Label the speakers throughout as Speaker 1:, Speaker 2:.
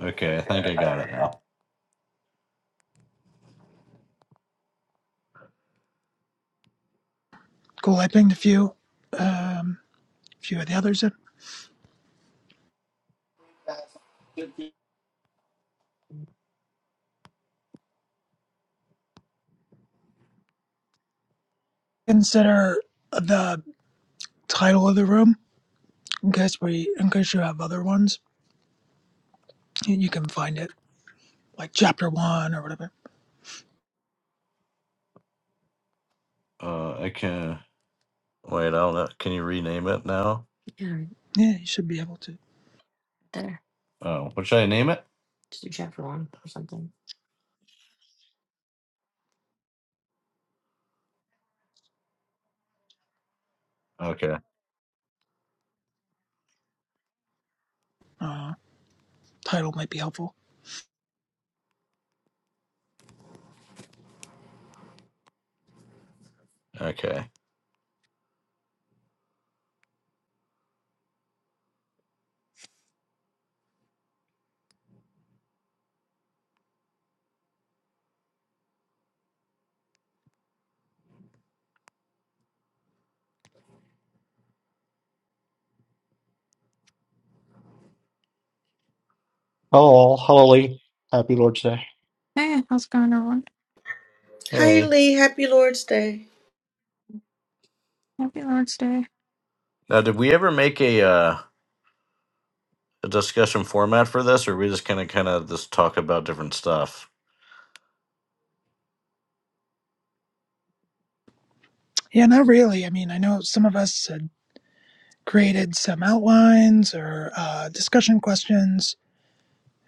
Speaker 1: Okay, I think I got it now.
Speaker 2: Cool. I pinged a few, um, a few of the others. In.
Speaker 3: Good.
Speaker 2: Consider the title of the room in case we, in case you have other ones, you you can find it like chapter one or whatever.
Speaker 1: Uh, I can wait. I don't know. Can you rename it now? Yeah, right
Speaker 2: Yeah, you should be able to.
Speaker 1: there. Oh, what should I name it? Just do chapter one or something. Okay.
Speaker 2: Uh, title might be helpful.
Speaker 1: Okay.
Speaker 4: Oh, all holy, happy Lord's Day.
Speaker 5: Hey, how's it going, everyone?
Speaker 6: Hi,
Speaker 1: Hey.
Speaker 6: Lee. Happy Lord's Day.
Speaker 5: Happy Lord's Day.
Speaker 1: Now, did we ever make a uh, a discussion format for this, or we just kind of kind of just talk about different stuff?
Speaker 2: Yeah, not really. I mean, I know some of us had created some outlines or uh, discussion questions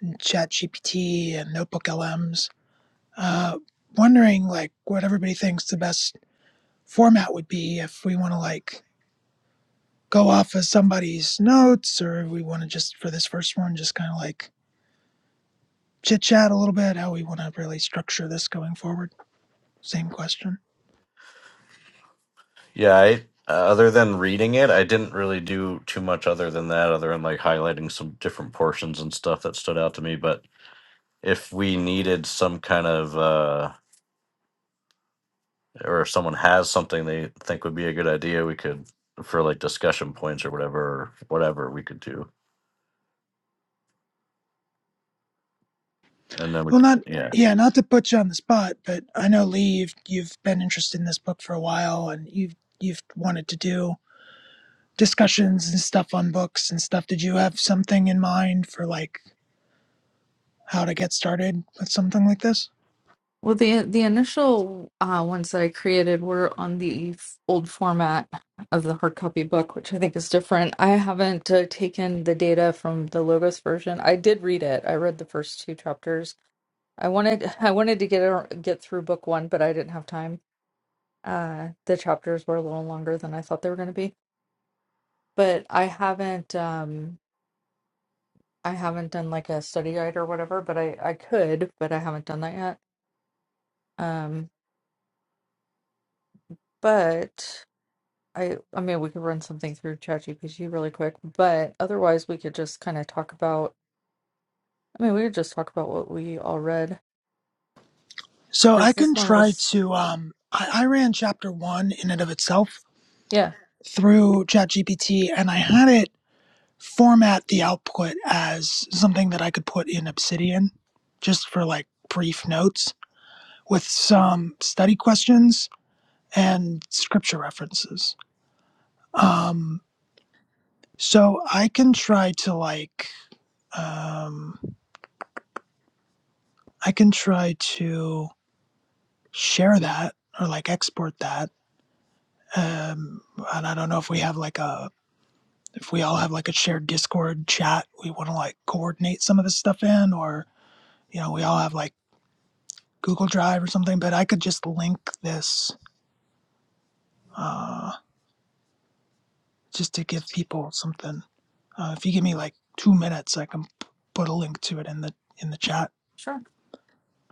Speaker 2: in ChatGPT and Notebook LMs. Uh, wondering like what everybody thinks the best format would be if we want to like go off of somebody's notes or if we want to just for this first one just kind of like chit chat a little bit how we want to really structure this going forward same question
Speaker 1: Yeah. I uh, other than reading it, I didn't really do too much other than that, other than like highlighting some different portions and stuff that stood out to me. But if we needed some kind of uh or if someone has something they think would be a good idea, we could for like discussion points or whatever, whatever we could do, and then we,
Speaker 2: well not
Speaker 1: c- yeah,
Speaker 2: yeah not to put you on the spot but i know lee you've, you've been interested in this book for a while and you've you've wanted to do discussions and stuff on books and stuff did you have something in mind for like how to get started with something like this
Speaker 5: Well, the the initial uh, ones that I created were on the f- old format of the hard copy book, which I think is different. I haven't uh, taken the data from the Logos version. I did read it. I read the first two chapters. I wanted I wanted to get ar- get through book one, but I didn't have time. Uh, the chapters were a little longer than I thought they were going to be, but I haven't um I haven't done like a study guide or whatever. But I I could, but I haven't done that yet. Um, But I I mean we could run something through ChatGPT really quick, but otherwise we could just kind of talk about I mean we could just talk about what we all read.
Speaker 2: so i
Speaker 5: Because this
Speaker 2: can
Speaker 5: one
Speaker 2: try
Speaker 5: was
Speaker 2: to um i, I ran chapter one in and of itself
Speaker 5: yeah,
Speaker 2: through ChatGPT and I had it format the output as something that I could put in Obsidian just for like brief notes with some study questions and scripture references.
Speaker 5: nice.
Speaker 2: Um, so I can try to like, um, I can try to share that or like export that. Um, and I don't know if we have like a, if we all have like a shared Discord chat, we want to like coordinate some of this stuff in or you know, we all have like Google Drive or something, but I could just link this uh, just to give people something. Uh, if you give me like two minutes, I can put a link to it in the in the chat.
Speaker 5: Sure.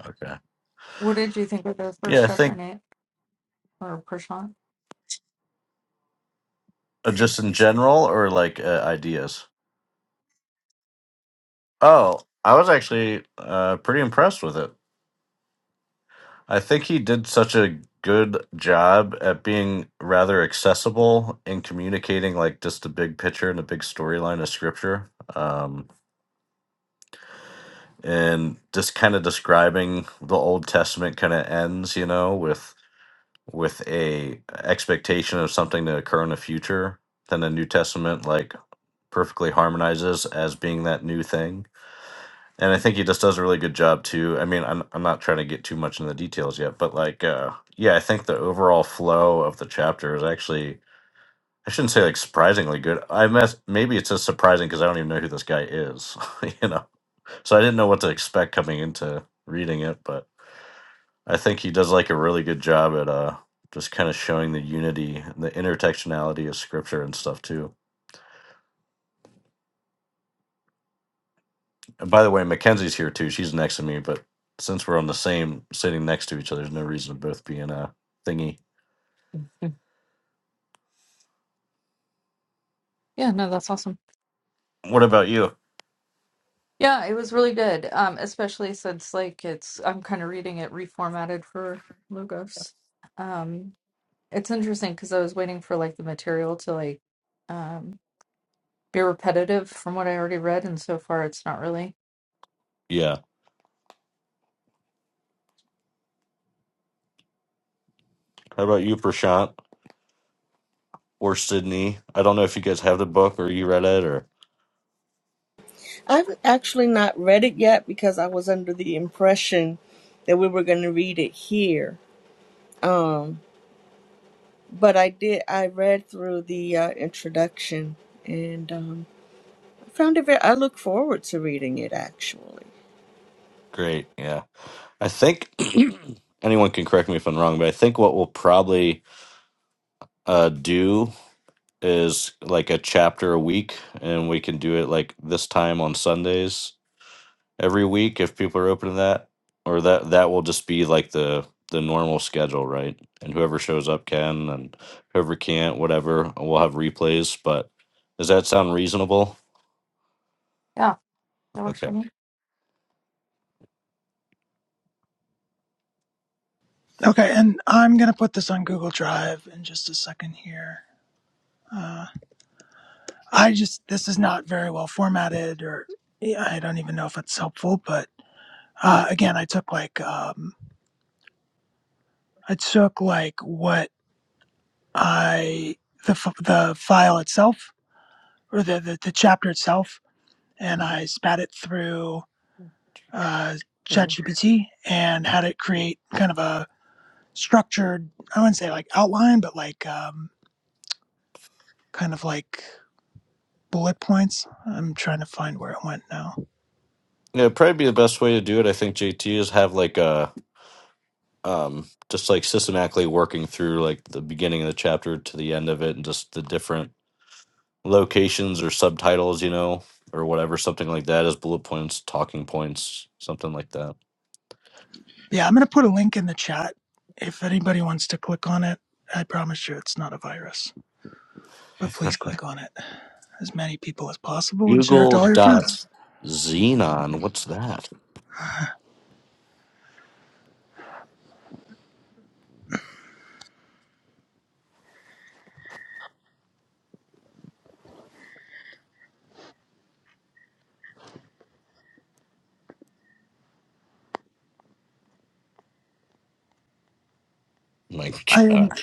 Speaker 1: okay,
Speaker 5: What did you think of the first
Speaker 1: yeah. I
Speaker 5: chapter,
Speaker 1: think
Speaker 5: Nate? Or Prashant?
Speaker 1: uh, just in general or like uh, ideas. Oh, I was actually uh, pretty impressed with it. I think he did such a good job at being rather accessible in communicating like just the big picture and the big storyline of scripture. Um, and just kind of describing the Old Testament kind of ends, you know, with with a expectation of something to occur in the future, then the New Testament like perfectly harmonizes as being that new thing. And I think he just does a really good job too. I mean, I'm I'm not trying to get too much into the details yet, but like uh yeah, I think the overall flow of the chapter is actually I shouldn't say like surprisingly good. I mess maybe it's just surprising because I don't even know who this guy is, you know. So I didn't know what to expect coming into reading it, but I think he does like a really good job at uh just kind of showing the unity and the intertextuality of scripture and stuff too. And by the way, Mackenzie's here too. She's next to me, but since we're on the same sitting next to each other, there's no reason to both be in a thingy.
Speaker 5: Yeah, no, that's awesome.
Speaker 1: What about you?
Speaker 5: Yeah, it was really good. Um, especially since like it's I'm kind of reading it reformatted for Logos. Um, it's interesting because I was waiting for like the material to like um be repetitive from what I already read, and so far it's not really.
Speaker 1: Yeah. How about you, Prashant or Sydney? I don't know if you guys have the book or you read it or
Speaker 6: I've actually not read it yet because I was under the impression that we were going to read it here. Um, but I did. I read through the uh, introduction, and um, I found it very. I look forward to reading it. Actually,
Speaker 1: great. Yeah. I think anyone can correct me if I'm wrong, but I think what we'll probably uh, do is like a chapter a week, and we can do it like this time on Sundays every week if people are open to that. Or that that will just be like the the normal schedule, right? And whoever shows up can, and whoever can't, whatever, we'll have replays. But does that sound reasonable?
Speaker 5: Yeah, that works for
Speaker 1: Okay.
Speaker 5: me.
Speaker 2: Okay, and I'm gonna put this on Google Drive in just a second here. Uh, I just this is not very well formatted, or yeah, I don't even know if it's helpful. But uh, again, I took like um, I took like what I the f- the file itself or the, the the chapter itself and I spat it through uh,
Speaker 1: Sure.
Speaker 2: ChatGPT and had it create kind of a structured, I wouldn't say like outline, but like um, kind of like bullet points. I'm trying to find where it went now.
Speaker 1: Yeah, it'd probably be the best way to do it. I think JT is have like a um just like systematically working through like the beginning of the chapter to the end of it and just the different locations or subtitles, you know, or whatever, something like that as bullet points, talking points, something like that.
Speaker 2: Yeah, I'm going to put a link in the chat if anybody wants to click on it. I promise you it's not a virus, but please click on it as many people as possible and share it to
Speaker 1: Google
Speaker 2: all your
Speaker 1: dot
Speaker 2: friends.
Speaker 1: xenon. What's that? My
Speaker 2: I
Speaker 1: God.
Speaker 2: didn't,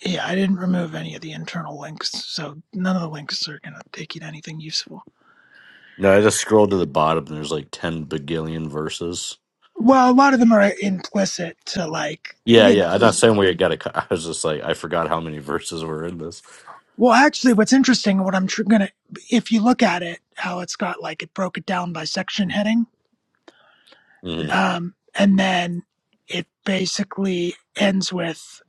Speaker 2: yeah, I didn't remove any of the internal links, so none of the links are going to take you to anything useful.
Speaker 1: No, I just scrolled to the bottom and there's like 10 begillion verses.
Speaker 2: Well, a lot of them are implicit to like,
Speaker 1: Yeah,
Speaker 2: you
Speaker 1: yeah. I'm
Speaker 2: know,
Speaker 1: not saying we got to, I was just like, I forgot how many verses were in this.
Speaker 2: well, actually, what's interesting, and what I'm tr- gonna, if you look at it, how it's got like it broke it down by section heading,
Speaker 1: Mhm.
Speaker 2: um, and then it basically ends with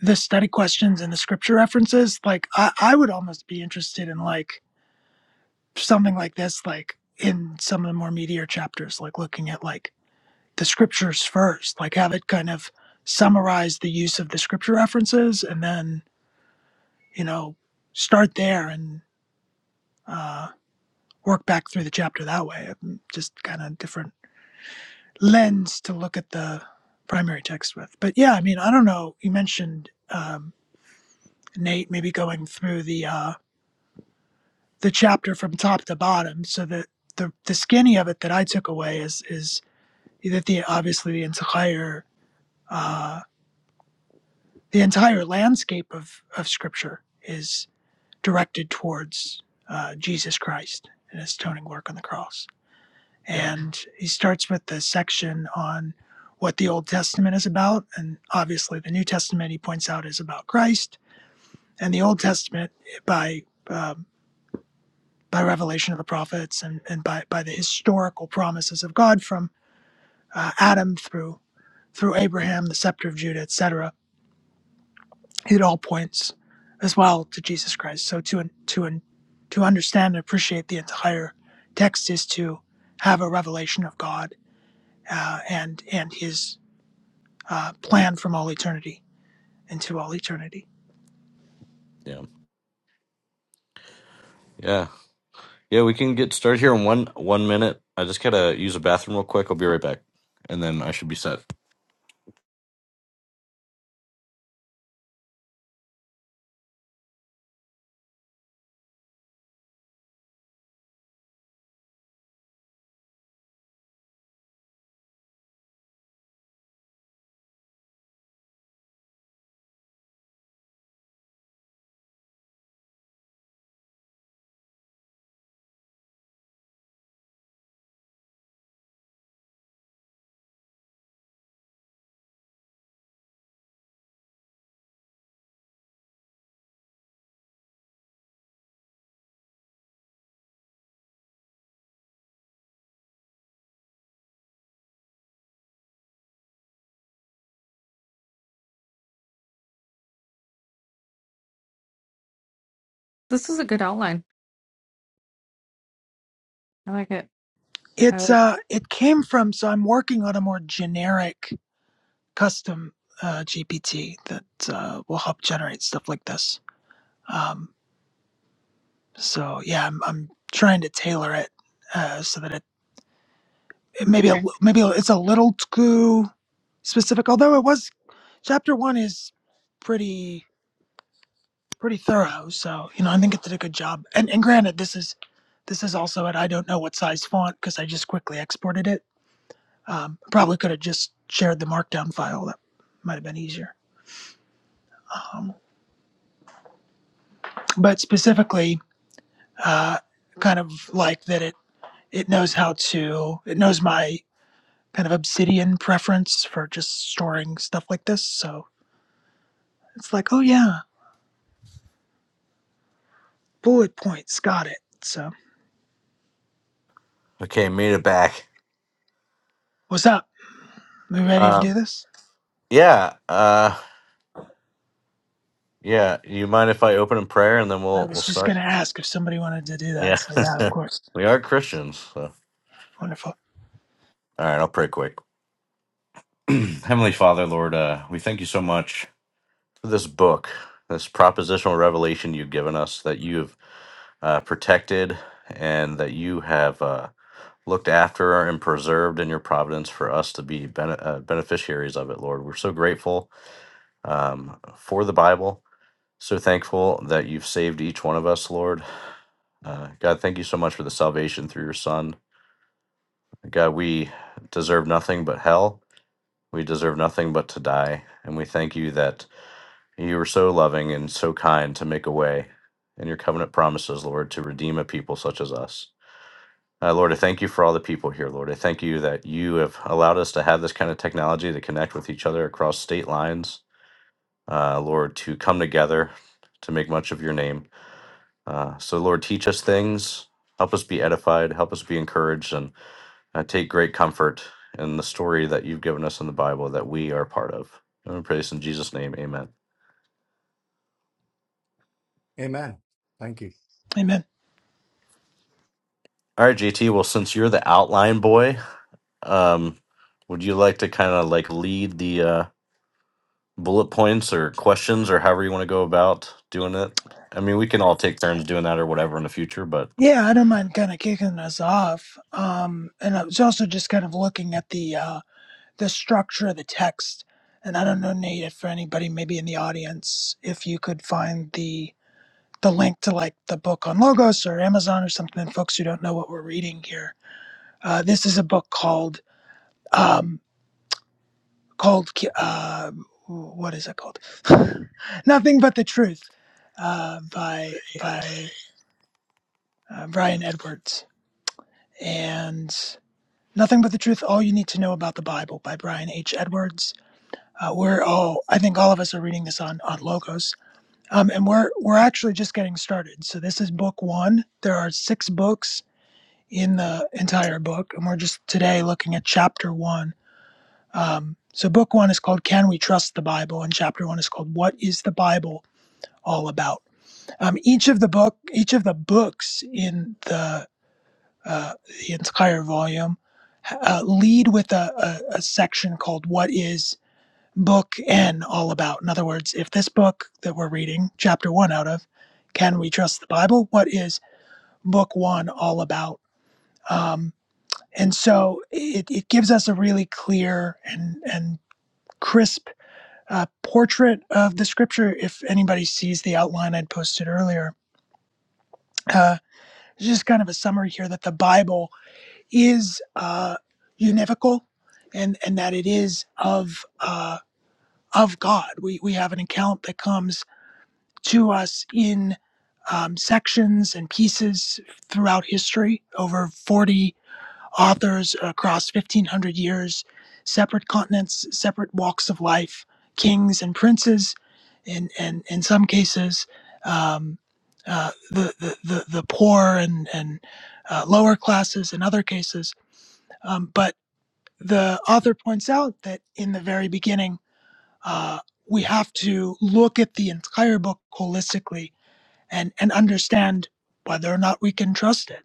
Speaker 2: the study questions and the scripture references. Like, I, I would almost be interested in like something like this, like in some of the more meatier chapters, like looking at like the scriptures first, like have it kind of summarize the use of the scripture references and then you know, start there and uh, work back through the chapter that way. Um, Just kind of different lens to look at the primary text with. But yeah, I mean, I don't know. You mentioned um, Nate maybe going through the uh, the chapter from top to bottom, so that the the skinny of it that I took away is is that the obviously the entire uh, the entire landscape of of Scripture is directed towards uh, Jesus Christ and His atoning work on the cross.
Speaker 1: Yeah,
Speaker 2: And he starts with the section on what the Old Testament is about. And obviously, the New Testament, he points out, is about Christ. And the Old Testament, by, um, by revelation of the prophets and, and by, by the historical promises of God from uh, Adam through, through Abraham, the scepter of Judah, etc., it all points as well to Jesus Christ. So to, to, to understand and appreciate the entire text is to have a revelation of God uh, and and His uh, plan from all eternity into all eternity.
Speaker 1: yeah, yeah. Yeah, we can get started here in one one minute. I just gotta use a bathroom real quick. I'll be right back, and then I should be set.
Speaker 5: This is a good outline. I like it. I
Speaker 2: It's
Speaker 5: like.
Speaker 2: uh, it came from so I'm working on a more generic custom uh, GPT that uh, will help generate stuff like this. Um, so yeah, I'm, I'm trying to tailor it uh, so that it
Speaker 5: hmm
Speaker 2: maybe a, maybe it's a little too specific. Although it was chapter one is pretty pretty thorough, so you know I think it did a good job. And and granted, this is this is also it. I don't know what size font because I just quickly exported it Um, I probably could have just shared the markdown file. That might have been easier. Um, but specifically, uh, kind of like that it it knows how to it knows my kind of obsidian preference for just storing stuff like this. So it's like, oh yeah, bullet points, got it. So
Speaker 1: Okay, made it back.
Speaker 2: what's up? We ready to
Speaker 1: Uh,
Speaker 2: do this?
Speaker 1: Yeah. Uh yeah. You mind if I open in prayer and then
Speaker 2: I
Speaker 1: we'll we'll
Speaker 2: was just
Speaker 1: start?
Speaker 2: gonna ask if somebody wanted to do that.
Speaker 1: Yeah.
Speaker 2: So yeah, of course.
Speaker 1: we are Christians. So.
Speaker 2: Wonderful.
Speaker 1: All right, I'll pray quick. Heavenly Father, Lord, uh, we thank you so much for this book, this propositional revelation you've given us that you've uh, protected and that you have uh, looked after and preserved in your providence for us to be bene- uh, beneficiaries of it, Lord. We're so grateful um, for the Bible So thankful that you've saved each one of us, Lord. Uh, God, thank you so much for the salvation through your Son. God, we deserve nothing but hell. We deserve nothing but to die. And we thank you that you were so loving and so kind to make a way in your covenant promises, Lord, to redeem a people such as us. Uh, Lord, I thank you for all the people here, Lord. I thank you that you have allowed us to have this kind of technology to connect with each other across state lines, uh, Lord, to come together to make much of your name. Uh, so, Lord, teach us things, help us be edified, help us be encouraged, and uh, take great comfort in the story that you've given us in the Bible that we are part of. And we pray this in Jesus' name, amen.
Speaker 4: Amen. Thank you.
Speaker 2: Amen.
Speaker 1: All right, JT, well, since you're the outline boy, um, would you like to kind of like lead the uh, bullet points or questions or however you want to go about doing it? I mean, we can all take turns doing that or whatever in the future, but
Speaker 2: Yeah, I don't mind kind of kicking us off. Um, and I was also just kind of looking at the uh, the structure of the text. And I don't know, Nate, if for anybody maybe in the audience, if you could find the the link to like the book on Logos or Amazon or something, and folks who don't know what we're reading here. Uh, this is a book called um, called uh, what is it called? Nothing but the Truth uh, by by uh, Brian Edwards and Nothing but the Truth: All You Need to Know About the Bible by Brian H. Edwards. Uh, we're all, I think, all of us are reading this on on Logos um, and we're we're actually just getting started. So this is book one. There are six books in the entire book, and we're just today looking at chapter one. Um, so book one is called "Can We Trust the Bible?" and chapter one is called "What Is the Bible All About?" Um, each of the book, each of the books in the uh, the entire volume uh, lead with a, a, a section called "What Is." book N all about? In other words, if this book that we're reading, chapter one out of, Can We Trust the Bible? What is book one all about? Um, and so it, it gives us a really clear and, and crisp uh, portrait of the scripture. If anybody sees the outline I'd posted earlier, uh, just kind of a summary here that the Bible is uh, univocal and, and that it is of, uh, of God. We, we have an account that comes to us in um, sections and pieces throughout history, over 40 authors across 1,500 years, separate continents, separate walks of life, kings and princes, and, and in some cases, um, uh, the, the, the, the poor and, and uh, lower classes in other cases. Um, but the author points out that in the very beginning, uh, we have to look at the entire book holistically and and understand whether or not we can trust it.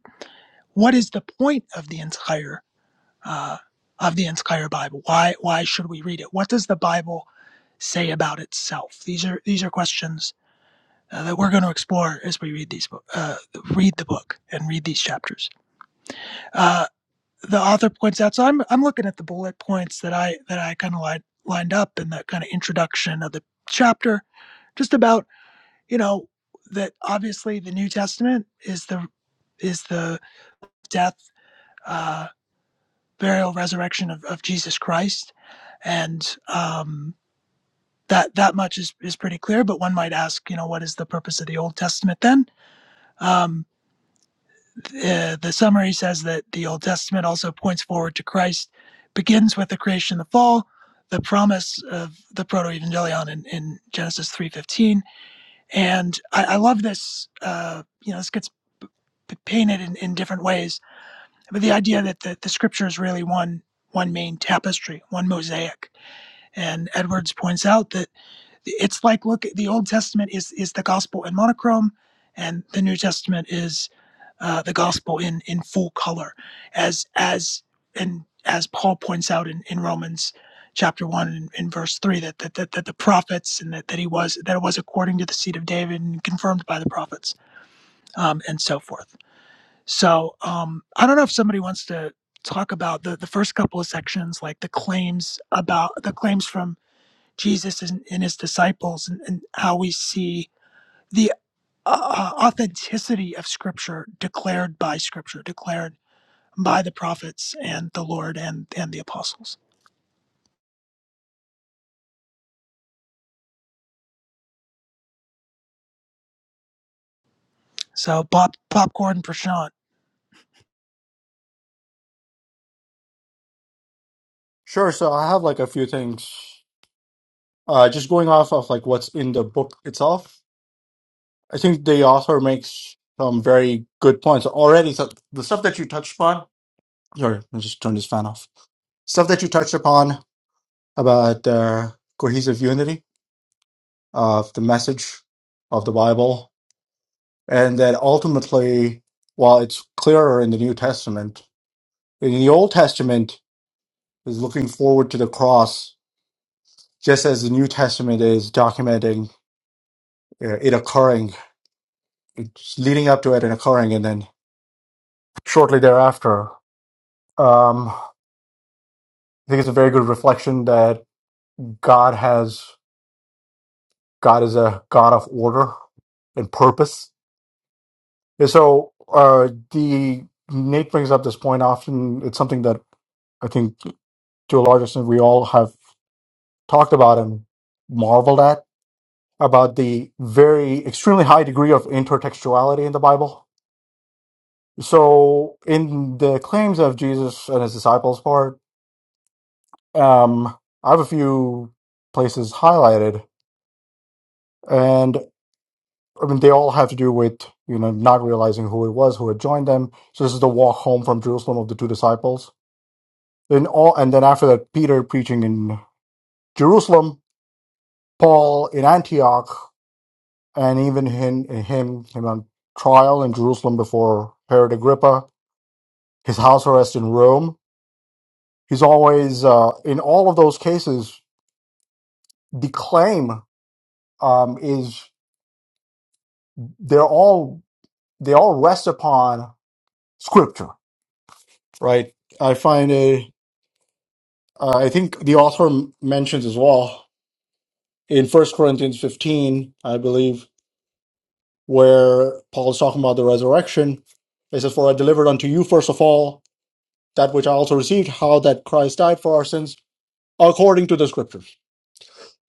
Speaker 2: What is the point of the entire uh, of the entire Bible? Why why should we read it? What does the Bible say about itself? These are these are questions uh, that we're going to explore as we read these bo- uh, read the book and read these chapters. Uh, the author points out. So I'm I'm looking at the bullet points that I that I kind of lined lined up in that kind of introduction of the chapter, just about you know that obviously the new testament is the is the death uh burial resurrection of, of jesus christ and um that that much is is pretty clear but one might ask you know what is the purpose of the old testament then um the, the summary says that the old testament also points forward to christ begins with the creation the fall the promise of the proto-evangelion in, in genesis 3.15 And I, I love this. Uh, you know, this gets p- painted in, in different ways, but the idea that the, the scripture is really one one main tapestry, one mosaic. And Edwards points out that it's like look, the Old Testament is is the gospel in monochrome, and the New Testament is uh, the gospel in in full color, as as and as Paul points out in, in Romans chapter one and in verse three that that, that that the prophets and that, that he was that it was according to the seed of David and confirmed by the prophets um, and so forth. So um, I don't know if somebody wants to talk about the the first couple of sections, like the claims about the claims from Jesus and, and his disciples and, and how we see the uh, uh, authenticity of Scripture declared by Scripture, declared by the prophets and the Lord and, and the apostles. So pop, popcorn Prashant.
Speaker 4: Sure. So I have like a few things. Uh, just going off of like what's in the book itself, I think the author makes some very good points already. So the stuff that you touched upon, sorry, I just turned this fan off. Stuff that you touched upon about uh, cohesive unity of the message of the Bible, and that ultimately, while it's clearer in the New Testament, in the Old Testament is looking forward to the cross just as the New Testament is documenting uh, it occurring, it's leading up to it and occurring, and then shortly thereafter. Um, I think it's a very good reflection that God has God is a God of order and purpose. And so uh, the Nate brings up this point often. It's something that I think to a large extent we all have talked about and marveled at about the very extremely high degree of intertextuality in the Bible So in the claims of Jesus and his disciples part, um, I have a few places highlighted, and I mean they all have to do with you know not realizing who it was who had joined them. So this is the walk home from Jerusalem of the two disciples. Then all, and then after that, Peter preaching in Jerusalem, Paul in Antioch, and even him him him on trial in Jerusalem before Herod Agrippa, his house arrest in Rome. He's always uh, in all of those cases the claim um, is they're all they all rest upon scripture, right? I find a uh, I think the author m- mentions as well in First Corinthians fifteen, I believe, where Paul is talking about the resurrection. It says, "For I delivered unto you first of all that which I also received, how that Christ died for our sins." according to the scriptures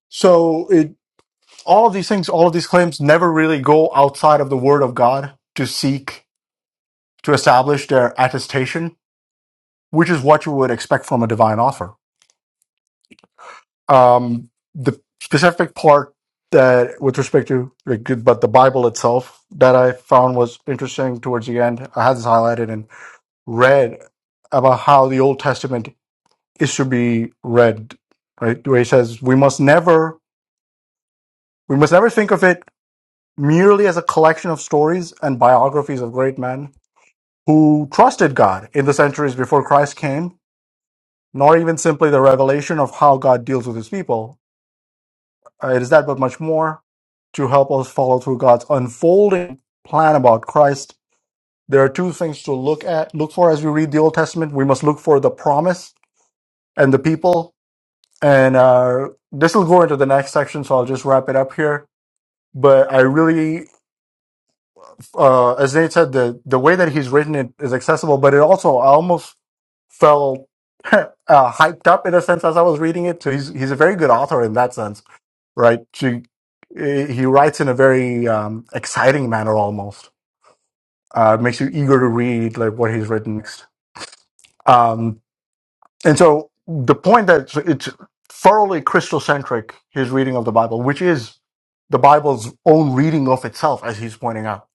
Speaker 4: so it all of these things all of these claims never really go outside of the word of god to seek to establish their attestation, which is what you would expect from a divine offer. Um, the specific part that, with respect to, like, but the Bible itself that I found was interesting towards the end. I had this highlighted and read about how the Old Testament is to be read, right? Where he says we must never, we must never think of it merely as a collection of stories and biographies of great men who trusted God in the centuries before Christ came nor even simply the revelation of how God deals with his people. Uh, It is that, but much more to help us follow through God's unfolding plan about Christ. There are two things to look at, look for as we read the Old Testament. We must look for the promise and the people. And uh, this will go into the next section, so I'll just wrap it up here. But I really, uh, as Nate said, the the way that he's written it is accessible, but it also I almost felt uh, hyped up in a sense as I was reading it. So he's he's a very good author in that sense right? She, he writes in a very um, exciting manner, almost uh, it makes you eager to read like what he's written next. Um, and so the point that so it's thoroughly Christocentric, his reading of the Bible, which is the Bible's own reading of itself, as he's pointing out.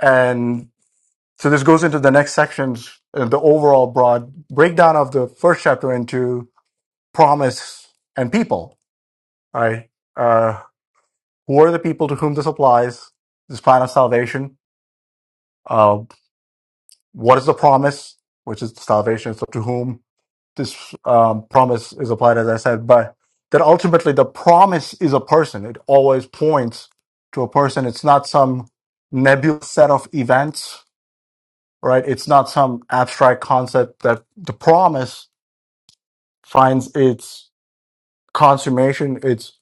Speaker 4: And so this goes into the next sections, uh, the overall broad breakdown of the first chapter into promise and people, right? Uh, Who are the people to whom this applies? This plan of salvation. Uh, what is the promise, which is the salvation? So to whom this um, promise is applied, as I said, but that ultimately the promise is a person. It always points to a person. It's not some nebulous set of events, right? It's not some abstract concept that the promise finds its consummation, its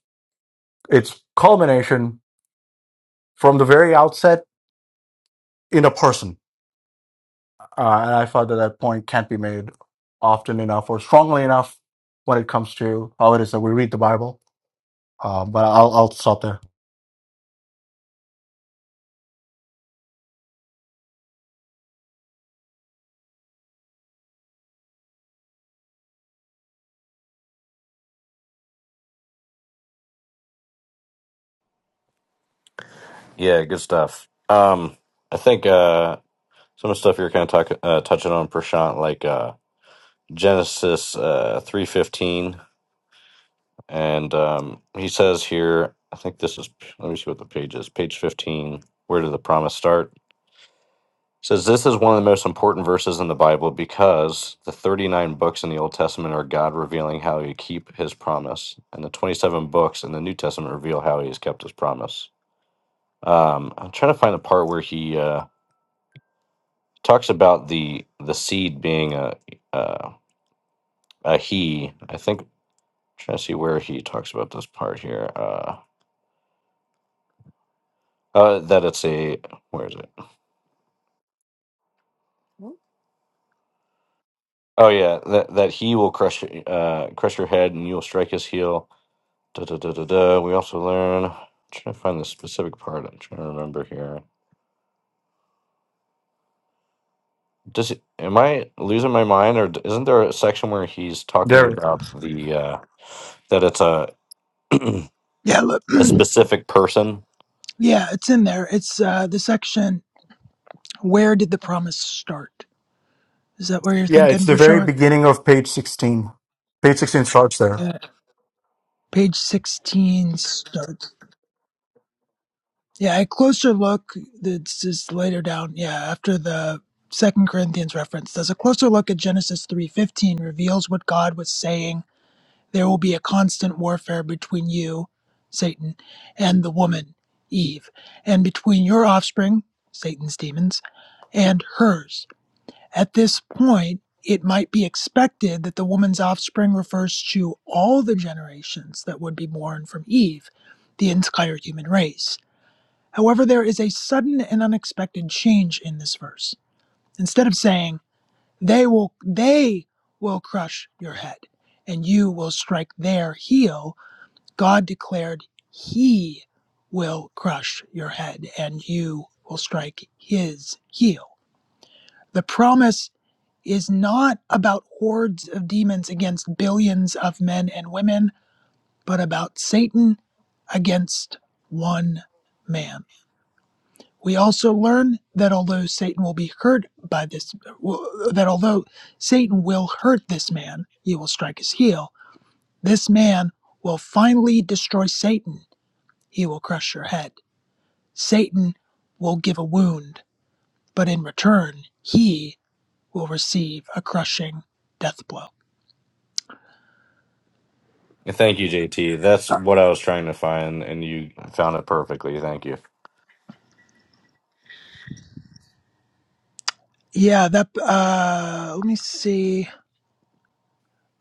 Speaker 4: its culmination from the very outset in a person Uh, and I thought that that point can't be made often enough or strongly enough when it comes to how it is that we read the Bible. Uh, but I'll, I'll stop there.
Speaker 1: yeah, good stuff. Um, I think uh, some of the stuff you're kind of talk, uh, touching on, Prashant, like, Uh, Genesis uh, three fifteen, and um, he says here, I think this is. Let me see what the page is. Page fifteen. Where did the promise start? Says this is one of the most important verses in the Bible because the 39 books in the Old Testament are God revealing how He keep His promise, and the 27 books in the New Testament reveal how He has kept His promise. Um, I'm trying to find the part where He uh, talks about the the seed being a uh, a He. I think Trying to see where he talks about this part here. Uh, uh, that it's a where is it? Hmm? Oh yeah, that that he will crush uh crush your head and you will strike his heel. Da da da da da. We also learn. I'm trying to find the specific part. I'm trying to remember here. Does it, am I losing my mind, or d- isn't there a section where he's talking
Speaker 4: There. it-
Speaker 1: about the uh, that it's a
Speaker 2: Yeah, look,
Speaker 1: a specific person?
Speaker 2: yeah, it's in there. It's uh, the section, Where Did the Promise Start? Is that where you're
Speaker 4: Yeah, it's
Speaker 2: thinking,
Speaker 4: the very
Speaker 2: Prashant?
Speaker 4: beginning of page 16. Page 16 starts there.
Speaker 2: Uh, page 16 starts. Yeah, a closer look This is later down, yeah, after the Second Corinthians reference. Does a closer look at Genesis 3:15 reveals what God was saying, there will be a constant warfare between you, Satan, and the woman, Eve, and between your offspring, Satan's demons, and hers. At this point, it might be expected that the woman's offspring refers to all the generations that would be born from Eve, the entire human race However, there is a sudden and unexpected change in this verse. Instead of saying, they will, they will crush your head and you will strike their heel, God declared, He will crush your head and you will strike his heel. The promise is not about hordes of demons against billions of men and women, but about Satan against one man. We also learn that although Satan will be hurt by this, that although Satan will hurt this man, he will strike his heel. This man will finally destroy Satan. He will crush your head. Satan will give a wound, but in return, he will receive a crushing death blow.
Speaker 1: Thank you, JT. That's what I was trying to find, and you found it perfectly. Thank you.
Speaker 2: Yeah, that, uh, let me see.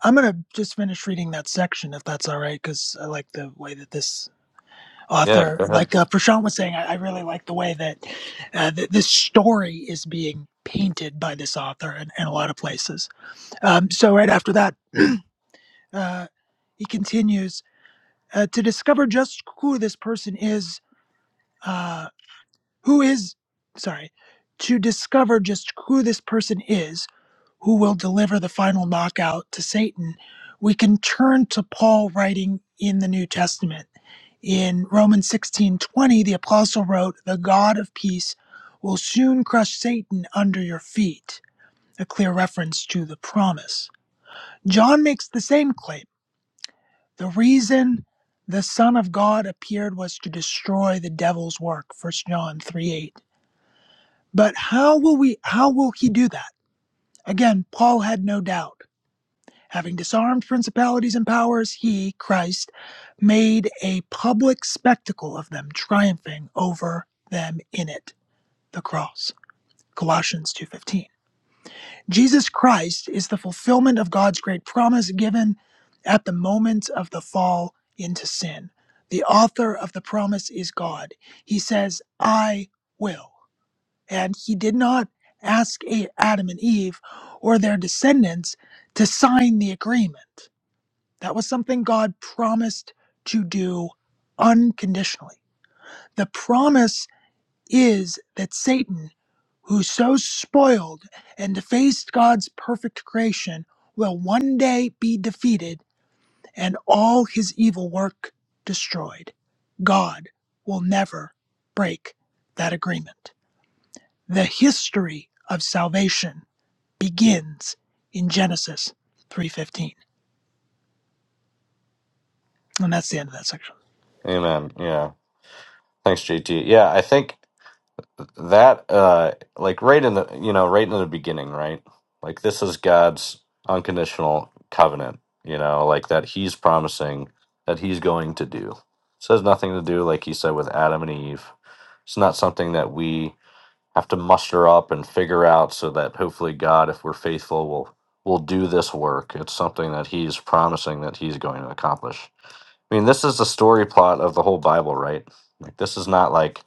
Speaker 2: I'm going to just finish reading that section if that's all right, because I like the way that this
Speaker 1: Yeah,
Speaker 2: author.
Speaker 1: go ahead.
Speaker 2: Like uh, Prashant was saying, I, I really like the way that uh, th- this story is being painted by this author in, in a lot of places. Um, so, right after that, uh, he continues uh, to discover just who this person is, uh, who is, sorry, to discover just who this person is who will deliver the final knockout to Satan, we can turn to Paul writing in the New Testament. In Romans 16:20, the apostle wrote, "The God of peace will soon crush Satan under your feet," a clear reference to the promise. John makes the same claim. The reason the Son of God appeared was to destroy the devil's work, 1 John 3:8. But how will we how will he do that? Again, Paul had no doubt. Having disarmed principalities and powers, he, Christ, made a public spectacle of them, triumphing over them in it, the cross. Colossians 2:15. Jesus Christ is the fulfillment of God's great promise given at the moment of the fall into sin. The author of the promise is God. He says, "I will." And he did not ask Adam and Eve or their descendants to sign the agreement. That was something God promised to do unconditionally. The promise is that Satan, who so spoiled and defaced God's perfect creation, will one day be defeated and all his evil work destroyed. God will never break that agreement. The history of salvation begins in Genesis 3:15. And that's the end of that section.
Speaker 1: Amen. Yeah. Thanks, JT. Yeah, I think that uh like right in the you know, right in the beginning, right? Like this is God's unconditional covenant, you know, like that he's promising that he's going to do. So has nothing to do, like he said, with Adam and Eve. It's not something that we have to muster up and figure out so that hopefully God, if we're faithful, will will do this work. It's something that he's promising that he's going to accomplish. I mean, this is the story plot of the whole Bible, right? Like this is not like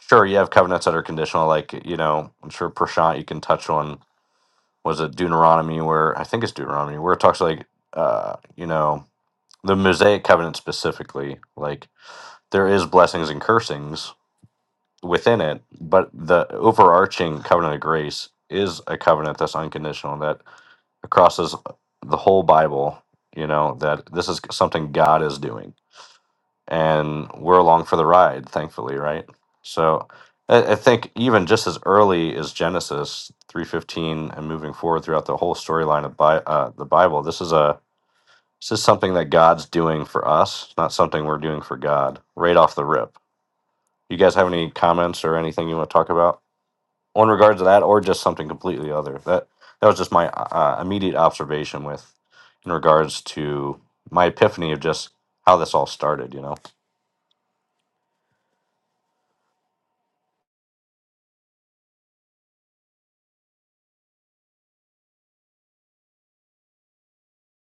Speaker 1: Sure, you have covenants that are conditional, like you know, I'm sure Prashant you can touch on was it Deuteronomy where I think it's Deuteronomy where it talks like uh, you know, the Mosaic covenant specifically, like there is blessings and cursings within it, but the overarching covenant of grace is a covenant that's unconditional that crosses the whole Bible, you know, that this is something God is doing and we're along for the ride, thankfully, right? So I, I think even just as early as Genesis three fifteen and moving forward throughout the whole storyline of Bi- uh, the Bible, this is a this is something that God's doing for us, not something we're doing for God. Right off the rip, you guys have any comments or anything you want to talk about in regards to that, or just something completely other? That that was just my uh, uh, immediate observation with in regards to my epiphany of just how this all started. You know.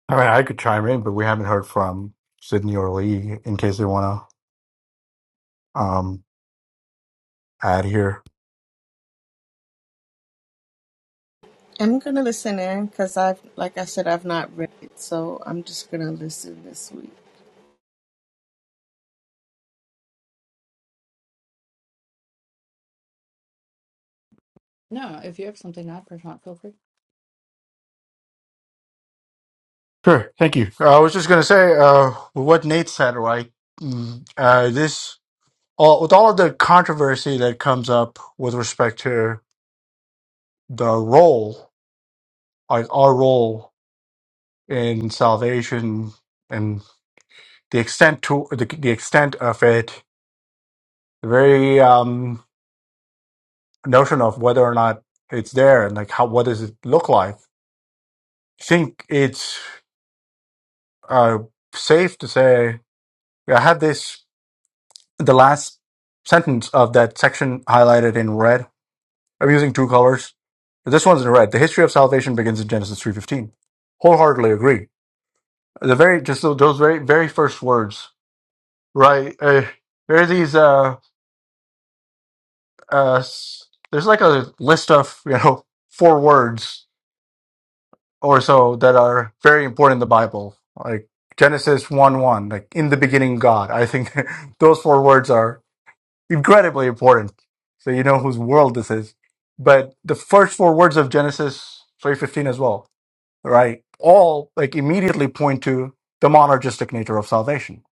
Speaker 4: I mean, I could chime in, but we haven't heard from Sydney or Lee in case they want to um, add here.
Speaker 6: I'm going to listen in because I've, like I said, I've not read it, so I'm just going to listen this week.
Speaker 5: No, if you have something not Prashant, feel free.
Speaker 4: Sure. Thank you. I was just going to say uh, what Nate said, right? Mm, Uh, this, all, with all of the controversy that comes up with respect to the role like our role in salvation and the extent to the, the extent of it, the very um, notion of whether or not it's there and like how what does it look like. I think it's uh, safe to say I had this the last sentence of that section highlighted in red. I'm using two colors. This one's in red. The history of salvation begins in Genesis three fifteen. Wholeheartedly agree. The very just those very very first words right? Uh, there are these. Uh, uh, s- there's like a list of you know four words or so that are very important in the Bible, like Genesis one one, like in the beginning God. I think those four words are incredibly important, so you know whose world this is. But the first four words of Genesis three fifteen as well, right? All like immediately point to the monergistic nature of salvation.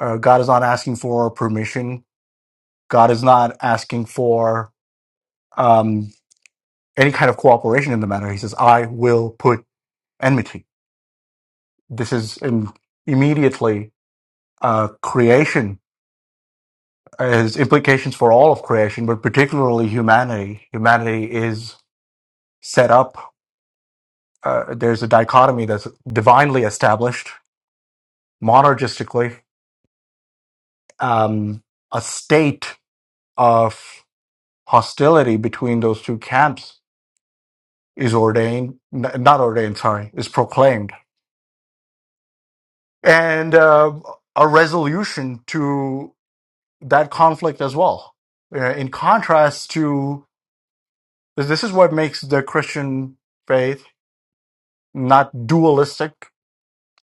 Speaker 4: Uh, God is not asking for permission God is not asking for um, any kind of cooperation in the matter. He says, I will put enmity. This is in immediately uh, creation has implications for all of creation, but particularly humanity. Humanity is set up. Uh, there's a dichotomy that's divinely established, monergistically, um, a state of hostility between those two camps is ordained, n- not ordained, sorry, is proclaimed and uh, a resolution to that conflict as well. Uh, in contrast to this is what makes the Christian faith not dualistic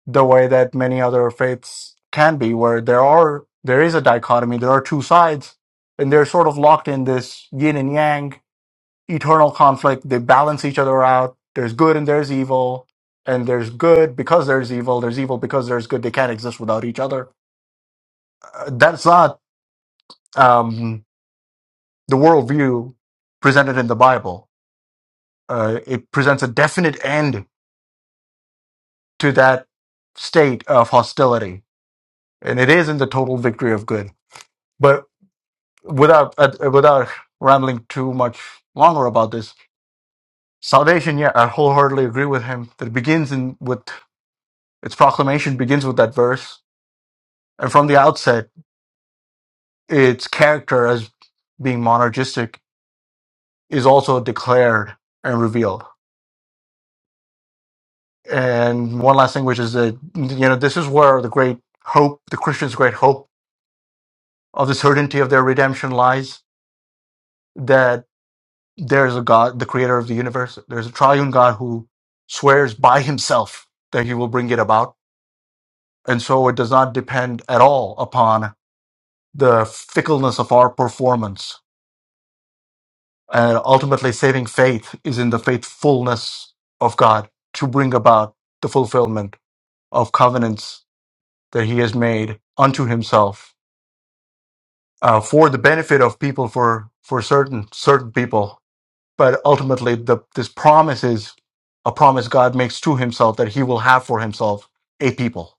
Speaker 4: the way that many other faiths can be, where there are there is a dichotomy, there are two sides, and they're sort of locked in this yin and yang eternal conflict. They balance each other out. There's good and there's evil, and there's good because there's evil. There's evil because there's good. They can't exist without each other. Uh, that's not um, the worldview presented in the Bible. Uh, it presents a definite end to that state of hostility, and it is in the total victory of good. But without uh, without rambling too much longer about this, salvation. Yeah, I wholeheartedly agree with him. That it begins in with its proclamation begins with that verse, and from the outset, its character as being monergistic is also declared and revealed And one last thing, which is that you know this is where the great hope, the Christians' great hope of the certainty of their redemption lies. That there is a God, the Creator of the universe. There's a Triune God who swears by Himself that He will bring it about, and so it does not depend at all upon the fickleness of our performance. And ultimately, saving faith is in the faithfulness of God to bring about the fulfillment of covenants that He has made unto Himself uh, for the benefit of people for for certain certain people but ultimately the this promise is a promise god makes to himself that he will have for himself a people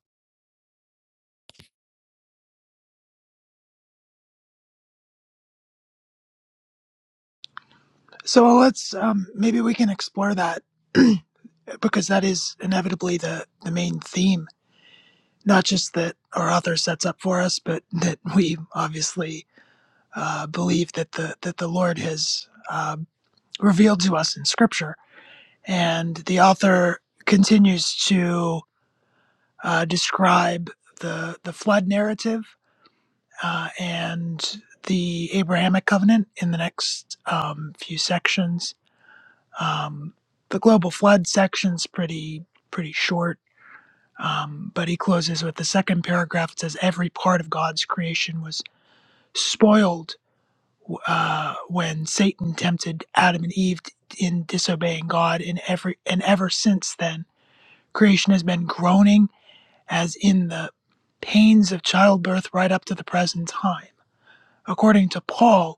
Speaker 2: So let's um, maybe we can explore that because that is inevitably the, the main theme, not just that our author sets up for us, but that we obviously uh, believe that the that the Lord has uh, revealed to us in Scripture, and the author continues to uh, describe the the flood narrative uh, and the Abrahamic covenant in the next um, few sections Um, the global flood section's pretty pretty short, um, but he closes with the second paragraph. It says every part of God's creation was spoiled uh, when Satan tempted Adam and Eve in disobeying God, and every and ever since then, creation has been groaning as in the pains of childbirth right up to the present time. According to Paul,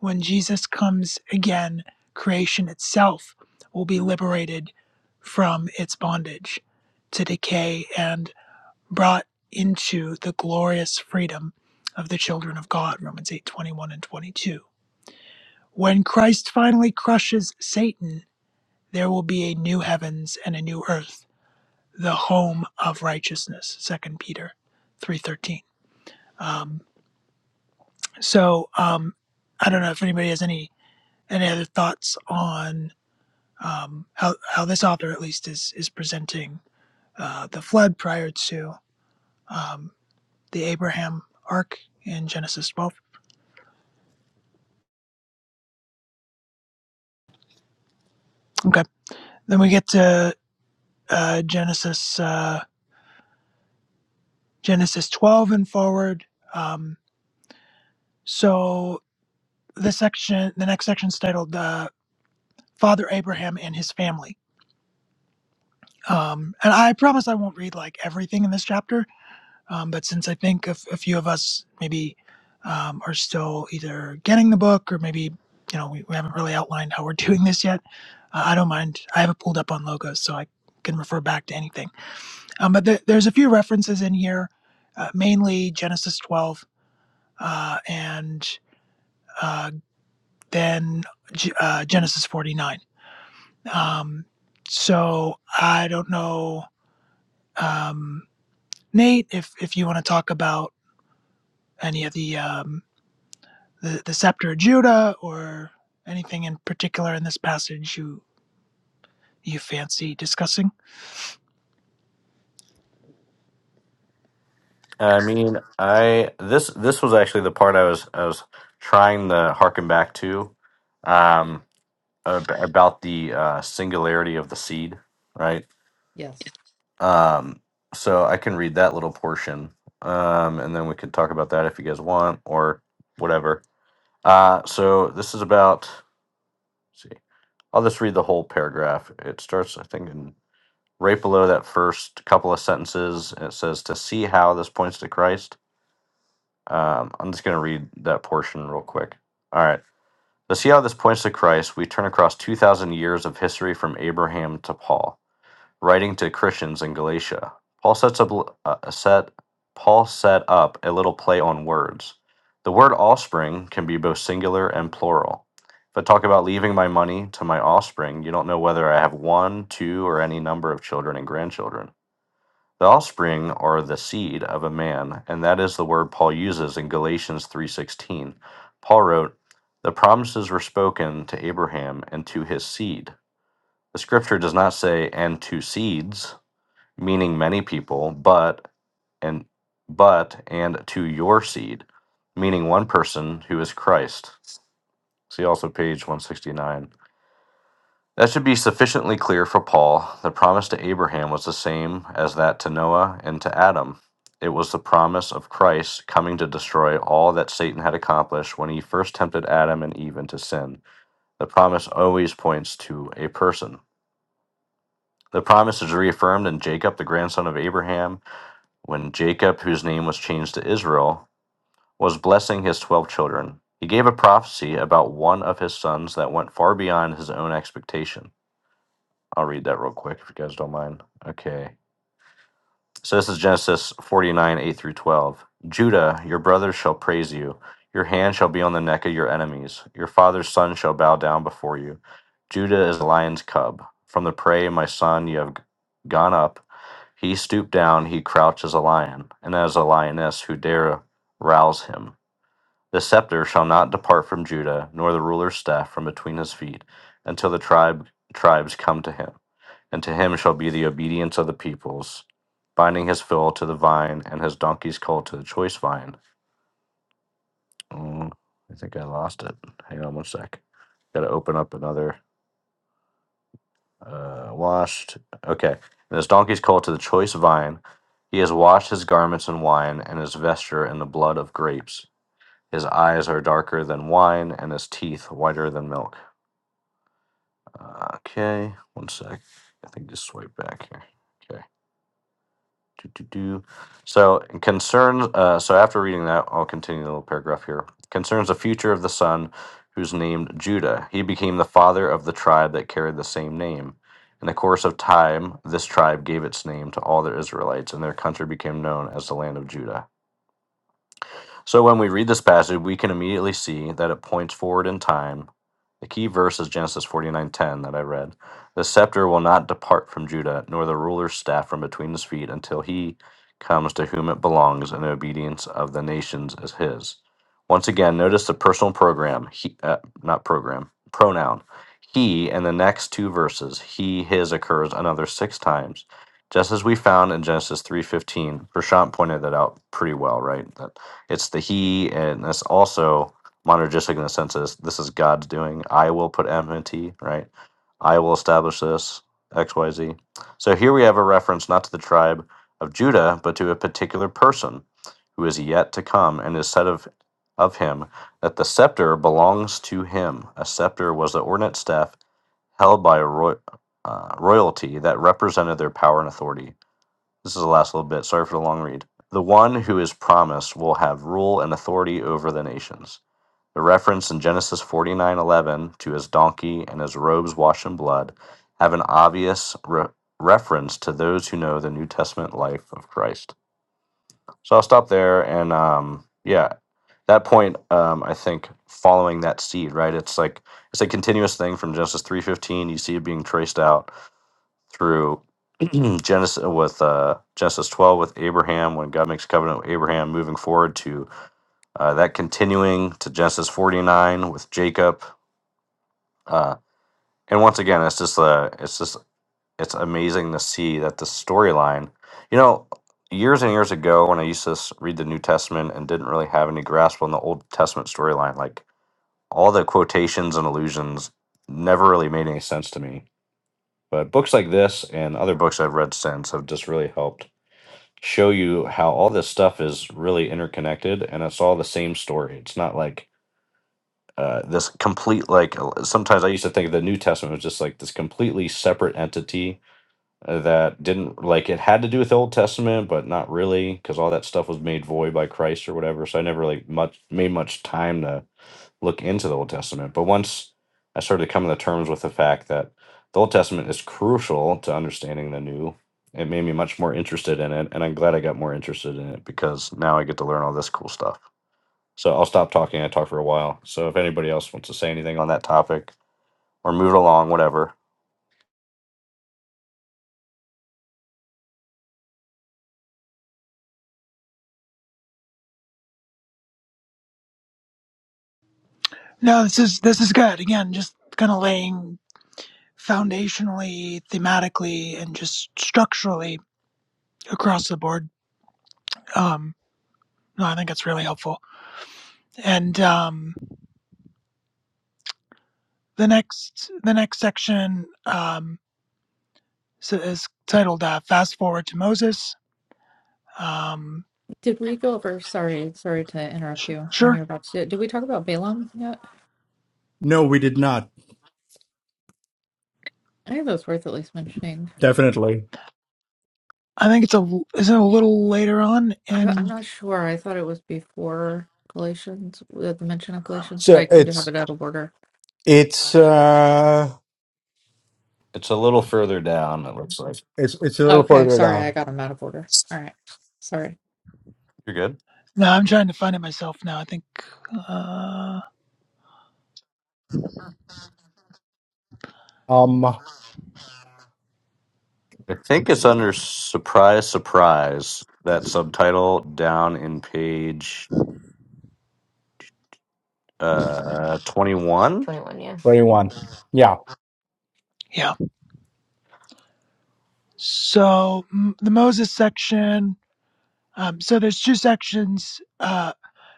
Speaker 2: when Jesus comes again, creation itself will be liberated from its bondage to decay and brought into the glorious freedom of the children of God, Romans 8 21 and 22. When Christ finally crushes Satan, there will be a new heavens and a new earth, the home of righteousness, Second Peter 3.13. Um, so um, I don't know if anybody has any Any other thoughts on um, how how this author at least is is presenting uh, the flood prior to um, the Abraham arc in Genesis 12? Okay, then we get to uh, Genesis uh, Genesis 12 and forward. Um, so the section, the next section is titled uh, "Father Abraham and His Family." Um, and I promise I won't read like everything in this chapter Um, but since I think a, a few of us maybe um, are still either getting the book or maybe you know we, we haven't really outlined how we're doing this yet, uh, I don't mind. I have it pulled up on logos, so I can refer back to anything. Um, but there, there's a few references in here, uh, mainly Genesis 12 uh, and uh, then G- uh, Genesis 49. Um, so I don't know, um, Nate, if if you want to talk about any of the um, the, the scepter of Judah or anything in particular in this passage you you fancy discussing?
Speaker 1: I mean, I this this was actually the part I was I was trying to harken back to, um, ab- about the uh, singularity of the seed, right?
Speaker 5: Yes.
Speaker 1: Um, so I can read that little portion, um, and then we can talk about that if you guys want or whatever. Uh, so this is about. let's see, I'll just read the whole paragraph. It starts, I think, in right below that first couple of sentences. and It says to see how this points to Christ Um, I'm just going to read that portion real quick. All right. To see how this points to Christ, we turn across 2,000 years of history from Abraham to Paul, writing to Christians in Galatia. Paul sets up uh, a set Paul set up a little play on words. The word offspring can be both singular and plural. If I talk about leaving my money to my offspring, you don't know whether I have one, two, or any number of children and grandchildren. The offspring are the seed of a man, and that is the word Paul uses in Galatians 3:16. Paul wrote, "The promises were spoken to Abraham and to his seed." The scripture does not say and to seeds, meaning many people, but and but and to your seed, meaning one person who is Christ. See also page 169. That should be sufficiently clear for Paul. The promise to Abraham was the same as that to Noah and to Adam. It was the promise of Christ coming to destroy all that Satan had accomplished when he first tempted Adam and Eve into sin. The promise always points to a person. The promise is reaffirmed in Jacob, the grandson of Abraham, when Jacob, whose name was changed to Israel, was blessing his 12 children. He gave a prophecy about one of his sons that went far beyond his own expectation. I'll read that real quick if you guys don't mind. Okay. So this is Genesis 49, 8 through 12. Judah, your brothers shall praise you. Your hand shall be on the neck of your enemies. Your father's son shall bow down before you. Judah is a lion's cub. From the prey, my son, you have g- gone up. He stooped down, he crouched as a lion, and as a lioness who dare rouse him. The scepter shall not depart from Judah, nor the ruler's staff from between his feet, until the tribe tribes come to him and to him shall be the obedience of the peoples, binding his fill to the vine and his donkey's colt to the choice vine. Mm, I think I lost it. Hang on one sec. Got to open up another uh, washed. Okay. And his donkey's colt to the choice vine. He has washed his garments in wine and his vesture in the blood of grapes. His eyes are darker than wine and his teeth whiter than milk. Uh, okay. One sec. I think just swipe back here. Okay. Do, do, do. So concerns. Uh, so after reading that, I'll continue the little paragraph here. Concerns the future of the son, who's named Judah. He became the father of the tribe that carried the same name. In the course of time, this tribe gave its name to all the Israelites, and their country became known as the land of Judah. So when we read this passage, we can immediately see that it points forward in time. The key verse is Genesis 49:10 that I read. The scepter will not depart from Judah, nor the ruler's staff from between his feet until he comes to whom it belongs and the obedience of the nations is his. Once again, notice the personal program, he, uh, not program, pronoun. He in the next two verses, he his occurs another 6 times. Just as we found in Genesis 3:15. Prashant pointed that out pretty well, right? That it's the He, and that's also monergistic in the sense is this is God's doing. I will put M and T, right? I will establish this, X, Y, Z. So here we have a reference not to the tribe of Judah, but to a particular person who is yet to come and is said of, of him that the scepter belongs to him. A scepter was the ordinate staff held by a roy, uh, royalty that represented their power and authority. This is the last little bit. Sorry for the long read. The one who is promised will have rule and authority over the nations. The reference in Genesis 49:11 to his donkey and his robes washed in blood have an obvious re- reference to those who know the New Testament life of Christ. So I'll stop there and um yeah, that point um I think following that seed, right? It's like it's a continuous thing from Genesis 3:15, you see it being traced out through Genesis uh, with uh, Genesis 12 with Abraham when God makes covenant with Abraham, moving forward to uh, that continuing to Genesis 49 with Jacob, uh, and once again, it's just uh, it's just it's amazing to see that the storyline. You know, years and years ago when I used to s- read the New Testament and didn't really have any grasp on the Old Testament storyline, like all the quotations and allusions never really made any sense to me. But books like this and other books I've read since have just really helped show you how all this stuff is really interconnected and it's all the same story. It's not like uh, this complete like uh, sometimes I used to think the New Testament was just like this completely separate entity uh, that didn't like it had to do with the Old Testament, but not really because all that stuff was made void by Christ or whatever. So I never like much made much time to look into the Old Testament. But once I started coming to terms with the fact that the Old Testament is crucial to understanding the New, it made me much more interested in it. And I'm glad I got more interested in it because now I get to learn all this cool stuff. So I'll stop talking. I talked for a while. So if anybody else wants to say anything on that topic or move it along, whatever,
Speaker 2: No, this is this is good. Again, just kind of laying foundationally, thematically, and just structurally across the board. Um, no, I think it's really helpful. And um, the next the next section um, so is titled uh, "Fast Forward to Moses." Um,
Speaker 5: Did we go over? Sorry, sorry to interrupt
Speaker 2: sh-
Speaker 5: you when
Speaker 2: sure,
Speaker 5: you're about to. do it. Did we talk about Balaam yet?
Speaker 4: No, we did not.
Speaker 5: I think that's worth at least mentioning.
Speaker 4: Definitely.
Speaker 2: I think it's a is it a little later on
Speaker 5: I, I'm
Speaker 2: in.
Speaker 5: not sure. I thought it was before Galatians, uh, the mention of Galatians,
Speaker 4: So
Speaker 5: but I could
Speaker 4: it's
Speaker 5: have it out of order.
Speaker 4: it's uh
Speaker 1: it's a little further down, it looks like.
Speaker 4: it's it's a little
Speaker 5: Okay,
Speaker 4: further
Speaker 5: sorry, I
Speaker 4: down.
Speaker 5: got them out of order. All right, sorry.
Speaker 1: You're good.
Speaker 2: No, I'm trying to find it myself now. I think, uh,
Speaker 4: Um
Speaker 1: I think it's under surprise, surprise, that subtitle down in page uh 21. 21, yeah.
Speaker 4: twenty one. Yeah.
Speaker 2: yeah. So m- the Moses section. Um, so there's two sections. Uh,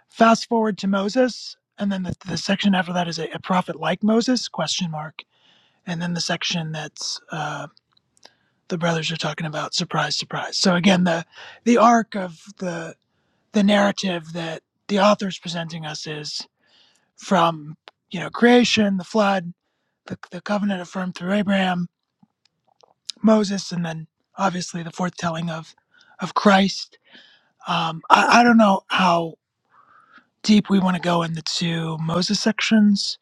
Speaker 2: fast forward to Moses, and then the, the section after that is a, a prophet like Moses? Question mark. And then the section that's uh, the brothers are talking about. Surprise, surprise. So again, the the arc of the the narrative that the author's presenting us is from you know creation, the flood, the, the covenant affirmed through Abraham Moses, and then obviously the foretelling of of Christ. Um, I, I don't know how deep we want to go in the two Moses sections.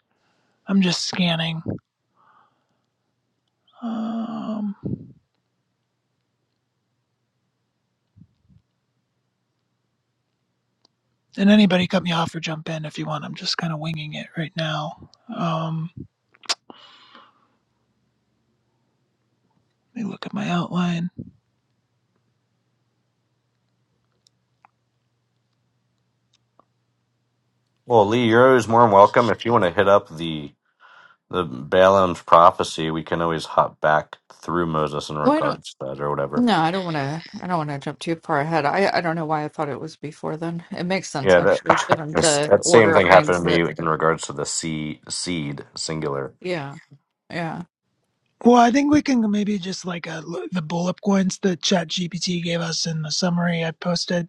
Speaker 2: I'm just scanning. Um, and anybody cut me off or jump in if you want. I'm just kind of winging it right now. Um, let me look at my outline.
Speaker 1: Well, Lee, you're always more than welcome. If you want to hit up the the Balaam's prophecy, we can always hop back through Moses in
Speaker 5: Why don't?
Speaker 1: regards to that or whatever.
Speaker 5: No, I don't want to. I don't want to jump too far ahead. I I don't know why I thought it was before then. It makes sense
Speaker 1: Yeah,
Speaker 5: actually,
Speaker 1: that
Speaker 5: given
Speaker 1: this-
Speaker 5: the
Speaker 1: that same
Speaker 5: order of
Speaker 1: thing happened
Speaker 5: things
Speaker 1: to me
Speaker 5: that.
Speaker 1: in regards to the sea seed singular.
Speaker 5: Yeah, yeah,
Speaker 2: Well, I think we can maybe just like uh l the bullet points that ChatGPT gave us in the summary I posted.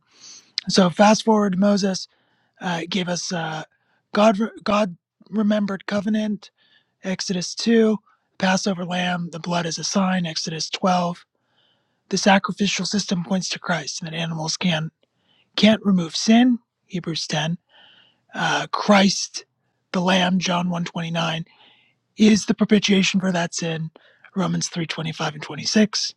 Speaker 2: So fast forward to Moses. Uh, it gave us uh, God, God remembered covenant, Exodus 2, Passover lamb, the blood is a sign, Exodus 12. The sacrificial system points to Christ, and that animals can, can't remove sin, Hebrews 10. Uh, Christ, the lamb, John 129, is the propitiation for that sin, Romans 3 25 and 26.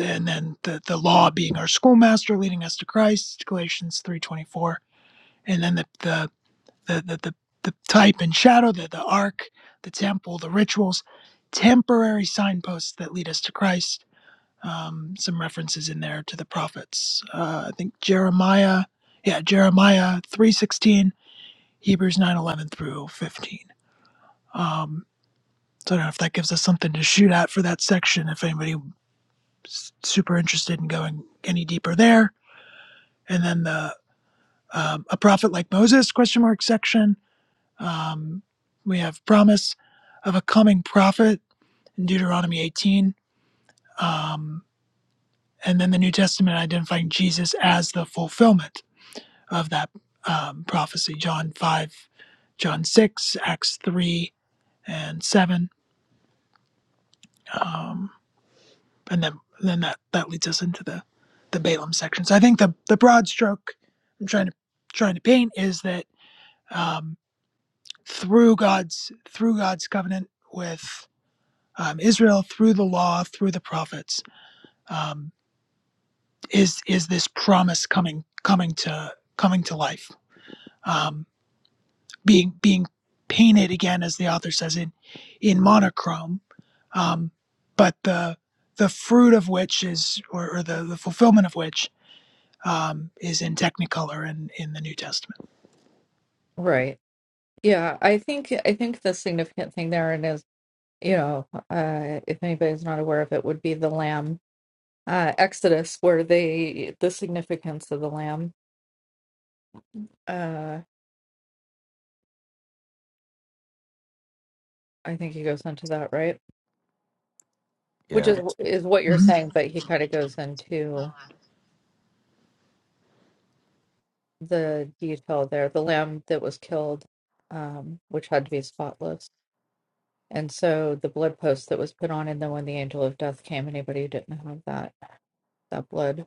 Speaker 2: And then the, the law being our schoolmaster, leading us to Christ, Galatians 3 24. And then the the, the the the, the type and shadow, the, the ark, the temple, the rituals, temporary signposts that lead us to Christ. Um, some references in there to the prophets. Uh, I think Jeremiah, yeah, Jeremiah three sixteen, Hebrews nine eleven through fifteen. Um, so I don't know if that gives us something to shoot at for that section. If anybody's super interested in going any deeper there, and then the um, a prophet like Moses question mark section Um, we have promise of a coming prophet in Deuteronomy 18, um, and then the New Testament identifying Jesus as the fulfillment of that um, prophecy. John 5, John 6, Acts 3 and 7, um, and then then that that leads us into the the Balaam section. So I think the the broad stroke I'm trying to trying to paint is that um, through God's through God's covenant with um, Israel through the law, through the prophets, um, is is this promise coming coming to coming to life, um, being being painted again, as the author says in in monochrome, um, but the the fruit of which is, or, or the, the fulfillment of which, um, is in Technicolor in in the New Testament.
Speaker 5: right. Yeah, I think I think the significant thing there and is you know uh, if anybody's not aware of it would be the lamb uh, Exodus where they the significance of the lamb. Uh, I think he goes into that right, which
Speaker 1: Yeah,
Speaker 5: is is what you're
Speaker 2: Mhm.
Speaker 5: saying, but he kind of goes into. the detail there, the lamb that was killed, um, which had to be spotless. And so the blood post that was put on, and then when the angel of death came, anybody who didn't have that that blood,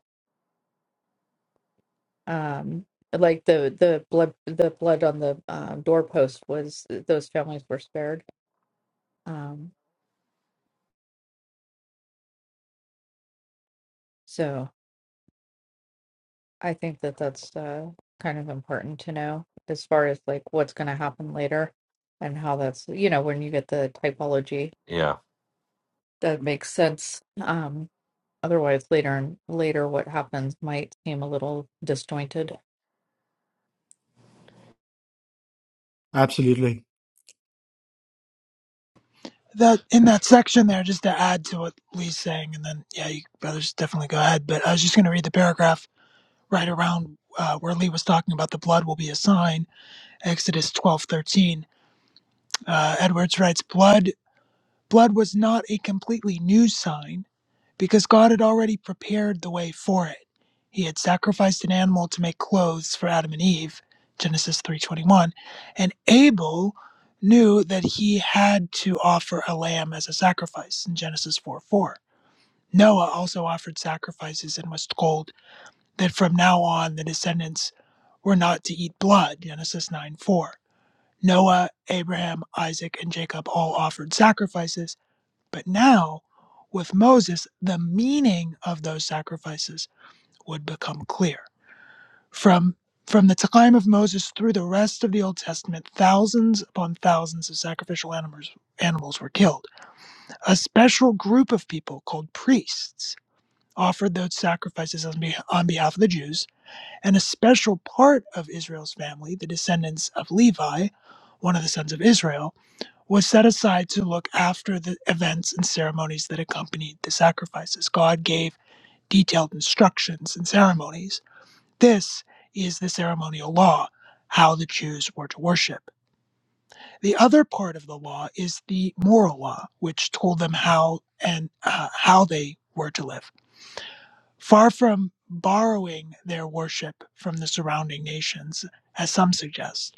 Speaker 5: um, like the the blood the blood on the um, doorpost was those families were spared. Um, so I think that that's uh, kind of important to know as far as like what's going to happen later, and how that's you know when you get the typology
Speaker 1: yeah,
Speaker 5: that makes sense Um, Otherwise, later and later, what happens might seem a little disjointed.
Speaker 4: Absolutely.
Speaker 2: That in that section there, just to add to what Lee's saying, and then yeah, you brothers definitely go ahead. But I was just going to read the paragraph right around uh, where Lee was talking about the blood will be a sign, Exodus twelve thirteen. Uh, Edwards writes, "Blood, blood was not a completely new sign." because God had already prepared the way for it. He had sacrificed an animal to make clothes for Adam and Eve, Genesis 3:21, and Abel knew that he had to offer a lamb as a sacrifice in Genesis 4:4. Noah also offered sacrifices and was told that from now on the descendants were not to eat blood, Genesis 9:4. Noah, Abraham, Isaac, and Jacob all offered sacrifices but now, with Moses, the meaning of those sacrifices would become clear. From from the time of Moses through the rest of the Old Testament, thousands upon thousands of sacrificial animals animals were killed. A special group of people called priests offered those sacrifices on, beh on behalf of the Jews, and a special part of Israel's family, the descendants of Levi, one of the sons of Israel, was set aside to look after the events and ceremonies that accompanied the sacrifices. God gave detailed instructions and ceremonies. This is the ceremonial law, how the Jews were to worship. The other part of the law is the moral law, which told them how and uh, how they were to live. Far from borrowing their worship from the surrounding nations, as some suggest,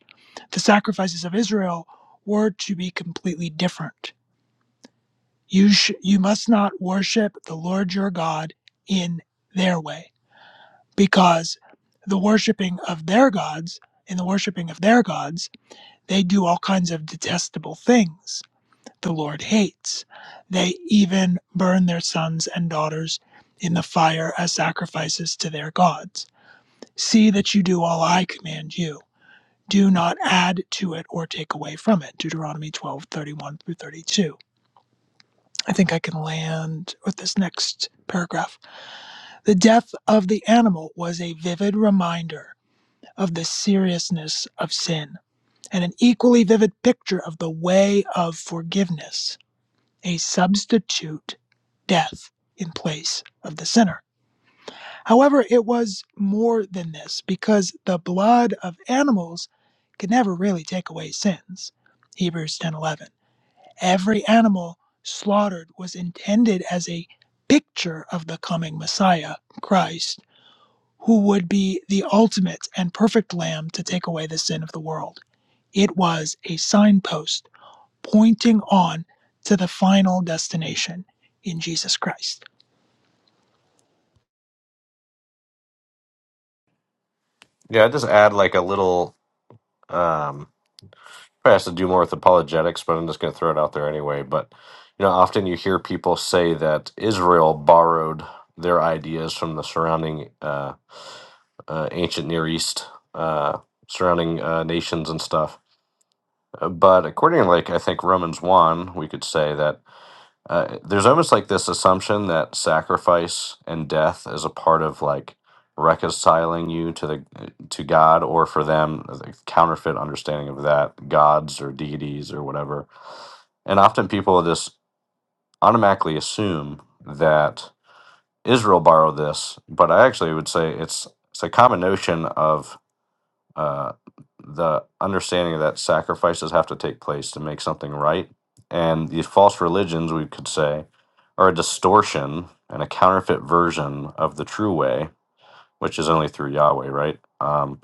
Speaker 2: the sacrifices of Israel were to be completely different you sh- you must not worship the Lord your God in their way because the worshiping of their gods in the worshiping of their gods they do all kinds of detestable things the Lord hates they even burn their sons and daughters in the fire as sacrifices to their gods see that you do all I command you do not add to it or take away from it deuteronomy 12:31 through 32 I think I can land with this next paragraph. The death of the animal was a vivid reminder of the seriousness of sin and an equally vivid picture of the way of forgiveness, a substitute death in place of the sinner. However, it was more than this because the blood of animals could never really take away sins. Hebrews 10:11. Every animal slaughtered was intended as a picture of the coming Messiah, Christ, who would be the ultimate and perfect lamb to take away the sin of the world. It was a signpost pointing on to the final destination in Jesus Christ.
Speaker 1: yeah. Just add like a little. um probably has to do more with apologetics, but I'm just going to throw it out there anyway. But you know, often you hear people say that Israel borrowed their ideas from the surrounding uh, uh, ancient Near East, uh, surrounding uh, nations and stuff. Uh, But according, like I think Romans one, we could say that uh, there's almost like this assumption that sacrifice and death is a part of like reconciling you to the to God, or for them, the counterfeit understanding of that gods or deities or whatever. And often people just automatically assume that Israel borrowed this, but I actually would say it's it's a common notion of uh, the understanding that sacrifices have to take place to make something right. And these false religions, we could say, are a distortion and a counterfeit version of the true way, which is only through Yahweh, right? Um,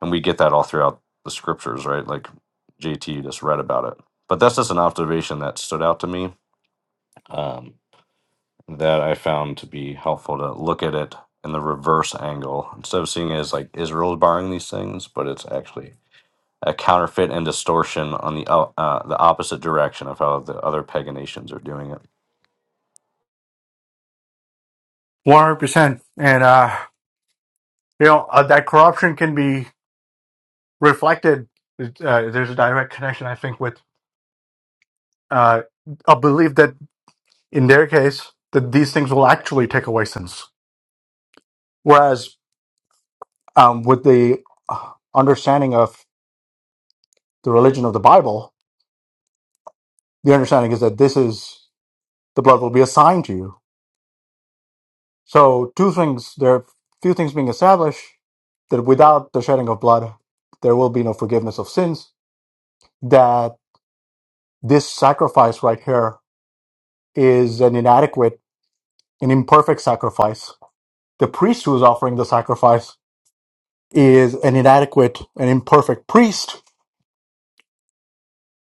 Speaker 1: and we get that all throughout the scriptures, right? Like JT just read about it. But that's just an observation that stood out to me um, that I found to be helpful to look at it in the reverse angle instead of seeing it as like Israel's borrowing these things, but it's actually a counterfeit and distortion on the o- uh, the opposite direction of how the other paganations are doing it.
Speaker 4: one hundred percent. And uh, you know uh, that corruption can be reflected. Uh, there's a direct connection, I think, with uh, a belief that in their case, that these things will actually take away sins. Whereas um, with the uh, understanding of the religion of the Bible, the understanding is that this is the blood will be assigned to you. So two things there are few things being established that without the shedding of blood, there will be no forgiveness of sins. That this sacrifice right here is an inadequate, an imperfect sacrifice. The priest who is offering the sacrifice is an inadequate, an imperfect priest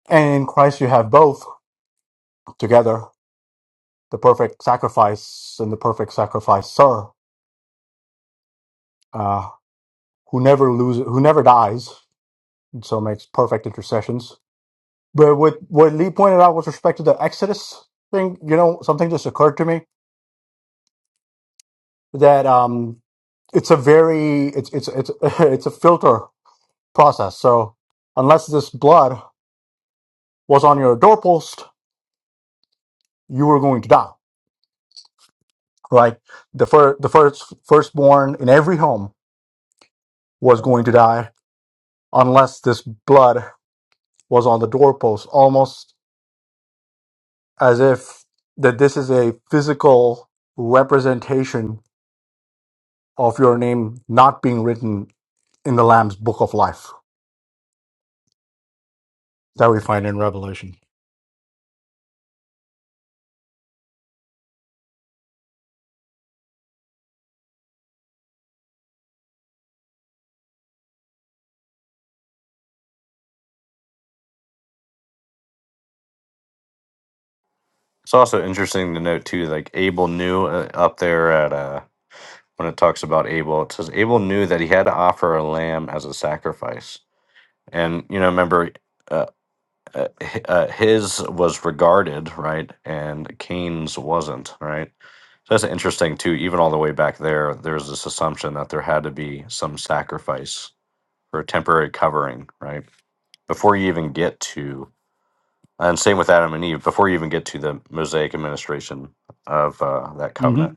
Speaker 4: And in Christ, you have both together the perfect sacrifice and the perfect sacrificer, uh, who never loses, who never dies, and so makes perfect intercessions. But what, what Lee pointed out with respect to the Exodus thing, you know, something just occurred to me that um, it's a very it's it's it's it's a filter process. So unless this blood was on your doorpost, you were going to die, right? The fir- the first firstborn in every home was going to die unless this blood was on the doorpost, almost as if that this is a physical representation of your name not being written in the Lamb's book of life that we find in Revelation.
Speaker 1: It's also interesting to note too, like Abel knew uh, up there at uh, when it talks about Abel, it says Abel knew that he had to offer a lamb as a sacrifice, and you know, remember. Uh, uh, hi- uh, his was regarded right, and Cain's wasn't right. So that's interesting too. Even all the way back there, there's this assumption that there had to be some sacrifice for a temporary covering, right? before you even get to and same with adam and eve before you even get to the mosaic administration of uh, that covenant
Speaker 4: hmm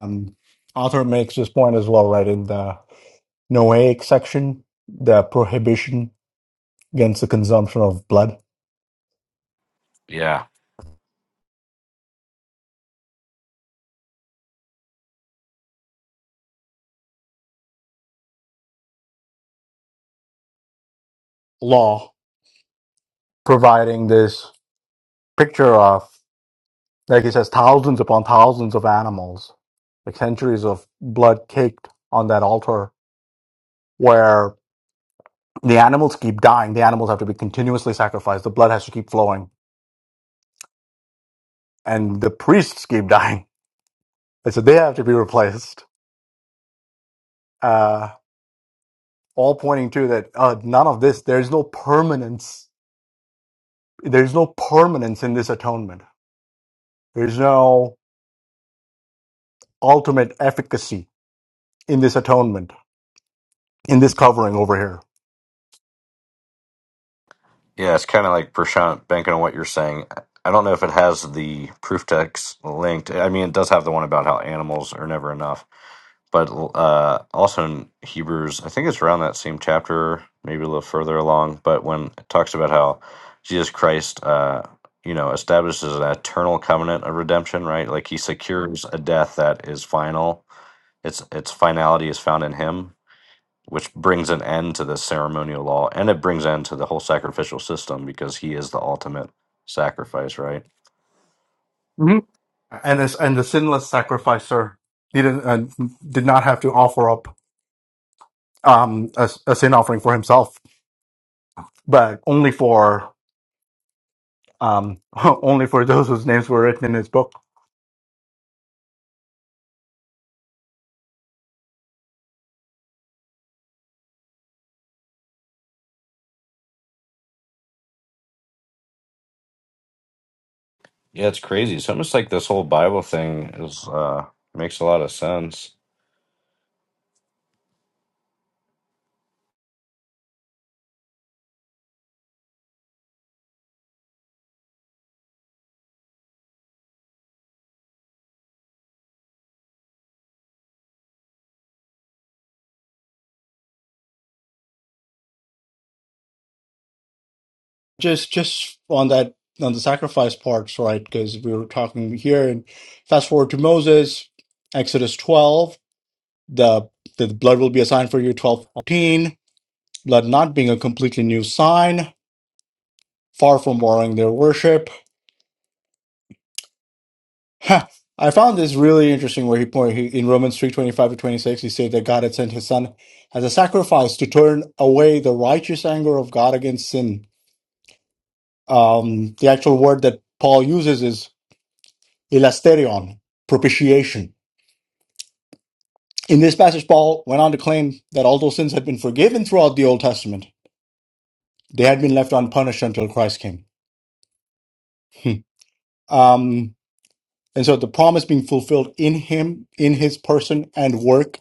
Speaker 4: Um, author makes this point as well, right in the Noahic section, the prohibition against the consumption of blood
Speaker 1: Yeah.
Speaker 4: law, providing this picture of. Like he says, thousands upon thousands of animals, like centuries of blood caked on that altar where the animals keep dying. The animals have to be continuously sacrificed. The blood has to keep flowing. And the priests keep dying. And so they have to be replaced. Uh, all pointing to that uh, none of this, there's no permanence. There's no permanence in this atonement. There's no ultimate efficacy in this atonement, in this covering over here.
Speaker 1: Yeah, it's kind of like Prashant banking on what you're saying. I I don't know if it has the proof text linked. I mean, it does have the one about how animals are never enough, but uh, also in Hebrews, I think it's around that same chapter, maybe a little further along. But when it talks about how Jesus Christ, uh, you know, establishes an eternal covenant of redemption, right? Like he secures a death that is final. Its its finality is found in Him, which brings an end to this ceremonial law and it brings end to the whole sacrificial system because he is the ultimate sacrifice, right?
Speaker 4: and as and the sinless sacrificer didn't uh, did not have to offer up um a, a sin offering for himself, but only for um only for those whose names were written in his book.
Speaker 1: Yeah, it's crazy. It's almost like this whole Bible thing is uh makes a lot of sense.
Speaker 4: Just just on that on the sacrifice parts, right? Because we were talking here, and fast forward to Moses, Exodus twelve, the the blood will be a sign for you. Twelve fourteen, blood not being a completely new sign, far from warring their worship. Huh. I found this really interesting where he point he, in Romans three twenty five to twenty six he said that God had sent His Son as a sacrifice to turn away the righteous anger of God against sin. Um, the actual word that Paul uses is elasterion, propitiation. In this passage, Paul went on to claim that although sins had been forgiven throughout the Old Testament, they had been left unpunished until Christ came. Hmm. Um, and so the promise being fulfilled in Him, in His person and work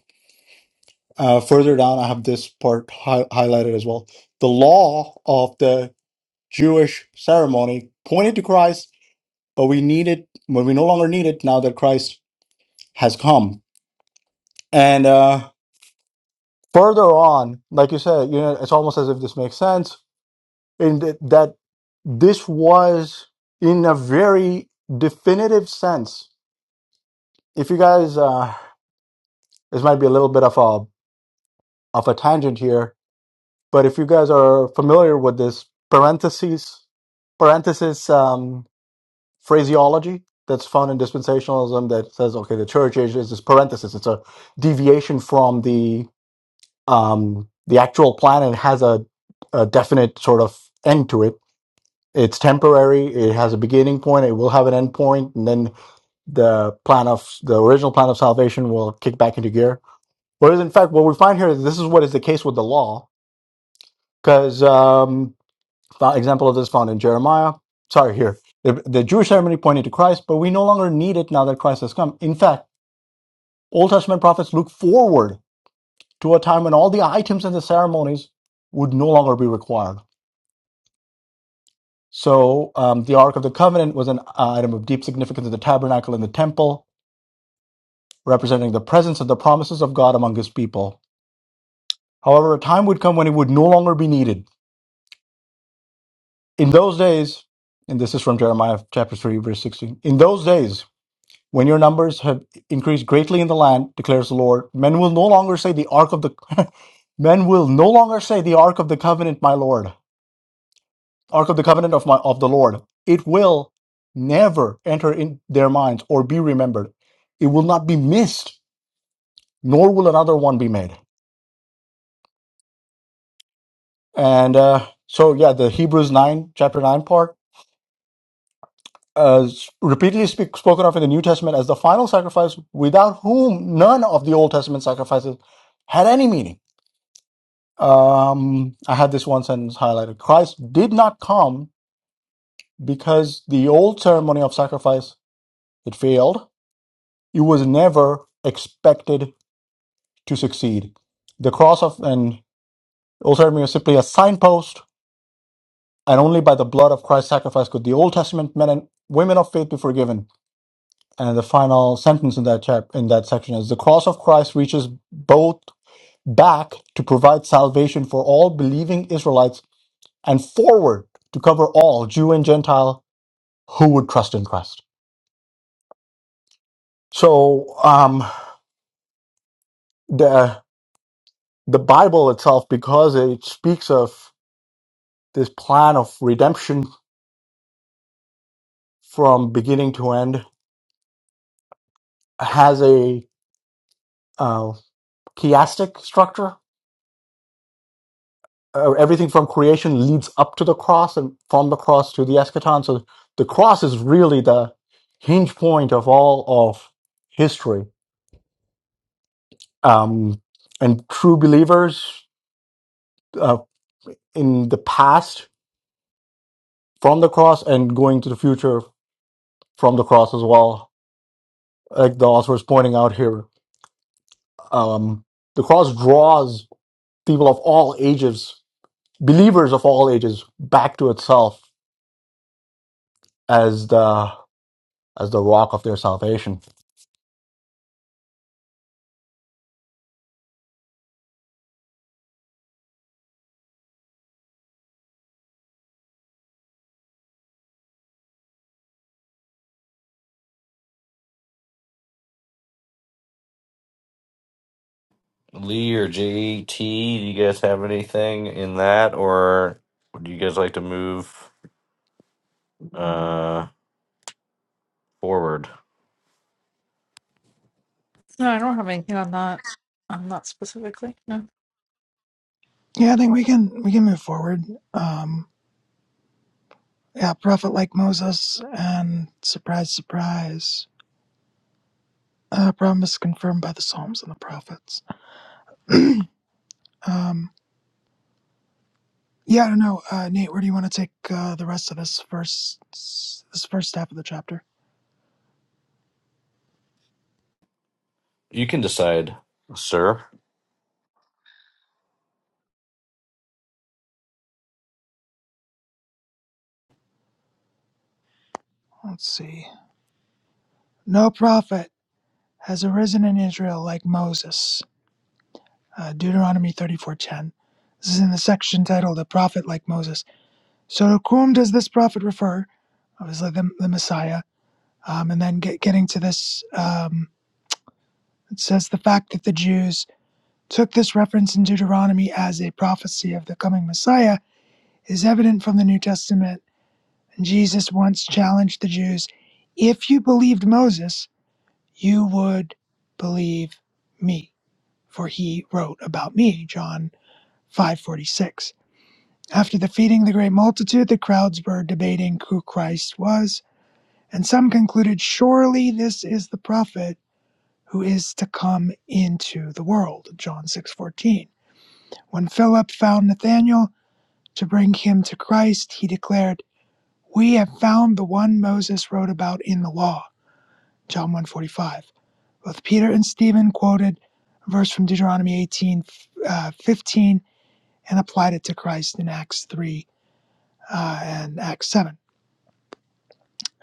Speaker 4: Uh, further down, I have this part hi- highlighted as well. The law of the Jewish ceremony pointed to Christ, but we need it when we no longer need it now that Christ has come. And uh, further on, like you said, you know, it's almost as if this makes sense in th- that this was in a very definitive sense. If you guys, uh, this might be a little bit of a of a tangent here, But if you guys are familiar with this parentheses parenthesis um, phraseology that's found in dispensationalism that says, okay, the church age is this parenthesis. It's a deviation from the um, the actual plan and it has a, a definite sort of end to it. It's temporary. It has a beginning point. It will have an end point, and then the plan of the original plan of salvation will kick back into gear. Whereas, in fact, what we find here is this is what is the case with the law, because The example of this is found in Jeremiah. Sorry, here. The, the Jewish ceremony pointed to Christ, but we no longer need it now that Christ has come. In fact, Old Testament prophets look forward to a time when all the items and the ceremonies would no longer be required. So um, the Ark of the Covenant was an item of deep significance in the tabernacle and the temple, representing the presence and the promises of God among his people. However, a time would come when it would no longer be needed. In those days, and this is from Jeremiah chapter 3, verse 16. In those days, When your numbers have increased greatly in the land, declares the Lord, men will no longer say the ark of the men will no longer say the ark of the covenant, my Lord, ark of the covenant of my of the Lord. It will never enter in their minds or be remembered. It will not be missed, nor will another one be made. And uh, so, yeah, the Hebrews nine chapter nine part. Uh, is repeatedly speak, spoken of in the New Testament as the final sacrifice, without whom none of the Old Testament sacrifices had any meaning Um, I had this one sentence highlighted. Christ did not come because the old ceremony of sacrifice it failed. It was never expected to succeed. The cross of an old ceremony was simply a signpost, and only by the blood of Christ's sacrifice could the Old Testament men and women of faith be forgiven. And the final sentence in that chap in that section is the cross of Christ reaches both back to provide salvation for all believing Israelites and forward to cover all Jew and Gentile who would trust in Christ. So um, the the Bible itself, because it speaks of this plan of redemption from beginning to end, has a uh, chiastic structure. Uh, everything from creation leads up to the cross, and from the cross to the eschaton. So the cross is really the hinge point of all of history. Um, and true believers uh, in the past from the cross and going to the future from the cross as well. Like the author is pointing out here, um, the cross draws people of all ages, believers of all ages, back to itself as the as the rock of their salvation.
Speaker 1: Lee or JT, do you guys have anything in that or would you guys like to move uh forward?
Speaker 5: No, I don't have anything on that. On that specifically. No.
Speaker 2: Yeah, I think we can we can move forward. Um, yeah, a prophet like Moses, and surprise, surprise, a promise confirmed by the Psalms and the prophets. Um, Yeah, I don't know, uh, Nate. Where do you want to take uh, the rest of this first this first half of the chapter?
Speaker 1: You can decide, sir.
Speaker 2: Let's see. No prophet has arisen in Israel like Moses. Uh, Deuteronomy thirty four ten. This is in the section titled "A Prophet Like Moses." So to whom does this prophet refer? Obviously, the, the Messiah. Um, and then get, getting to this, um, it says the fact that the Jews took this reference in Deuteronomy as a prophecy of the coming Messiah is evident from the New Testament Jesus once challenged the Jews if you believed Moses, you would believe me, for he wrote about me, John 5:46. After the feeding the great multitude, the crowds were debating who Christ was, and some concluded surely this is the prophet who is to come into the world, John 6:14. When Philip found Nathanael to bring him to Christ, he declared, "We have found the one Moses wrote about in the law." John 145. Both Peter and Stephen quoted a verse from Deuteronomy 18 uh, 15 and applied it to Christ in Acts 3 uh, and Acts 7.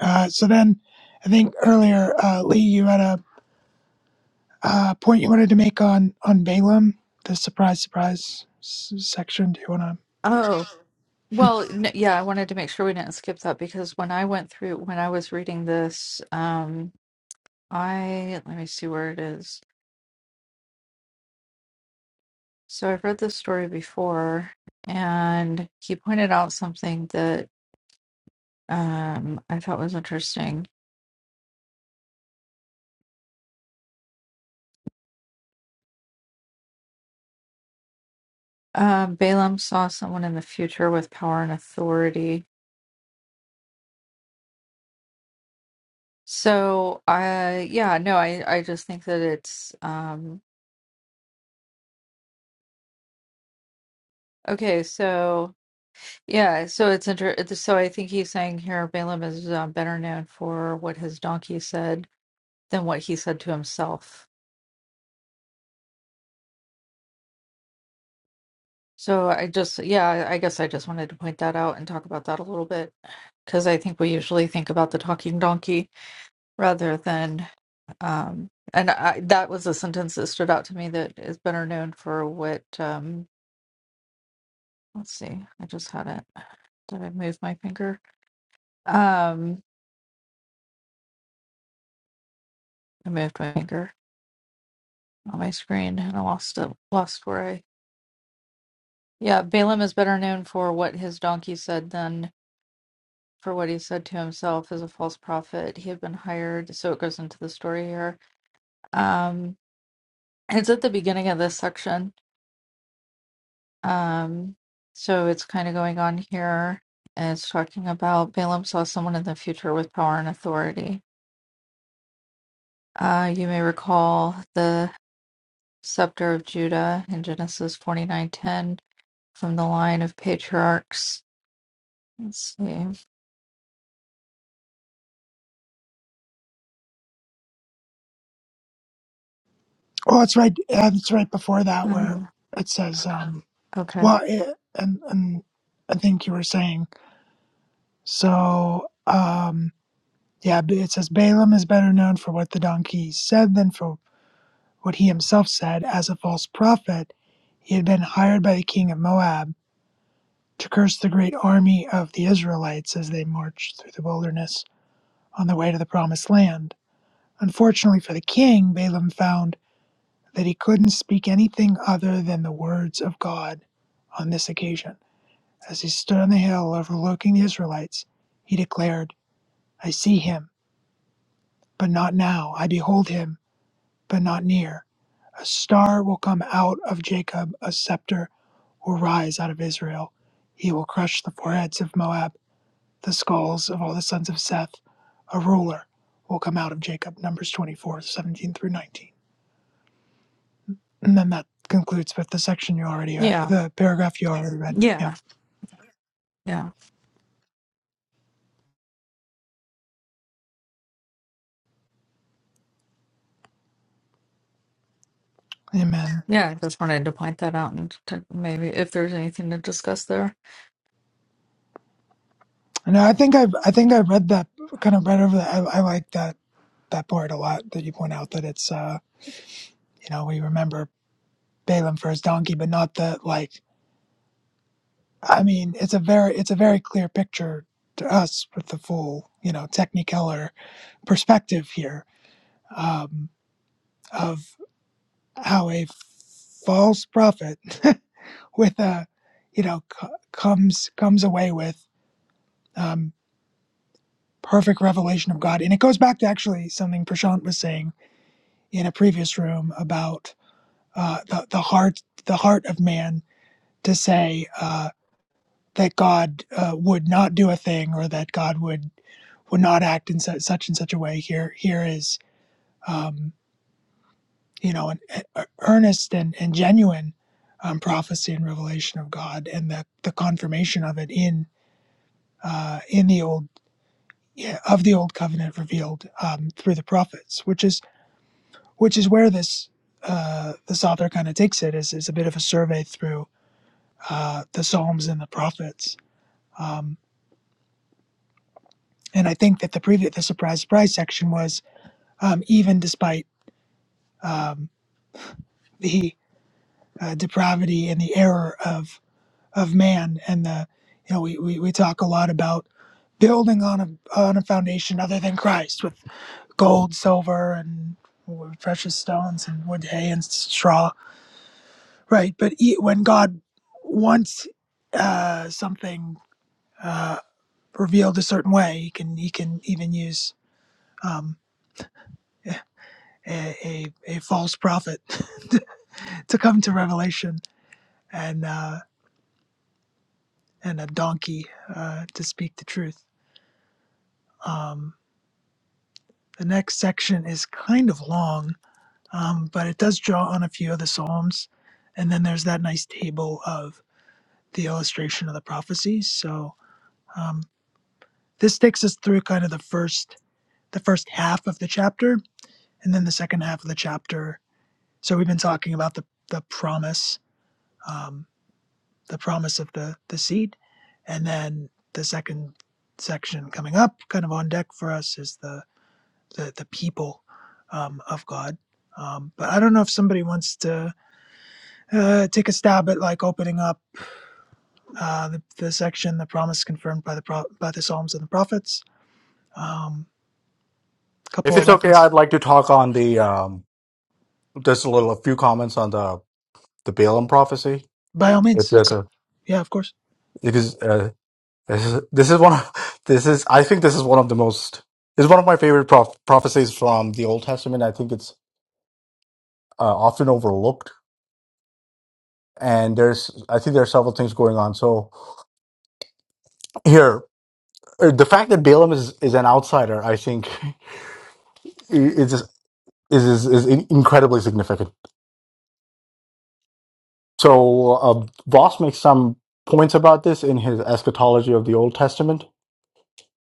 Speaker 2: Uh, so then I think earlier, uh, Lee, you had a uh, point you wanted to make on, on Balaam, the surprise, surprise s- section. Do you want to?
Speaker 5: Oh well, n yeah. I wanted to make sure we didn't skip that because when I went through, when I was reading this, um, I let me see where it is. So I've read this story before, and he pointed out something that um, I thought was interesting. Um, Balaam saw someone in the future with power and authority So I yeah, no, I I just think that it's um okay, so yeah, so it's inter it's- so I think he's saying here Balaam is um, better known for what his donkey said than what he said to himself. So I just yeah, I I guess I just wanted to point that out and talk about that a little bit because I think we usually think about the talking donkey rather than um and I that was a sentence that stood out to me that is better known for what um let's see, I just had it. Did I move my finger? Um, I moved my finger on my screen and I lost it. Lost where I. Yeah, Balaam is better known for what his donkey said than for what he said to himself as a false prophet. He had been hired, so it goes into the story here. Um, it's at the beginning of this section. Um, so it's kind of going on here. And it's talking about Balaam saw someone in the future with power and authority. Uh, you may recall the. scepter of Judah in Genesis forty nine ten from the line of patriarchs. Let's see.
Speaker 2: Oh, it's right. Uh, it's right before that where
Speaker 5: Um,
Speaker 2: it says, um,
Speaker 5: okay.
Speaker 2: well, it, and, and I think you were saying, so, um, Yeah, It says Balaam is better known for what the donkey said than for what he himself said. As a false prophet, he had been hired by the king of Moab to curse the great army of the Israelites as they marched through the wilderness on the way to the promised land. Unfortunately for the king, Balaam found that he couldn't speak anything other than the words of God on this occasion. As he stood on the hill overlooking the Israelites, he declared, I see him, but not now. I behold him, but not near. A star will come out of Jacob, a scepter will rise out of Israel. He will crush the foreheads of Moab, the skulls of all the sons of Seth. A ruler will come out of Jacob. Numbers 24, 17 through 19. And then that concludes with the section you already, uh,
Speaker 5: Yeah.
Speaker 2: the paragraph you already read. Yeah.
Speaker 5: Yeah. Yeah.
Speaker 2: Amen.
Speaker 5: Yeah. I just wanted to point that out and to maybe if there's anything to discuss there.
Speaker 2: And I think I've, I think I read that kind of right over that. I, I like that, that part a lot that you point out that it's, uh, you know, we remember Balaam for his donkey, but not the like I mean, it's a very it's a very clear picture to us with the full you know technicolor perspective here um, of how a false prophet with a you know c- comes comes away with um, perfect revelation of God, and it goes back to actually something Prashant was saying in a previous room about uh, the the heart the heart of man to say uh, that God uh, would not do a thing or that God would would not act in su- such and such a way. Here, here is um, you know an e- e, earnest and, and genuine um, prophecy and revelation of God, and the, the confirmation of it in uh, in the old yeah, of the old covenant revealed um, through the prophets, which is which is where this uh, this author kind of takes it is is a bit of a survey through uh, the Psalms and the prophets. Um, and I think that the previous the surprise surprise section was um, even despite um, the uh, depravity and the error of of man and the you know we, we, we talk a lot about building on a on a foundation other than Christ with gold silver and precious stones and wood hay and straw right but e- when God wants uh, something uh, revealed a certain way he can he can even use um, a, a, a false prophet to to come to revelation and uh, and a donkey uh, to speak the truth Um, the next section is kind of long, um, but it does draw on a few of the Psalms. And then there's that nice table of the illustration of the prophecies. So um, this takes us through kind of the first the first half of the chapter, and then the second half of the chapter. So we've been talking about the the promise, um, the promise of the the seed, and then the second section coming up, kind of on deck for us, is the the, the people um, of God. Um, but I don't know if somebody wants to uh, take a stab at like opening up uh, the, the section, the promise confirmed by the pro- by the Psalms and the prophets. Um,
Speaker 4: If
Speaker 2: couple of
Speaker 4: it's okay,
Speaker 2: references.
Speaker 4: I'd like to talk on the um, just a little, a few comments on the the Balaam prophecy.
Speaker 2: By all
Speaker 4: If
Speaker 2: means,
Speaker 4: there's a,
Speaker 2: yeah, of course.
Speaker 4: because uh, This is this is one of this is I think this is one of the most this is one of my favorite prof- prophecies from the Old Testament. I think it's uh, often overlooked, and there's I think there are several things going on. So here, uh, the fact that Balaam is is an outsider, I think, i- is is is, is in- incredibly significant. So uh, Voss makes some points about this in his eschatology of the Old Testament,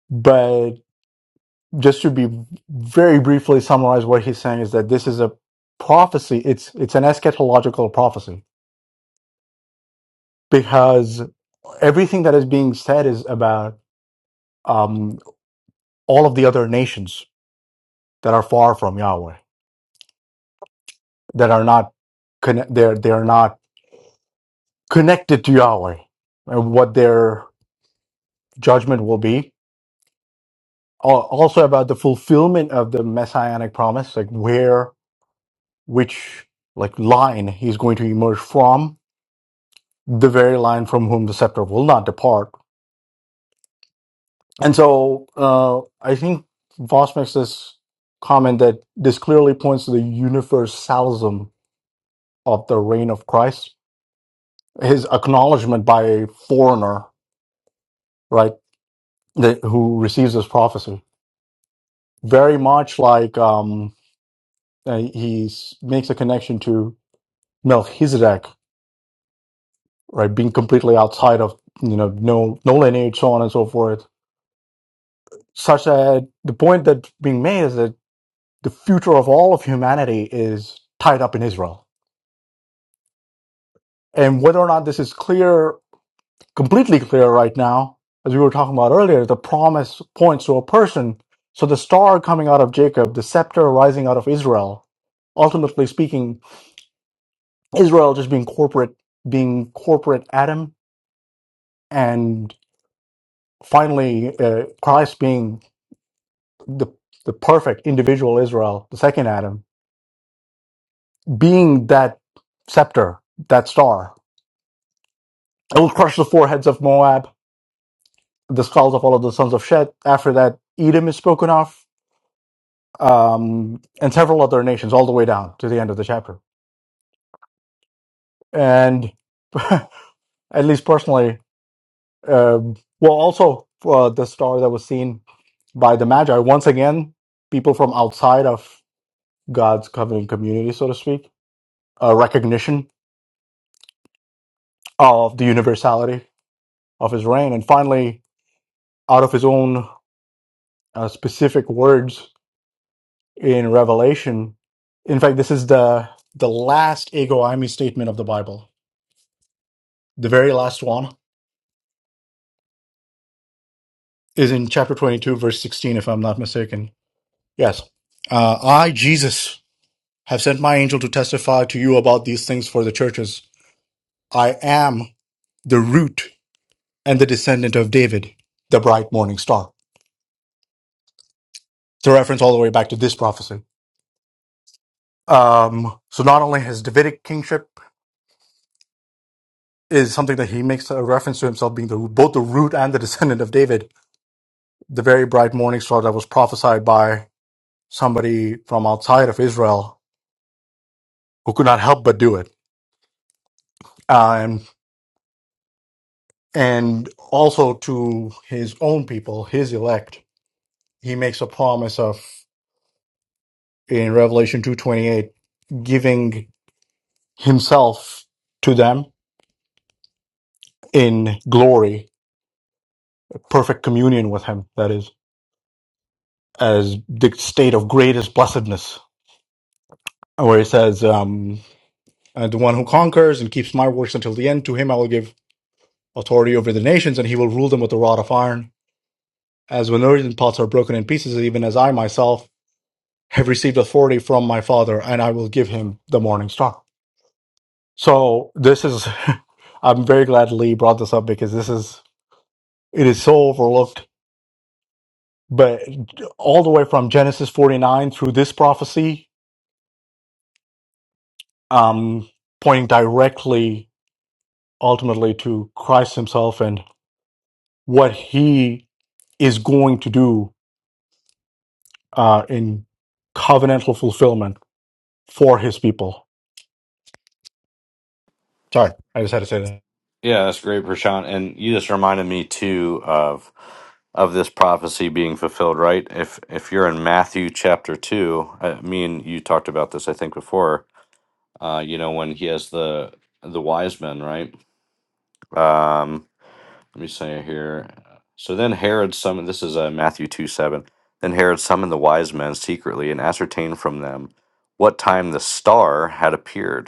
Speaker 4: but. just to be very briefly summarize what he's saying is that this is a prophecy it's it's an eschatological prophecy because everything that is being said is about um, all of the other nations that are far from Yahweh that are not conne- they're they're not connected to Yahweh and what their judgment will be Al- also about the fulfillment of the messianic promise like where which like line he's going to emerge from the very line from whom the scepter will not depart. And so uh, I think Voss makes this comment that this clearly points to the universalism of the reign of Christ, his acknowledgement by a foreigner, right, that, who receives this prophecy. Very much like um, uh, he s- makes a connection to Melchizedek, right, being completely outside of, you know, no, no lineage, so on and so forth. Such that the point that's being made is that the future of all of humanity is tied up in Israel. And whether or not this is clear, completely clear right now, as we were talking about earlier, the promise points to a person. So the star coming out of Jacob, the scepter rising out of Israel, ultimately speaking, Israel just being corporate, being corporate Adam, and finally uh, Christ being the the perfect individual Israel, the second Adam, being that scepter, that star. It will crush the foreheads of Moab the skulls of all of the sons of Shet. After that, Edom is spoken of, um, and several other nations, all the way down to the end of the chapter. And at least personally, um, well, also uh, the star that was seen by the Magi. Once again, people from outside of God's covenant community, so to speak, a recognition of the universality of His reign, and finally, out of His own uh, specific words in Revelation. In fact, this is the the last ego eimi statement of the Bible. The very last one is in chapter 22, verse 16, if I'm not mistaken. Yes. Uh, I, Jesus, have sent my angel to testify to you about these things for the churches. I am the root and the descendant of David, the bright morning star. It's a reference all the way back to this prophecy. Um, so not only his Davidic kingship is something that he makes a reference to himself being the, both the root and the descendant of David, the very bright morning star that was prophesied by somebody from outside of Israel who could not help but do it. Um, and also to his own people, his elect, he makes a promise of in Revelation 2:28 giving himself to them in glory, perfect communion with him, that is, as the state of greatest blessedness, where he says, um, uh, the one who conquers and keeps my works until the end, to him I will give authority over the nations, and he will rule them with a rod of iron. As when earthen pots are broken in pieces, even as I myself have received authority from my Father, and I will give him the morning star. So this is, I'm very glad Lee brought this up because this is, it is so overlooked. But all the way from Genesis 49 through this prophecy, um, pointing directly ultimately to Christ himself and what he is going to do uh, in covenantal fulfillment for his people. Sorry, I just had to say that.
Speaker 1: Yeah, that's great, Prashant. And you just reminded me too of of this prophecy being fulfilled, right? If if you're in Matthew chapter two, I, me and you talked about this, I think before. Uh, you know when he has the the wise men, right? Um, let me say it here. So then Herod summoned. This is uh, Matthew two seven. Then Herod summoned the wise men secretly and ascertained from them what time the star had appeared.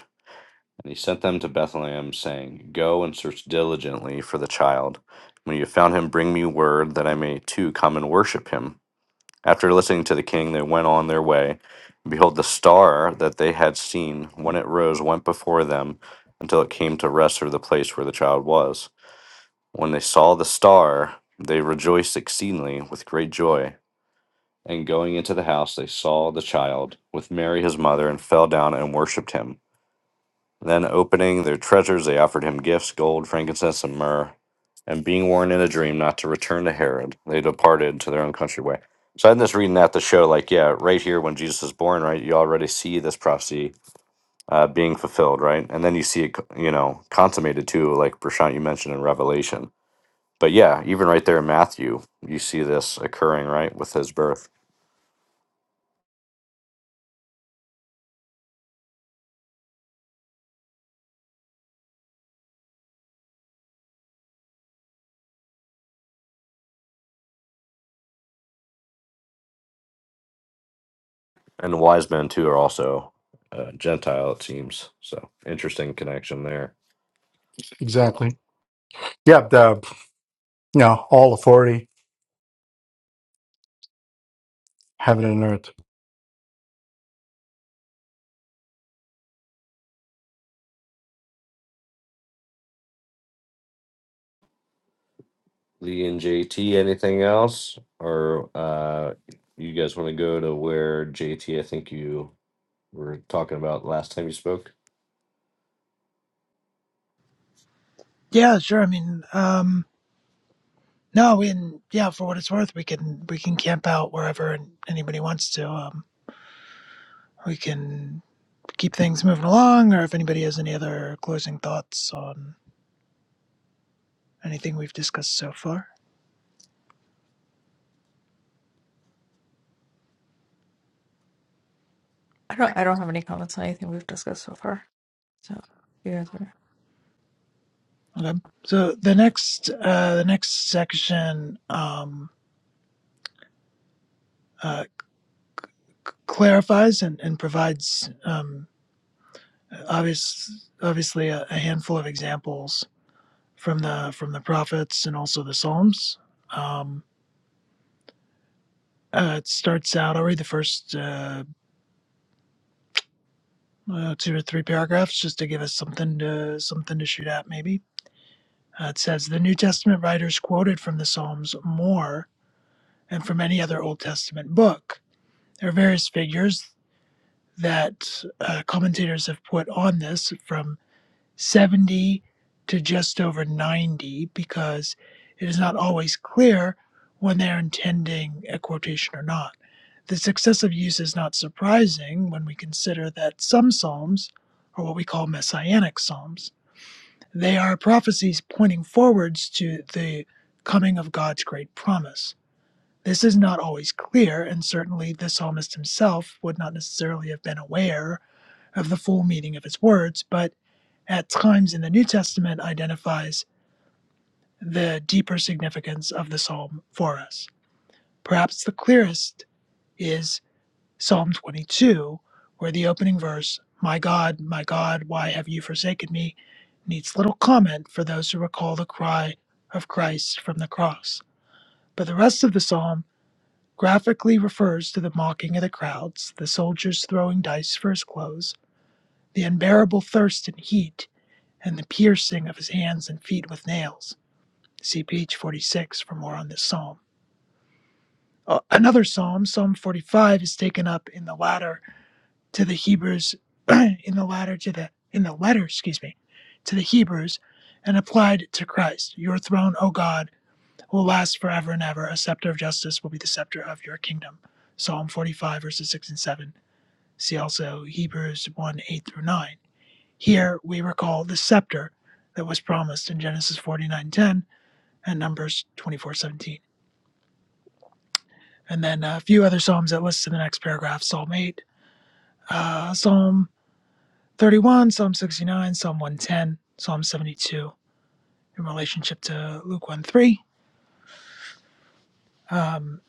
Speaker 1: And he sent them to Bethlehem, saying, Go and search diligently for the child. When you have found him, bring me word that I may too come and worship him. After listening to the king, they went on their way. And behold, the star that they had seen when it rose went before them until it came to rest over the place where the child was. When they saw the star, they rejoiced exceedingly with great joy. And going into the house, they saw the child with Mary his mother and fell down and worshipped him. Then, opening their treasures, they offered him gifts gold, frankincense, and myrrh. And being warned in a dream not to return to Herod, they departed to their own country way. So, I'm just reading that to show, like, yeah, right here when Jesus is born, right, you already see this prophecy uh, being fulfilled, right? And then you see it, you know, consummated too, like Prashant, you mentioned in Revelation. But yeah, even right there in Matthew, you see this occurring, right, with his birth. And the wise men too are also uh, Gentile, it seems. So, interesting connection there.
Speaker 4: Exactly. Yeah, the you know, all authority, heaven and earth.
Speaker 1: Lee and JT, anything else? Or uh, you guys want to go to where JT, I think you were talking about last time you spoke?
Speaker 2: Yeah, sure. I mean, um, no, we can, yeah, for what it's worth, we can we can camp out wherever anybody wants to. Um, we can keep things moving along, or if anybody has any other closing thoughts on anything we've discussed so far.
Speaker 5: I don't I don't have any comments on anything we've discussed so far. So you guys are
Speaker 2: Okay. So the next uh, the next section um, uh, clarifies and, and provides um, obvious obviously a, a handful of examples from the from the prophets and also the Psalms. Um, uh, it starts out. I'll read the first uh, uh, two or three paragraphs just to give us something to something to shoot at. Maybe uh, it says the New Testament writers quoted from the Psalms more and from any other Old Testament book. There are various figures that uh, commentators have put on this from 70 to just over 90 because it is not always clear when they're intending a quotation or not. The successive use is not surprising when we consider that some psalms are what we call messianic psalms. They are prophecies pointing forwards to the coming of God's great promise. This is not always clear, and certainly the psalmist himself would not necessarily have been aware of the full meaning of its words, but at times in the New Testament identifies the deeper significance of the psalm for us. Perhaps the clearest is Psalm 22, where the opening verse, My God, my God, why have you forsaken me, needs little comment for those who recall the cry of Christ from the cross. But the rest of the psalm graphically refers to the mocking of the crowds, the soldiers throwing dice for his clothes, the unbearable thirst and heat, and the piercing of his hands and feet with nails. See page 46 for more on this psalm. Uh, Another psalm, Psalm 45, is taken up in the latter to the Hebrews, in the latter to the, in the letter, excuse me, to the Hebrews and applied to Christ. Your throne, O God, will last forever and ever. A scepter of justice will be the scepter of your kingdom. Psalm 45, verses 6 and 7. See also Hebrews 1, 8 through 9. Here we recall the scepter that was promised in Genesis 49:10 and Numbers 24:17. And then a few other psalms that list in the next paragraph: Psalm 8, uh, Psalm 31, Psalm 69, Psalm 110, Psalm 72. In relationship to Luke 1 3. Um,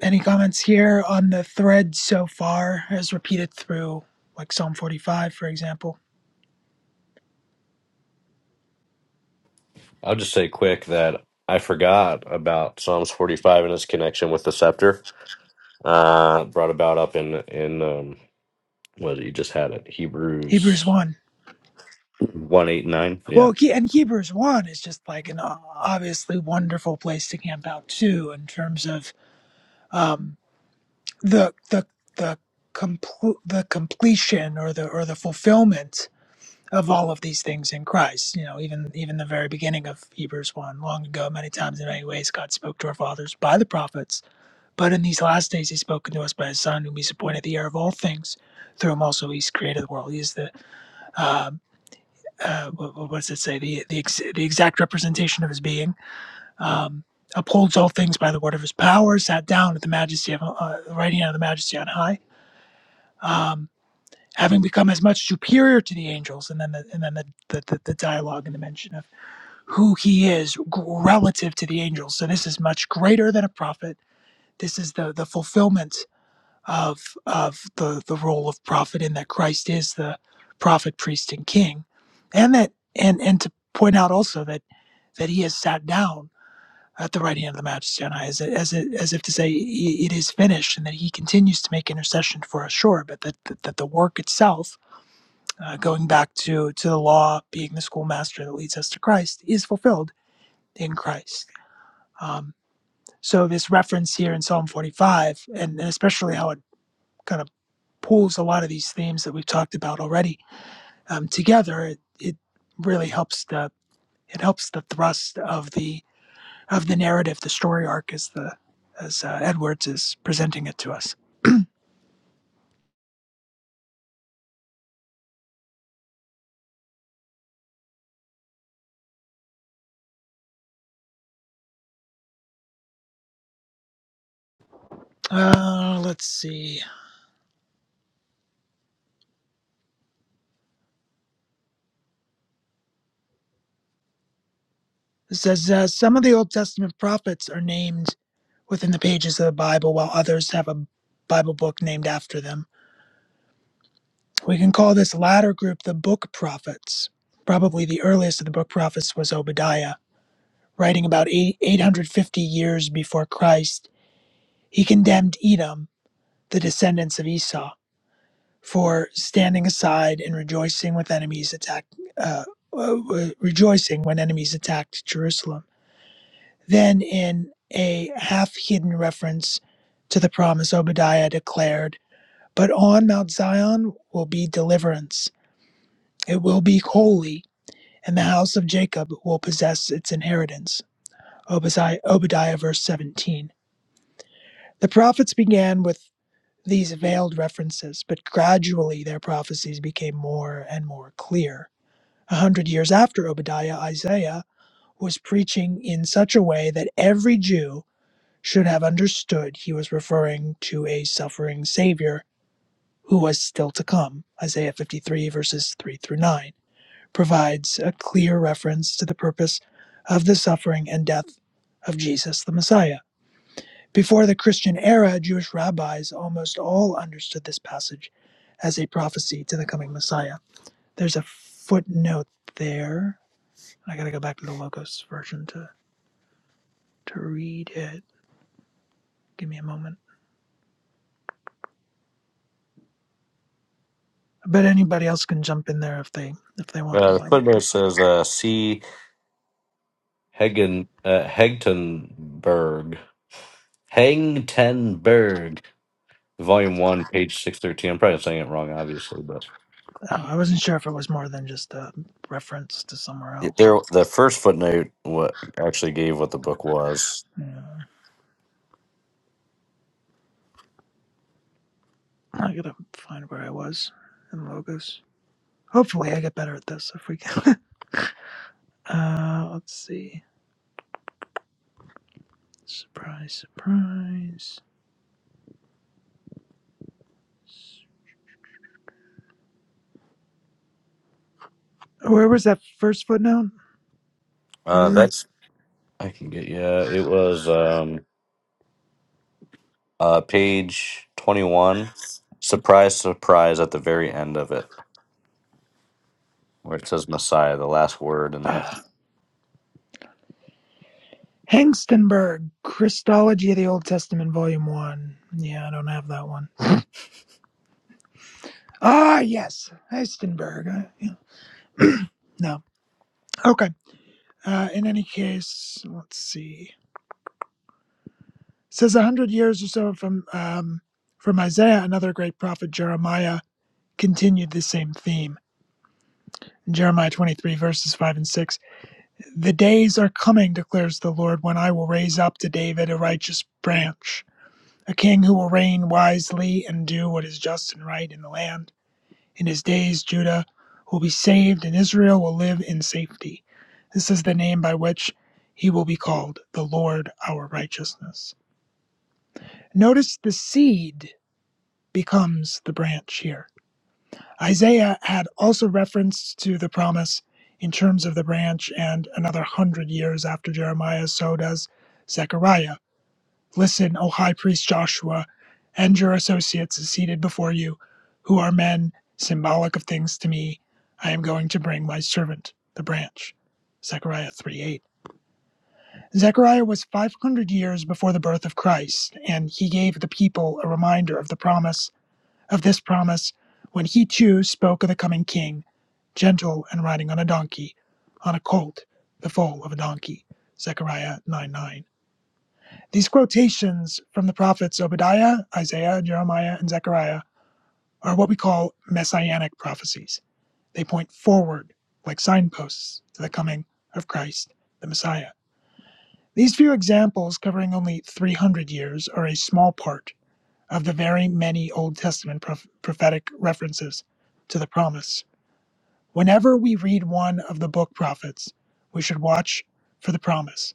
Speaker 2: any comments here on the thread so far, as repeated through like Psalm 45, for example?
Speaker 1: I'll just say quick that I forgot about Psalms 45 and its connection with the scepter. Uh, brought about up in, in um, what you just had it,
Speaker 2: Hebrews
Speaker 1: Hebrews
Speaker 2: 1.
Speaker 1: one eight nine. Yeah.
Speaker 2: Well, he, and Hebrews 1 is just like an o- obviously wonderful place to camp out, too, in terms of. um, the the the complete the completion or the or the fulfillment of all of these things in Christ. You know, even even the very beginning of Hebrews one, long ago, many times in many ways, God spoke to our fathers by the prophets, but in these last days, He's spoken to us by His Son, whom He's appointed the heir of all things. Through Him also He's created the world. He is the um, uh, what, what does it say? The the, ex- the exact representation of His being. Um, upholds all things by the word of his power sat down at the majesty of uh, the right hand of the majesty on high Um, having become as much superior to the angels, and then the, and then the, the, the, dialogue and the mention of who he is relative to the angels. So this is much greater than a prophet. This is the the fulfillment of of the the role of prophet in that Christ is the prophet, priest, and king, and that and and to point out also that that he has sat down at the right hand of the Majesty on high, as, as, as if to say, it is finished, and that he continues to make intercession for us, sure, but that, that, that the work itself uh, going back to to the law being the schoolmaster that leads us to Christ is fulfilled in Christ. Um, so this reference here in Psalm 45, and, and especially how it kind of pulls a lot of these themes that we've talked about already um, together, it, it really helps the it helps the thrust of the of the narrative, the story arc, as the as uh, Edwards is presenting it to us. Uh, let's see. It says uh, some of the Old Testament prophets are named within the pages of the Bible, while others have a Bible book named after them. We can call this latter group the book prophets. Probably the earliest of the book prophets was Obadiah, writing about eight- 850 years before Christ. He condemned Edom, the descendants of Esau, for standing aside and rejoicing with enemies attacked, uh, uh, uh, rejoicing when enemies attacked Jerusalem. Then, in a half-hidden reference to the promise, Obadiah declared. But on Mount Zion will be deliverance. It will be holy, and the house of Jacob will possess its inheritance. Obadiah, Obadiah verse 17. The prophets began with these veiled references, but gradually their prophecies became more and more clear. A hundred years after Obadiah, Isaiah was preaching in such a way that every Jew should have understood he was referring to a suffering Savior who was still to come. Isaiah 53, verses 3 through 9. provides a clear reference to the purpose of the suffering and death of Jesus the Messiah. Before the Christian era, Jewish rabbis almost all understood this passage as a prophecy to the coming Messiah. There's a footnote there. I gotta go back to the Logos version to, to read it. Give me a moment. But anybody else can jump in there if they if they want
Speaker 1: Uh, the
Speaker 2: while I look
Speaker 1: footnote
Speaker 2: this up.
Speaker 1: says uh, C. Hegen, uh, Hegtenberg. Hengtenberg Volume one, page six thirteen. I'm probably saying it wrong, obviously, but
Speaker 2: Uh, I wasn't sure if it was more than just a reference to somewhere
Speaker 1: Y-
Speaker 2: else.
Speaker 1: There, the first footnote what actually gave what the book was.
Speaker 2: Yeah. I gotta find where I was in logos. Hopefully, I get better at this if we can. uh, let's see. Surprise, surprise. Where was that first footnote
Speaker 1: Uh,
Speaker 2: earlier?
Speaker 1: that's I can get yeah. It was um uh, page twenty-one. Surprise, surprise! At the very end of it, where it says Messiah, the last word in that.
Speaker 2: Uh, Hengstenberg, Christology of the Old Testament, Volume 1. Yeah, I don't have that one. Ah, yes, Hengstenberg. I, yeah. no. Okay. Uh, in any case, let's see. It says a hundred years or so from um, from Isaiah, another great prophet, Jeremiah continued the same theme. In Jeremiah 23, verses 5 and 6. The days are coming, declares the Lord, when I will raise up to David a righteous branch, a king who will reign wisely and do what is just and right in the land. In his days, Judah will be saved and Israel will live in safety. This is the name by which he will be called, the Lord our righteousness. Notice the seed becomes the branch here Isaiah had also reference to the promise in terms of the branch and another hundred years after Jeremiah, so does Zechariah. Listen, O high priest Joshua, and your associates seated before you, who are men symbolic of things to me. I am going to bring my servant, the branch. Zechariah 3 8. Zechariah was 500 years before the birth of Christ, and he gave the people a reminder of the promise of this promise when he too spoke of the coming king, gentle and riding on a donkey, on a colt, the foal of a donkey. Zechariah 9 9. These quotations from the prophets Obadiah, Isaiah, Jeremiah, and Zechariah are what we call messianic prophecies. They point forward, like signposts, to the coming of Christ, the Messiah. These few examples, covering only 300 years, are a small part of the very many Old Testament proph- prophetic references to the promise. Whenever we read one of the book prophets, we should watch for the promise.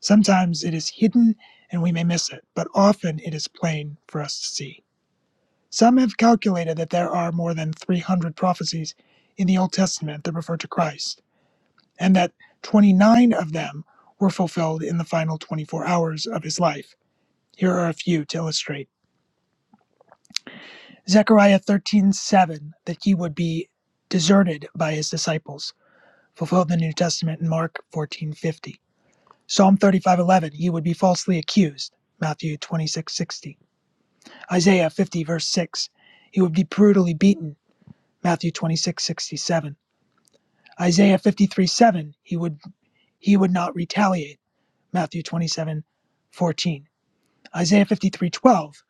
Speaker 2: Sometimes it is hidden and we may miss it, but often it is plain for us to see. Some have calculated that there are more than 300 prophecies in the Old Testament that refer to Christ, and that 29 of them were fulfilled in the final 24 hours of his life. Here are a few to illustrate. Zechariah 13:7 that he would be deserted by his disciples, fulfilled in the New Testament in Mark 14:50. Psalm 35:11 he would be falsely accused, Matthew 26:60. Isaiah 50 verse 6 he would be brutally beaten, Matthew 26:67. Isaiah fifty three seven he would he would not retaliate, Matthew 27:14. Isaiah 53 12,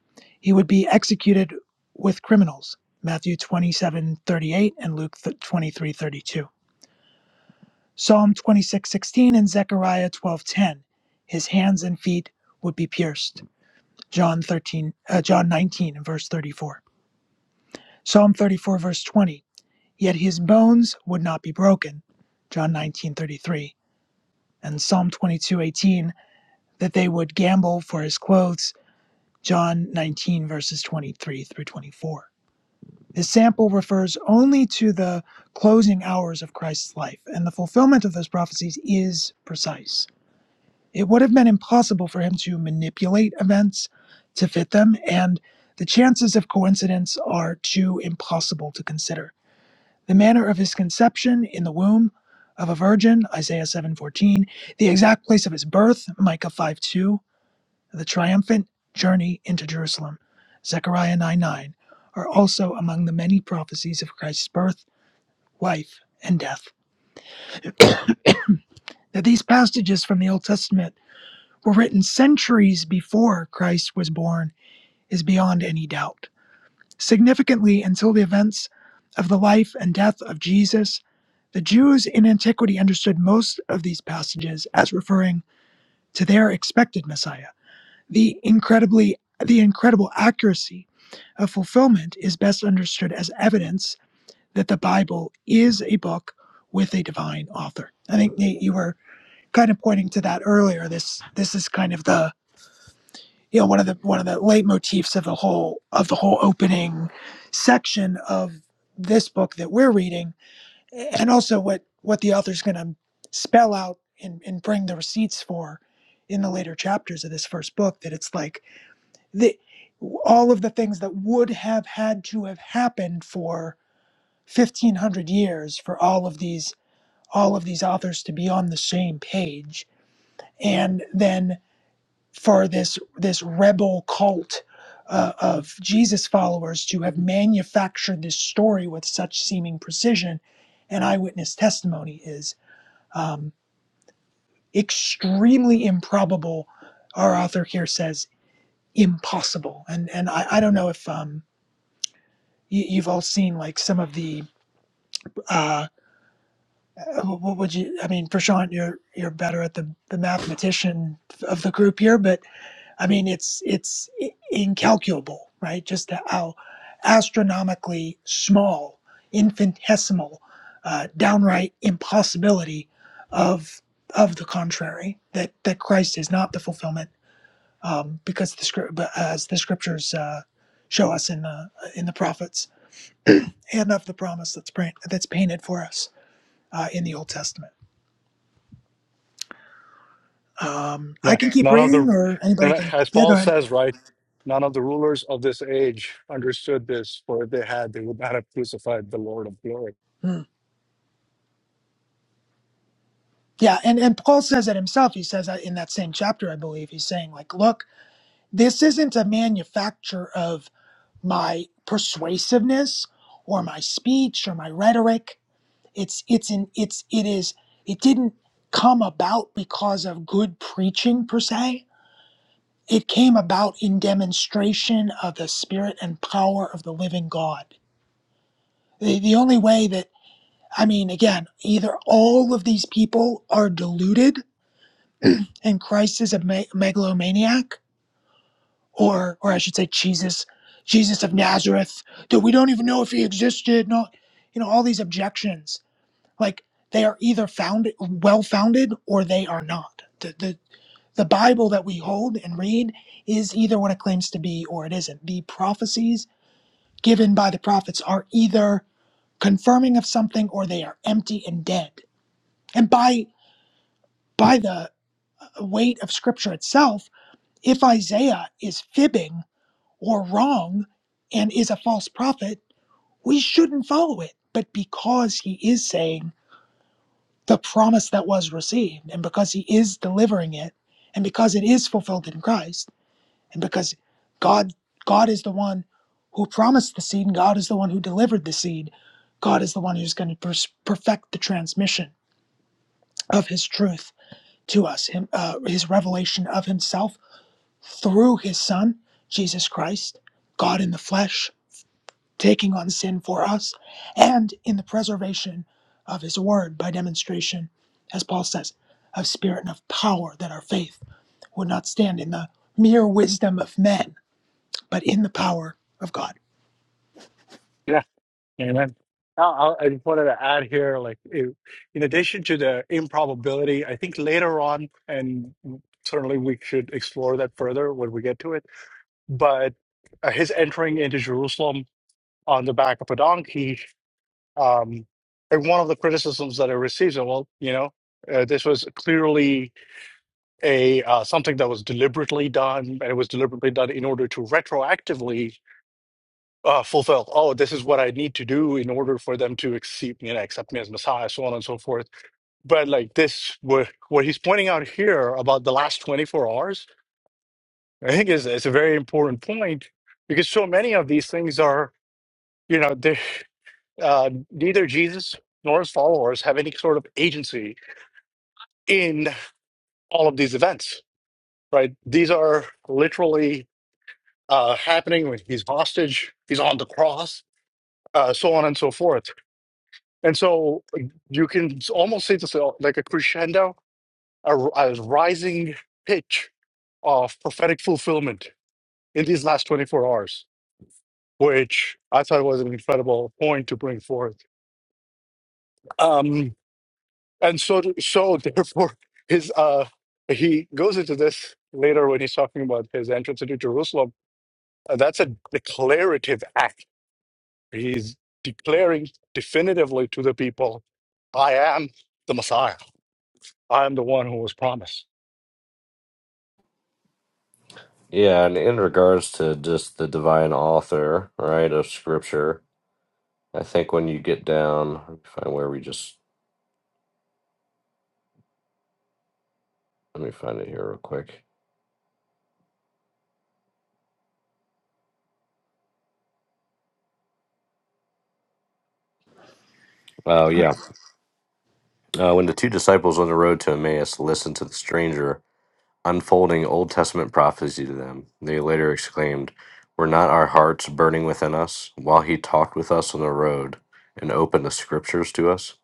Speaker 2: he would be executed with criminals, Matthew 27 38 and Luke 23 32. Psalm 26 16 and Zechariah 12 10, his hands and feet would be pierced, John 13, uh, John 19 and verse 34. Psalm 34 verse 20, yet his bones would not be broken, John 19 33 And Psalm 22 18 that they would gamble for his clothes, John 19 verses 23 through 24. His sample refers only to the closing hours of Christ's life, and the fulfillment of those prophecies is precise. It would have been impossible for him to manipulate events to fit them, and the chances of coincidence are too impossible to consider. The manner of his conception in the womb of a virgin, Isaiah 7:14, the exact place of his birth, Micah five two the triumphant journey into Jerusalem, Zechariah 9 9, are also among the many prophecies of Christ's birth, life, and death. That these passages from the Old Testament were written centuries before Christ was born is beyond any doubt. Significantly, until the events of the life and death of Jesus, the Jews in antiquity understood most of these passages as referring to their expected Messiah. the incredibly the incredible accuracy of fulfillment is best understood as evidence that the Bible is a book with a divine author. I think Nate, you were kind of pointing to that earlier. This this is kind of the you know one of the one of the leitmotifs of the whole of the whole opening section of this book that we're reading, and also what what the author's going to spell out and, and bring the receipts for in the later chapters of this first book. That it's like the, all of the things that would have had to have happened for 1500 years for all of these all of these authors to be on the same page and then for this this rebel cult uh, of jesus followers to have manufactured this story with such seeming precision and eyewitness testimony is um, extremely improbable our author here says impossible and and i, I don't know if um, you, you've all seen like some of the uh what would you i mean prashant you're you're better at the the mathematician of the group here but i mean it's it's i- incalculable right just how astronomically small infinitesimal uh, downright impossibility of of the contrary that that christ is not the fulfillment um because the script as the scriptures uh show us in the in the prophets and of the promise that's print, that's painted for us uh, in the Old Testament. Um, I
Speaker 4: Yeah.
Speaker 2: can keep
Speaker 4: None of
Speaker 2: reading,
Speaker 4: the,
Speaker 2: or anybody can.
Speaker 4: as
Speaker 2: Yeah, go
Speaker 4: Paul
Speaker 2: ahead.
Speaker 4: says, right? None of the rulers of this age understood this, for if they had, they would not have crucified the Lord of glory.
Speaker 2: Hmm. Yeah, and and Paul says it himself. He says that in that same chapter, I believe. He's saying like, look, this isn't a manufacture of my persuasiveness or my speech or my rhetoric. It's it's in it's it is it didn't come about because of good preaching per se It came about in demonstration of the spirit and power of the living God. The, the only way that, I mean, again, either all of these people are deluded and Christ is a me- megalomaniac, or, or I should say, Jesus, Jesus of Nazareth, that we don't even know if he existed, no, you know, all these objections. Like, they are either founded, well founded or they are not. The, the, the Bible that we hold and read is either what it claims to be or it isn't. The prophecies given by the prophets are either confirming of something or they are empty and dead. And by by the weight of scripture itself, if Isaiah is fibbing or wrong and is a false prophet, we shouldn't follow it. But because he is saying the promise that was received and because he is delivering it and because it is fulfilled in Christ, and because god god is the one who promised the seed and god is the one who delivered the seed god is the one who's going to perfect the transmission of his truth to us him, uh, his revelation of himself through his son jesus christ god in the flesh taking on sin for us and in the preservation of his word by demonstration as paul says of spirit and of power that our faith would not stand in the mere wisdom of men but in the power of God.
Speaker 4: Yeah. Amen. Now, I I just wanted to add here, like, i- in addition to the improbability, I think later on, and certainly we should explore that further when we get to it, but uh, his entering into Jerusalem on the back of a donkey. Um, and one of the criticisms that I received, is, well, you know, uh, this was clearly a uh, something that was deliberately done, and it was deliberately done in order to retroactively uh, fulfill. Oh, this is what I need to do in order for them to accept me and accept me as Messiah, so on and so forth. But like this, what what he's pointing out here about the last twenty four hours, I think is is a very important point because so many of these things are, you know, they. uh, neither Jesus nor his followers have any sort of agency in all of these events, right? These are literally uh, happening when he's hostage, he's on the cross, uh, so on and so forth. And so you can almost see this uh, like a crescendo, a, a rising pitch of prophetic fulfillment in these last 24 hours, which I thought was an incredible point to bring forth. Um, and so so therefore his uh he goes into this later when he's talking about his entrance into jerusalem Uh, that's a declarative act he's declaring definitively to the people i am the messiah i am the one who was promised
Speaker 1: yeah, and in regards to just the divine author, right, of scripture, I think when you get down let me find where we just let me find it here real quick. Oh yeah. Uh, when the two disciples on the road to Emmaus listened to the stranger unfolding Old Testament prophecy to them, they later exclaimed, Were not our hearts burning within us while he talked with us on the road and opened the scriptures to us?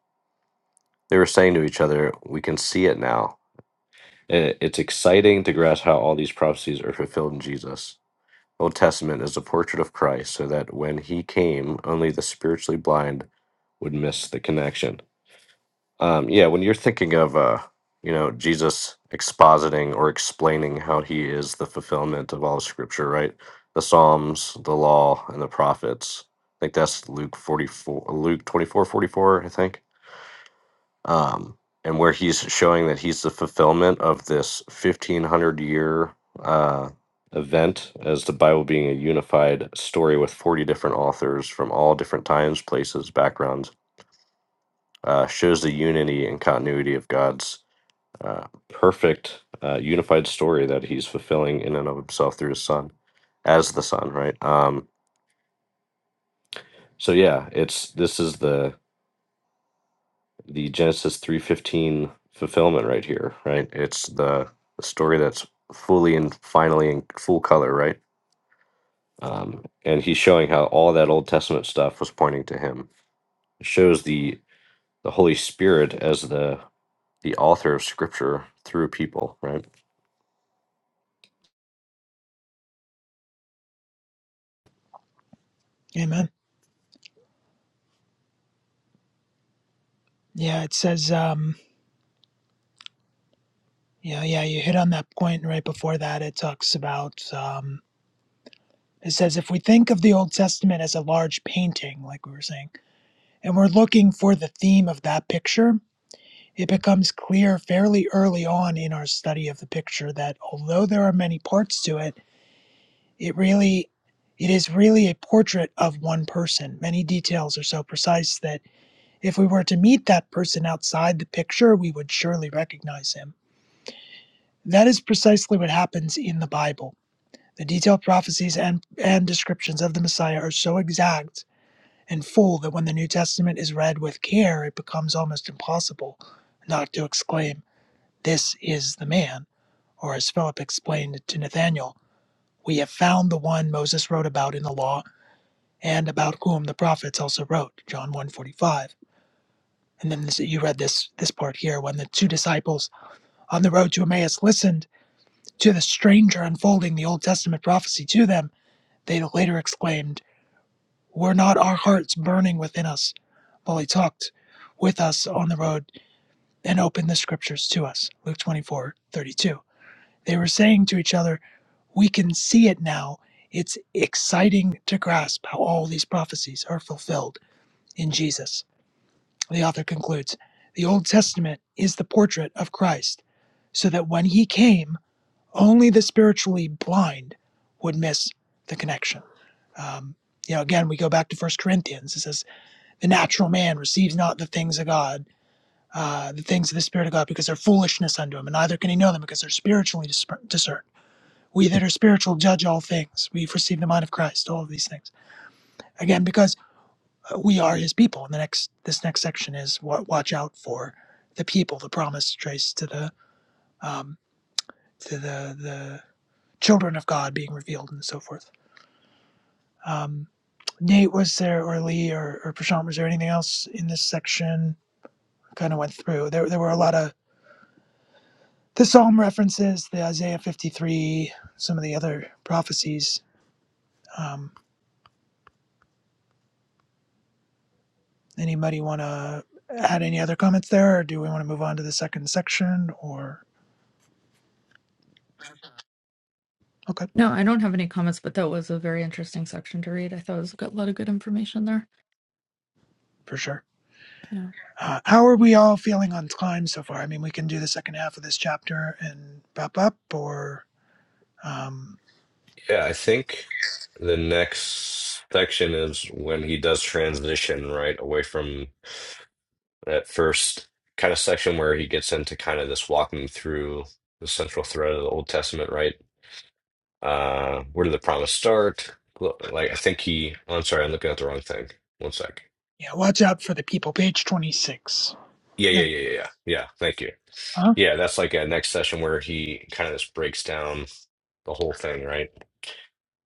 Speaker 1: They were saying to each other, We can see it now. I- It's exciting to grasp how all these prophecies are fulfilled in Jesus. Old Testament is a portrait of Christ, so that when he came, only the spiritually blind would miss the connection Um, yeah, when you're thinking of uh, you know Jesus expositing or explaining how he is the fulfillment of all Scripture, right? The Psalms, the Law, and the Prophets. I think that's Luke 44, Luke 24, 44. I think. Um, and where he's showing that he's the fulfillment of this 1500 year uh, event as the Bible being a unified story with 40 different authors from all different times, places, backgrounds, uh, shows the unity and continuity of God's uh, perfect uh, unified story that he's fulfilling in and of himself through his son as the son right um, so yeah it's this is the the genesis 315 fulfillment right here right it's the, the story that's fully and finally in full color right um, and he's showing how all that old testament stuff was pointing to him it shows the the holy spirit as the the author of scripture through people right
Speaker 2: Amen. Yeah, it says, um, yeah, yeah, you hit on that point right before that. It talks about, um, it says, if we think of the Old Testament as a large painting, like we were saying, and we're looking for the theme of that picture, it becomes clear fairly early on in our study of the picture that although there are many parts to it, it really, it is really a portrait of one person. Many details are so precise that If we were to meet that person outside the picture, we would surely recognize him. That is precisely what happens in the Bible. The detailed prophecies and, and descriptions of the Messiah are so exact and full that when the New Testament is read with care, it becomes almost impossible not to exclaim, This is the man. Or as Philip explained to Nathanael, We have found the one Moses wrote about in the law and about whom the prophets also wrote, John 1.45. And then this, you read this, this part here, when the two disciples on the road to Emmaus listened to the stranger unfolding the Old Testament prophecy to them, they later exclaimed, Were not our hearts burning within us while he talked with us on the road and opened the scriptures to us? Luke 24:32. They were saying to each other, We can see it now. It's exciting to grasp how all these prophecies are fulfilled in Jesus. The author concludes, The Old Testament is the portrait of Christ, so that when he came, only the spiritually blind would miss the connection. Um, you know, again, we go back to First Corinthians. It says, "The natural man receives not the things of God, uh, the things of the Spirit of God, because they're foolishness unto him, and neither can he know them because they're spiritually discerned. We that are spiritual judge all things. We've received the mind of Christ. All of these things, again, because uh, we are His people." And the next, this next section is, wa- "Watch out for the people." The promise traced to the um, to the the children of God being revealed and so forth. Um, Nate was there, or Lee, or, or Prashant, was there anything else in this section? Kind of went through. There, there were a lot of the Psalm references, the Isaiah 53, some of the other prophecies. Um, anybody want to add any other comments there, or do we want to move on to the second section? Or, okay,
Speaker 5: no, I don't have any comments, but that was a very interesting section to read. I thought it was got a lot of good information there.
Speaker 2: for sure.
Speaker 5: Yeah.
Speaker 2: Uh, how are we all feeling on time so far? I mean, we can do the second half of this chapter and wrap up, or, um,
Speaker 1: Yeah, I think the next section is when he does transition right away from that first kind of section where he gets into kind of this walking through the central thread of the Old Testament, right? Uh, where did the promise start? Look, Like, I think he, oh, I'm sorry, I'm looking at the wrong thing. One sec.
Speaker 2: yeah, watch out for the people, page 26.
Speaker 1: Yeah, yeah, yeah,
Speaker 2: Yeah.
Speaker 1: yeah, yeah. Yeah, thank you. Yeah, that's like a next session where he kind of just breaks down the whole thing, right?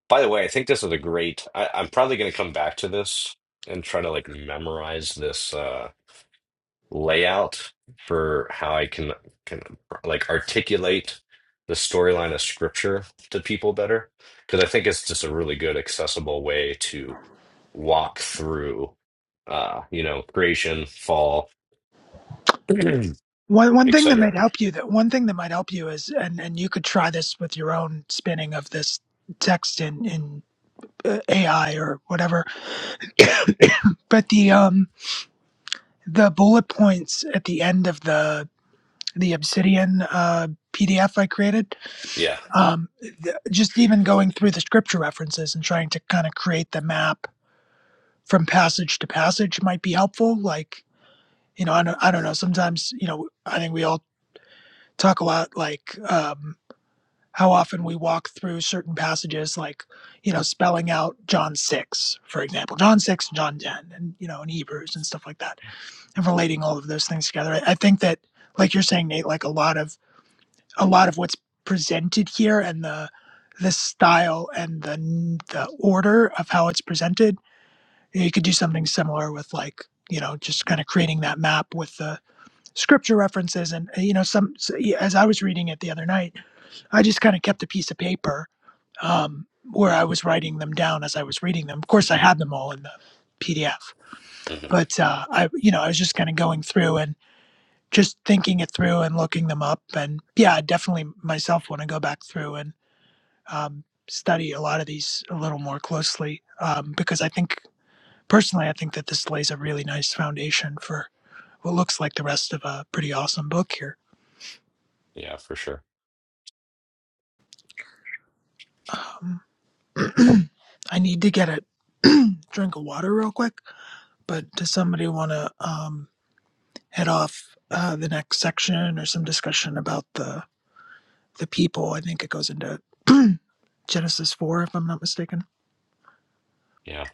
Speaker 1: By the way, I think this is a great. I, I'm probably going to come back to this and try to like memorize this uh, layout for how I can can like articulate the storyline of scripture to people better because I think it's just a really good accessible way to walk through, uh, you know, creation, fall,
Speaker 2: One one thing that might
Speaker 1: etc.
Speaker 2: help you that one thing that might help you is and and you could try this with your own spinning of this text in in uh, AI or whatever. But the um the bullet points at the end of the the Obsidian uh, PDF I created,
Speaker 1: Yeah,
Speaker 2: um, th- just even going through the scripture references and trying to kind of create the map from passage to passage might be helpful. Like you know I don't I don't know sometimes you know I think we all talk a lot like. Um, how often we walk through certain passages like you know spelling out john 6 for example john 6 and john 10 and you know in hebrews and stuff like that and relating all of those things together i, I think that like you're saying nate like a lot of a lot of what's presented here and the the style and the the order of how it's presented you could do something similar with like you know just kind of creating that map with the scripture references and uh, you know some so, yeah, as i was reading it the other night i just kind of kept a piece of paper um, where I was writing them down as I was reading them. Of course, I had them all in the PDF,
Speaker 1: hmm
Speaker 2: but uh, I, you know, I was just kind of going through and just thinking it through and looking them up. And yeah, I definitely myself want to go back through and um, study a lot of these a little more closely um, because I think personally, I think that this lays a really nice foundation for what looks like the rest of a pretty awesome book here.
Speaker 1: yeah, for sure.
Speaker 2: Um, I need to get a drink of water real quick, but does somebody want to? Um, head off uh, the next section or some discussion about the the people. I think it goes into Genesis four, if I'm not mistaken.
Speaker 1: Yeah,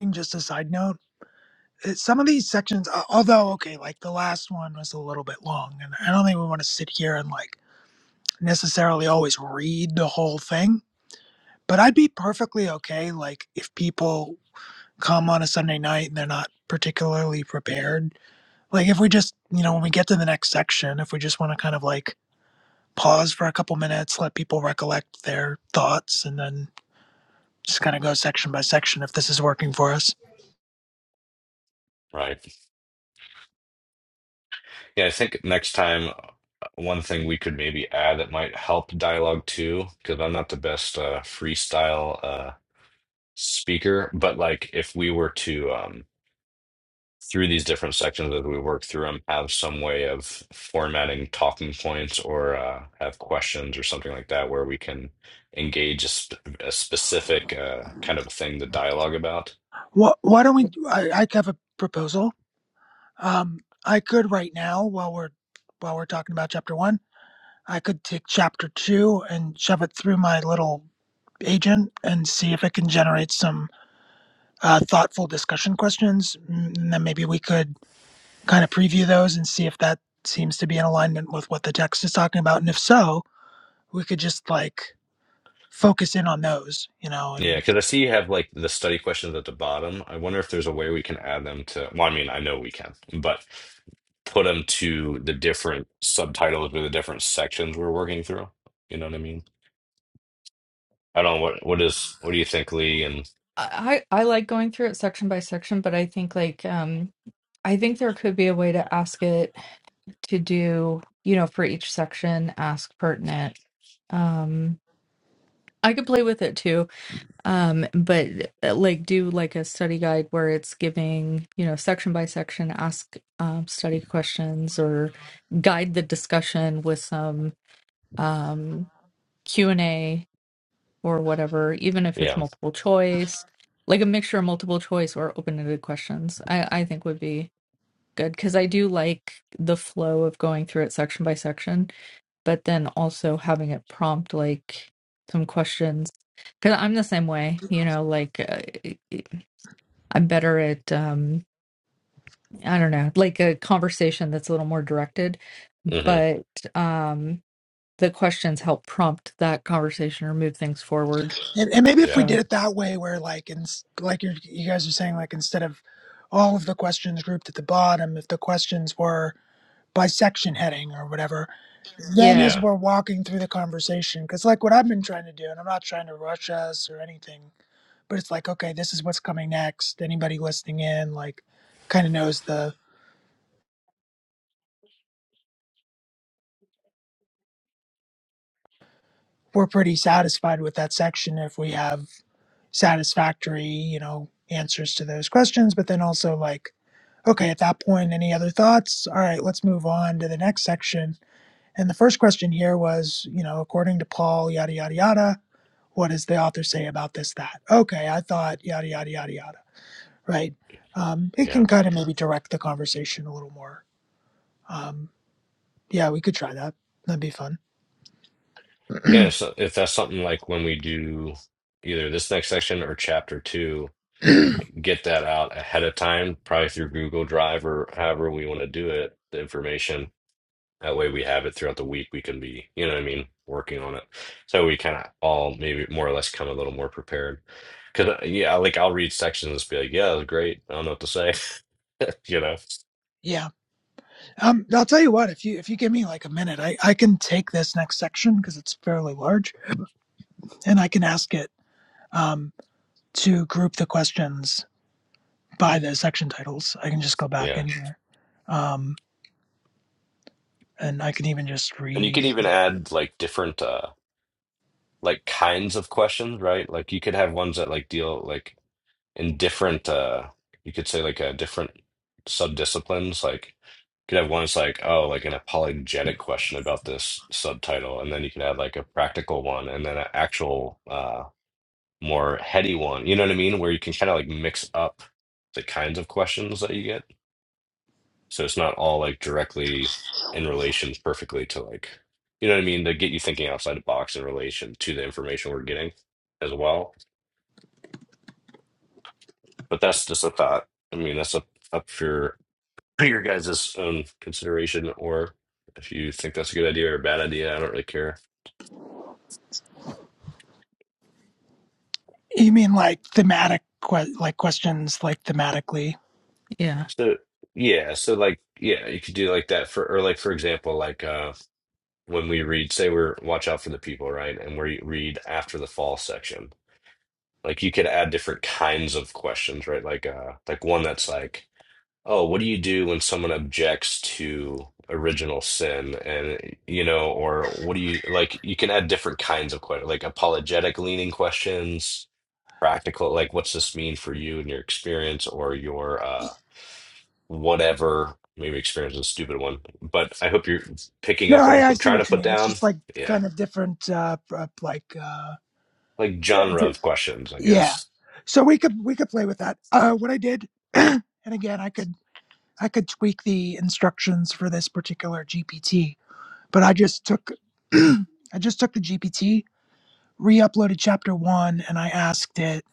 Speaker 2: And just a side note, uh, some of these sections, uh, although okay, like the last one was a little bit long, and I don't think we want to sit here and like necessarily always read the whole thing. But I'd be perfectly okay, like if people come on a Sunday night and they're not particularly prepared. Like if we just, you know, when we get to the next section, if we just want to kind of like pause for a couple minutes, let people recollect their thoughts, and then just kind of go section by section if this is working for us.
Speaker 1: right. Yeah, I think next time, uh, one thing we could maybe add that might help dialogue too, because I'm not the best uh, freestyle uh, speaker, but like if we were to, um, through these different sections as we work through them, have some way of formatting talking points or uh, have questions or something like that where we can engage a, sp a specific uh, kind of thing to dialogue about.
Speaker 2: Wh- why don't we? I, I have a proposal. Um, I could right now, while we're while we're talking about chapter one, I could take chapter two and shove it through my little agent and see if it can generate some uh, thoughtful discussion questions, Mm, and then maybe we could kind of preview those and see if that seems to be in alignment with what the text is talking about, and if so, we could just like focus in on those, you know,
Speaker 1: Yeah,
Speaker 2: and
Speaker 1: because I see you have like the study questions at the bottom. I wonder if there's a way we can add them to, well, I mean, I know we can, but put them to the different subtitles or the different sections we're working through. You know what I mean? I don't know what what is what do you think, Lee? And
Speaker 5: I, I I like going through it section by section, but I think like um I think there could be a way to ask it to do, you know, for each section, ask pertinent. Um, I could play with it too, um, but uh, like do like a study guide where it's giving, you know, section by section, ask um, study questions or guide the discussion with some um, Q and A or whatever, even if it's
Speaker 1: yeah,
Speaker 5: multiple choice, like a mixture of multiple choice or open-ended questions. I I think would be good because I do like the flow of going through it section by section but then also having it prompt like some questions because i'm the same way you know like uh, e, e, i'm better at um i don't know like a conversation that's a little more directed
Speaker 1: hmm
Speaker 5: but um the questions help prompt that conversation or move things forward
Speaker 2: and, and maybe if we
Speaker 1: yeah,
Speaker 5: so
Speaker 2: did it that way where like in like you're, you guys are saying like instead of all of the questions grouped at the bottom if the questions were by section heading or whatever then
Speaker 5: yeah
Speaker 2: as
Speaker 1: yeah,
Speaker 2: we're walking through the conversation because like what i've been trying to do and i'm not trying to rush us or anything but it's like okay this is what's coming next anybody listening in like kind of knows the we're pretty satisfied with that section if we have satisfactory you know answers to those questions but then also like okay at that point any other thoughts all right let's move on to the next section and the first question here was you know according to paul yada yada yada what does the author say about this that okay i thought yada yada yada yada right um, it
Speaker 1: yeah,
Speaker 2: can kind of maybe direct the conversation a little more Um, Yeah, we could try that. That'd be fun.
Speaker 1: yeah. So if that's something like when we do either this next section or chapter two, get that out ahead of time, probably through Google Drive or however we want to do it, the information That way we have it throughout the week. We can be, you know what I mean, working on it. So we kind of all maybe more or less come a little more prepared. Because, yeah, like I'll read sections and be like, yeah, that was great. I don't know what to say. You know?
Speaker 2: Yeah. Um, I'll tell you what, if you if you give me like a minute, I, I can take this next section because it's fairly large and I can ask it um, to group the questions by the section titles. I can just go back in
Speaker 1: Yeah.
Speaker 2: here. Um, and I can even just
Speaker 1: And you
Speaker 2: read.
Speaker 1: could even add like different, uh, like kinds of questions, right? Like you could have ones that like deal like in different uh you could say like uh different sub-disciplines like you could have one that's like oh like an apologetic question about this subtitle and then you could have like a practical one and then an actual uh more heady one you know what I mean where you can kind of like mix up the kinds of questions that you get so it's not all like directly in relation perfectly to like you know what I mean to get you thinking outside the box in relation to the information we're getting as well but that's just a thought I mean that's up up for your guys' own consideration, or if you think that's a good idea or a bad idea, I don't really care.
Speaker 2: You mean like thematic que- like questions like thematically?
Speaker 5: yeah
Speaker 1: So yeah, so like yeah, you could do like that for or like for example, like uh when we read, say we're Watch Out for the People, right? And we read after the fall section. Like you could add different kinds of questions, right? Like uh like one that's like, oh, what do you do when someone objects to original sin? And you know, or what do you like you can add different kinds of questions, like apologetic leaning questions practical like what's this mean for you and your experience or your uh whatever maybe experience is a stupid one but i hope you're picking
Speaker 2: No,
Speaker 1: up what i'm
Speaker 2: I, I
Speaker 1: put,
Speaker 2: see
Speaker 1: trying
Speaker 2: what
Speaker 1: to
Speaker 2: you
Speaker 1: put
Speaker 2: mean. It's
Speaker 1: down
Speaker 2: just like
Speaker 1: yeah
Speaker 2: kind of different uh, pr- like uh,
Speaker 1: like genre of questions i
Speaker 2: Yeah.
Speaker 1: guess
Speaker 2: So we could we could play with that. Uh what I did and again I could I could tweak the instructions for this particular GPT, but I just took I just took the GPT, re-uploaded chapter 1 and I asked it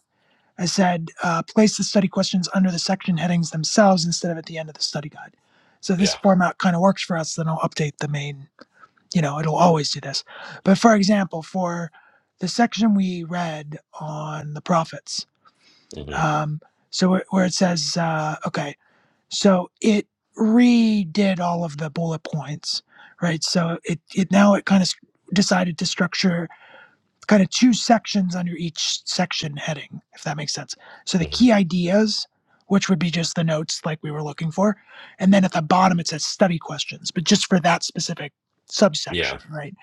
Speaker 2: I said uh, place the study questions under the section headings themselves instead of at the end of the study guide. So this
Speaker 1: yeah
Speaker 2: format kind of works for us then I'll update the main, you know, it'll always do this. But for example, for the section we read on the prophets,
Speaker 1: hmm
Speaker 2: um, so where, where it says uh, okay so it redid all of the bullet points right so it, it now it kind of decided to structure kind of two sections under each section heading if that makes sense so the
Speaker 1: hmm
Speaker 2: key ideas which would be just the notes like we were looking for and then at the bottom it says study questions but just for that specific subsection
Speaker 1: yeah
Speaker 2: right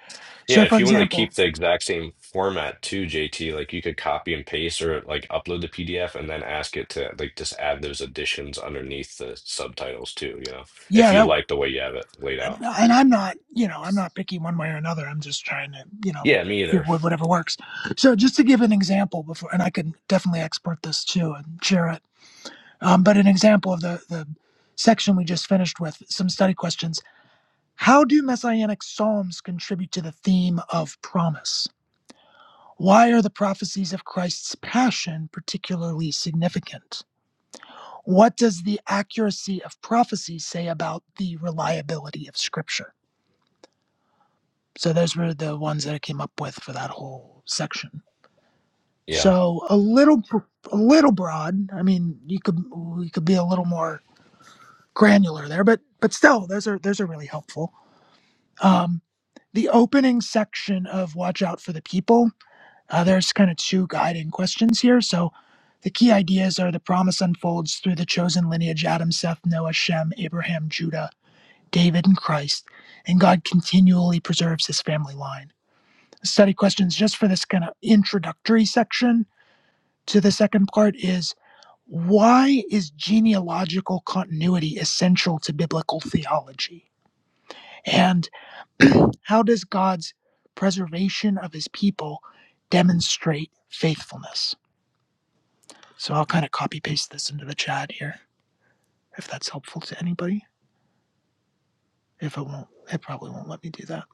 Speaker 1: yeah
Speaker 2: so for
Speaker 1: if you wanted to
Speaker 2: example
Speaker 1: keep the exact same format too jt like you could copy and paste or like upload the pdf and then ask it to like just add those additions underneath the subtitles too you know if
Speaker 2: yeah
Speaker 1: you
Speaker 2: that
Speaker 1: like the way you have it laid
Speaker 2: I'm,
Speaker 1: out
Speaker 2: and I'm not, you know, I'm not picky one way or another. I'm just trying to, you know,
Speaker 1: yeah me
Speaker 2: give
Speaker 1: either
Speaker 2: what- whatever works. So just to give an example before, and I can definitely export this too and share it. Um, but an example of the the section we just finished with some study questions. How do messianic psalms contribute to the theme of promise? Why are the prophecies of Christ's passion particularly significant? What does the accuracy of prophecy say about the reliability of Scripture? So those were the ones that I came up with for that whole section.
Speaker 1: yeah
Speaker 2: So a little, a little broad. I mean, you could we could be a little more granular there, but but still, those are those are really helpful. Um, the opening section of "Watch Out for the People." Uh, there's kind of two guiding questions here. So the key ideas are the promise unfolds through the chosen lineage: Adam, Seth, Noah, Shem, Abraham, Judah, David, and Christ, and God continually preserves His family line. study questions just for this kind of introductory section to the second part is why is genealogical continuity essential to biblical theology? And how does God's preservation of his people demonstrate faithfulness? So I'll kind of copy paste this into the chat here if that's helpful to anybody. If it won't, it probably won't let me do that.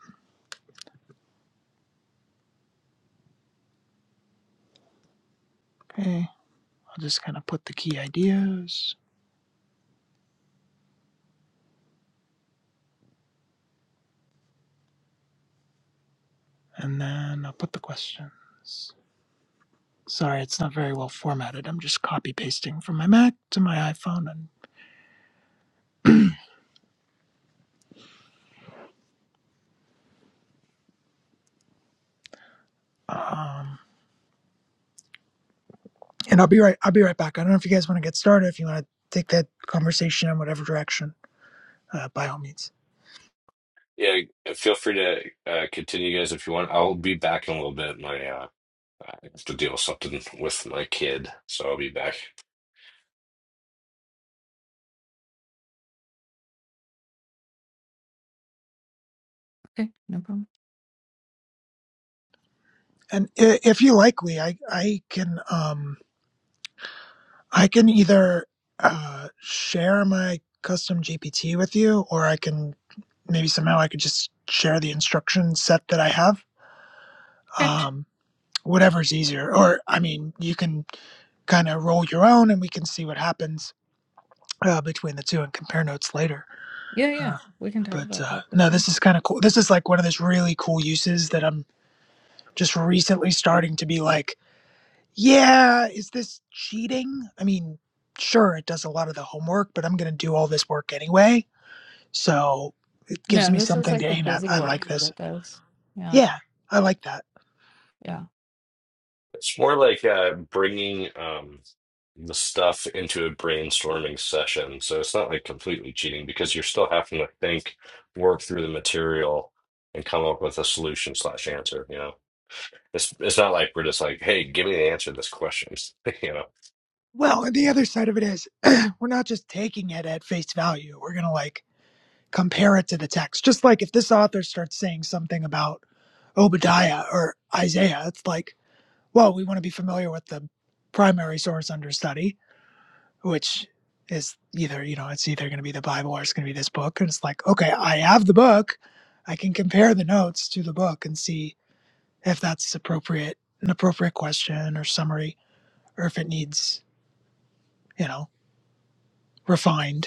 Speaker 2: Okay, I'll just kind of put the key ideas and then I'll put the questions. Sorry, it's not very well formatted. I'm just copy pasting from my Mac to my iPhone, and um, and I'll be right. I'll be right back. I don't know if you guys want to get started. If you want to take that conversation in whatever direction, uh, by all means.
Speaker 1: Yeah, feel free to uh, continue, guys, if you want. I'll be back in a little bit. My uh, I have to deal with something with my kid, so I'll be back.
Speaker 5: okay no problem
Speaker 2: And i- if you like, Lee, I I can um I can either uh, share my custom GPT with you, or I can maybe somehow I could just share the instruction set that I have.
Speaker 5: okay
Speaker 2: Um, whatever's easier. Or, I mean, you can kind of roll your own and we can see what happens uh, between the two and compare notes later.
Speaker 5: yeah yeah
Speaker 2: Uh,
Speaker 5: we can talk
Speaker 2: but
Speaker 5: about
Speaker 2: uh,
Speaker 5: that for
Speaker 2: no,
Speaker 5: sure
Speaker 2: this is kind of cool. This is like one of those really cool uses that I'm just recently starting to be like, yeah, is this cheating? I mean, sure, it does a lot of the homework, but I'm going to do all this work anyway. So it gives
Speaker 5: no
Speaker 2: me
Speaker 5: this is
Speaker 2: something to
Speaker 5: like the
Speaker 2: aim at.
Speaker 5: busy
Speaker 2: I
Speaker 5: work
Speaker 2: like
Speaker 5: that
Speaker 2: this.
Speaker 5: it does yeah
Speaker 2: Yeah, I like that.
Speaker 5: yeah
Speaker 1: It's more like uh, bringing um, the stuff into a brainstorming session, so it's not like completely cheating because you're still having to think, work through the material, and come up with a solution slash answer. You know, it's it's not like we're just like, hey, give me the answer to this question. You know,
Speaker 2: Well, and the other side of it is we're not just taking it at face value. We're going to like compare it to the text. Just like if this author starts saying something about Obadiah or Isaiah, it's like, well, we want to be familiar with the primary source under study, which is either, you know, it's either going to be the Bible or it's going to be this book. And it's like, okay, I have the book. I can compare the notes to the book and see if that's appropriate, an appropriate question or summary, or if it needs, you know, refined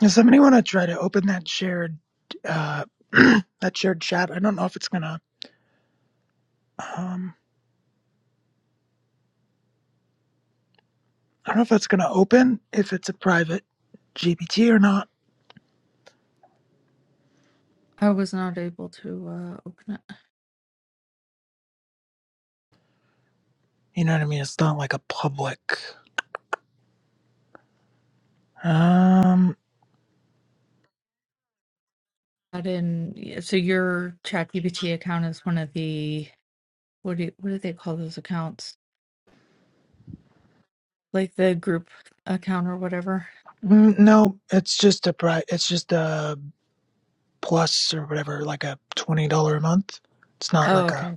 Speaker 2: Does somebody want to try to open that shared uh, that shared chat? I don't know if it's gonna um I don't know if it's gonna open if it's a private GPT or not.
Speaker 5: i was not able to uh open it
Speaker 2: You know what I mean? It's not like a public. Um,
Speaker 5: Not in, yeah, so your ChatGPT account is one of the, what do you, what do they call those accounts? Like the group account or whatever?
Speaker 2: mm, no, it's just a pri. It's just a plus or whatever, like a twenty dollar a month. It's not
Speaker 5: Oh,
Speaker 2: like a
Speaker 5: okay.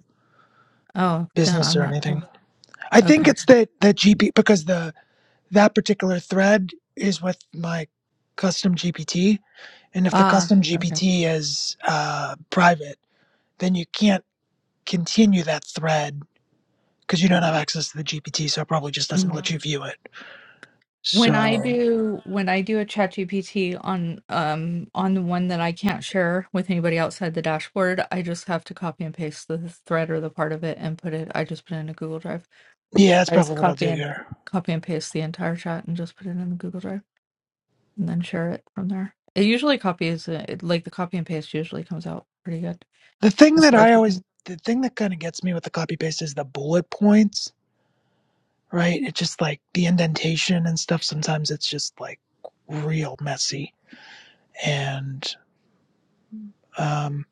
Speaker 5: Oh, no,
Speaker 2: business
Speaker 5: I'm
Speaker 2: or
Speaker 5: not.
Speaker 2: anything.
Speaker 5: sure.
Speaker 2: I think
Speaker 5: Okay.
Speaker 2: it's that that GP because the that particular thread is with my custom GPT And if the
Speaker 5: Ah,
Speaker 2: custom
Speaker 5: okay.
Speaker 2: GPT is uh, private, then you can't continue that thread because you don't have access to the GPT, so it probably just doesn't
Speaker 5: Mm.
Speaker 2: let you view it.
Speaker 5: When I
Speaker 2: So,
Speaker 5: do when I do a ChatGPT on um on the one that I can't share with anybody outside the dashboard, I just have to copy and paste the thread or the part of it and put it. I just put it in a Google Drive.
Speaker 2: yeah, that's
Speaker 5: I just
Speaker 2: probably what I'll
Speaker 5: copy
Speaker 2: do
Speaker 5: and
Speaker 2: here.
Speaker 5: copy and paste the entire chat and just put it in the Google Drive. and then share it from there. It usually copies it, it- like the copy and paste usually comes out pretty good
Speaker 2: The thing
Speaker 5: as
Speaker 2: that
Speaker 5: far as
Speaker 2: I
Speaker 5: the
Speaker 2: always,
Speaker 5: thing.
Speaker 2: the thing that kind of gets me with the copy paste is the bullet points, right? It's just like the indentation and stuff. Sometimes it's just like real messy. And um,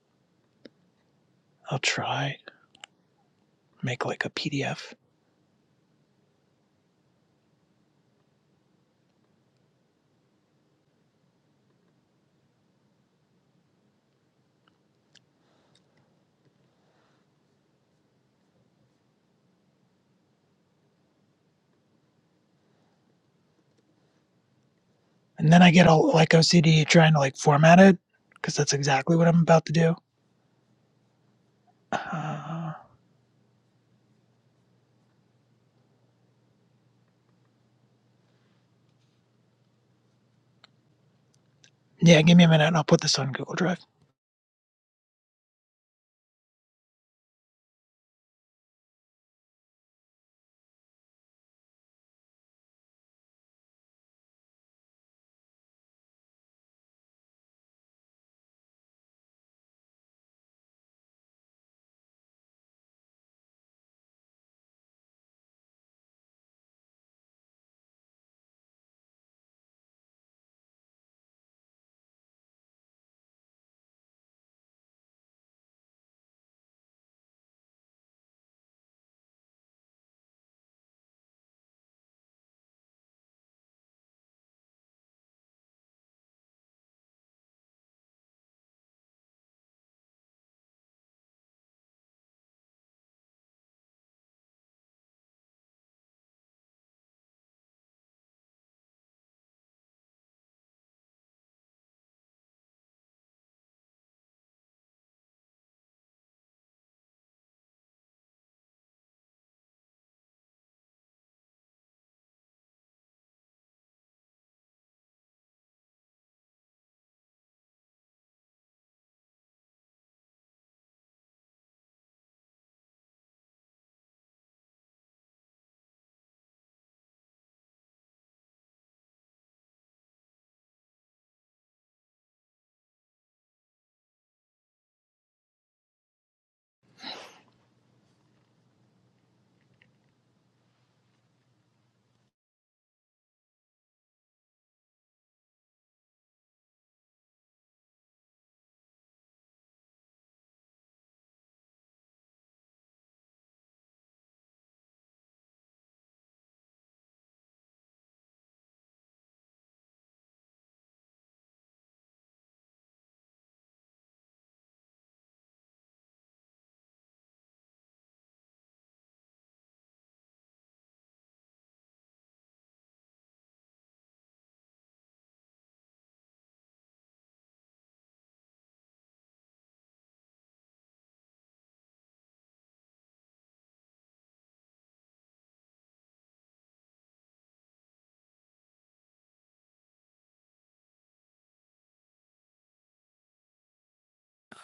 Speaker 2: I'll try make like a PDF. and then I get all like OCD trying to like format it because that's exactly what I'm about to do. Uh, yeah, give me a minute and I'll put this on Google Drive.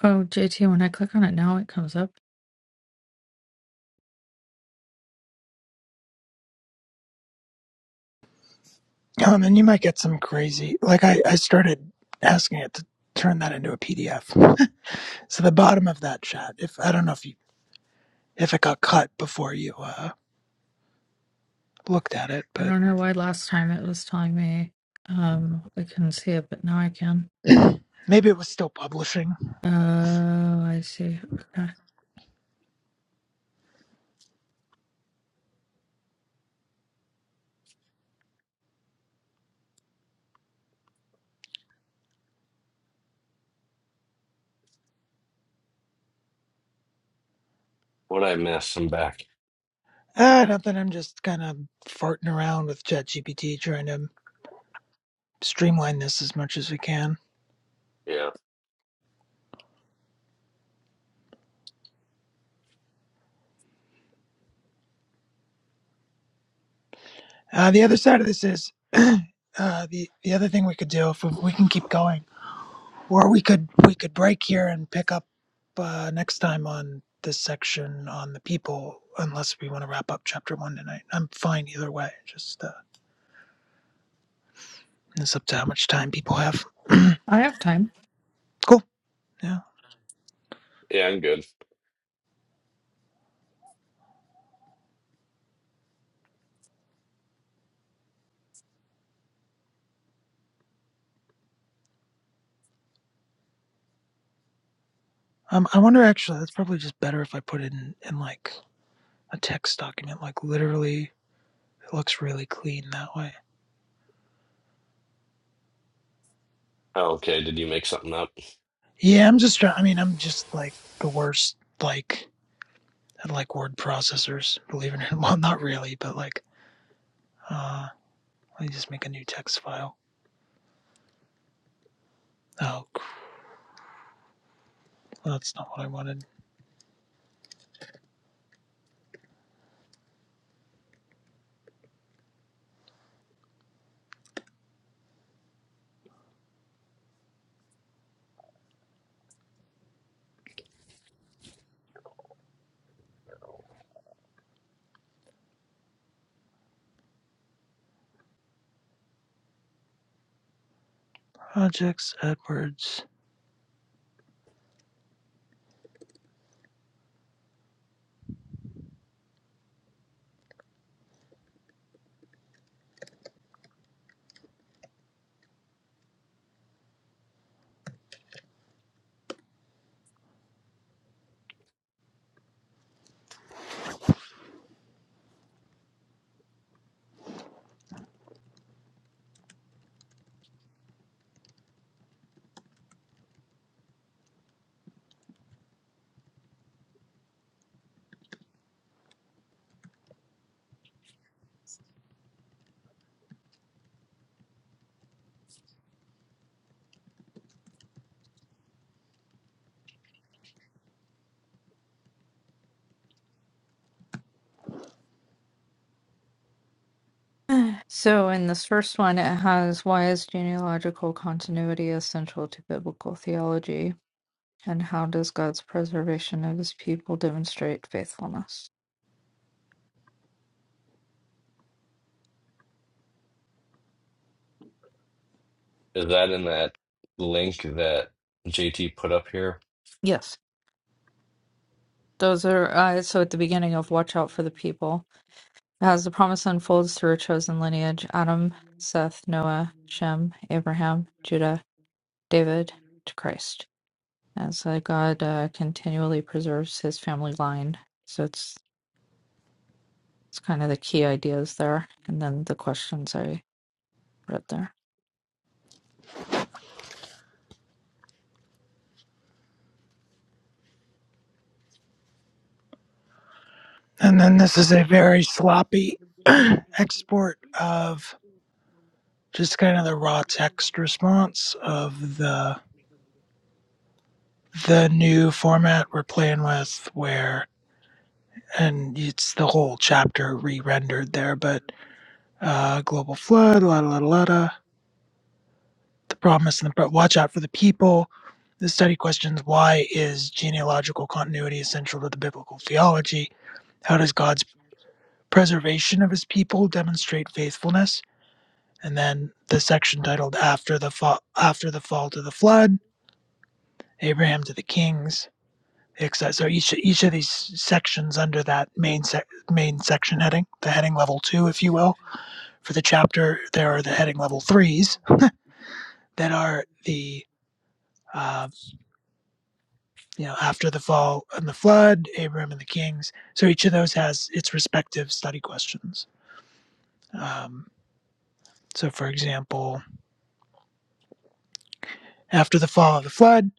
Speaker 5: Oh, JT, when I click on it now, it comes up.
Speaker 2: Um, and you might get some crazy. Like I, I started asking it to turn that into a PDF. so the bottom of that chat, if I don't know if you if it got cut before you uh, looked at it,
Speaker 5: I
Speaker 2: but
Speaker 5: don't know why last time it was telling me um I couldn't see it, but now I can.
Speaker 2: maybe it was still publishing.
Speaker 5: Oh, I see. Okay.
Speaker 1: what I miss, I'm back.
Speaker 2: Uh, nothing. I'm just kind of farting around with ChatGPT trying to streamline this as much as we can.
Speaker 1: Yeah,
Speaker 2: Uh, the other side of this is uh, the the other thing we could do if we, we can keep going, or we could we could break here and pick up uh, next time on this section on the people, unless we want to wrap up chapter one tonight. I'm fine either way. Just uh, it's up to how much time people have.
Speaker 5: I have time.
Speaker 2: cool. Yeah.
Speaker 1: yeah, I'm good.
Speaker 2: Um, I wonder actually. That's probably just better if I put it in in like a text document. Like literally, it looks really clean that way.
Speaker 1: Oh, okay, did you make something up?
Speaker 2: Yeah. I'm just. try- I mean, I'm just like the worst. Like that like word processors, believe it or not. Well, not really, but like, uh, let me just make a new text file. Oh, that's not what I wanted. Projects, AdWords.
Speaker 5: So in this first one, it has why is genealogical continuity essential to biblical theology, and how does God's preservation of his people demonstrate faithfulness?
Speaker 1: Is that in that link that JT put up here?
Speaker 5: Yes, those are uh, so at the beginning of Watch Out for the People. As the promise unfolds through a chosen lineage Adam, Seth, Noah, Shem, Abraham, Judah, David, to Christ. As uh, God uh, continually preserves his family line. So it's it's kind of the key ideas there. And then the questions I read there.
Speaker 2: And then this is a very sloppy export of just kind of the raw text response of the the new format we're playing with where and it's the whole chapter re-rendered there but uh global flood la la la la la the promise and the watch out for the people. The study questions why is genealogical continuity essential to the biblical theology? How does God's preservation of his people demonstrate faithfulness? And then the section titled after the fall after the fall to the flood, Abraham to the kings, etc. So each each of these sections under that main sec- main section heading, the heading level 2 if you will, for the chapter there are the heading level 3s that are the uh, you know, after the fall and the flood, Abram and the kings. So each of those has its respective study questions. Um, so, for example, after the fall of the flood,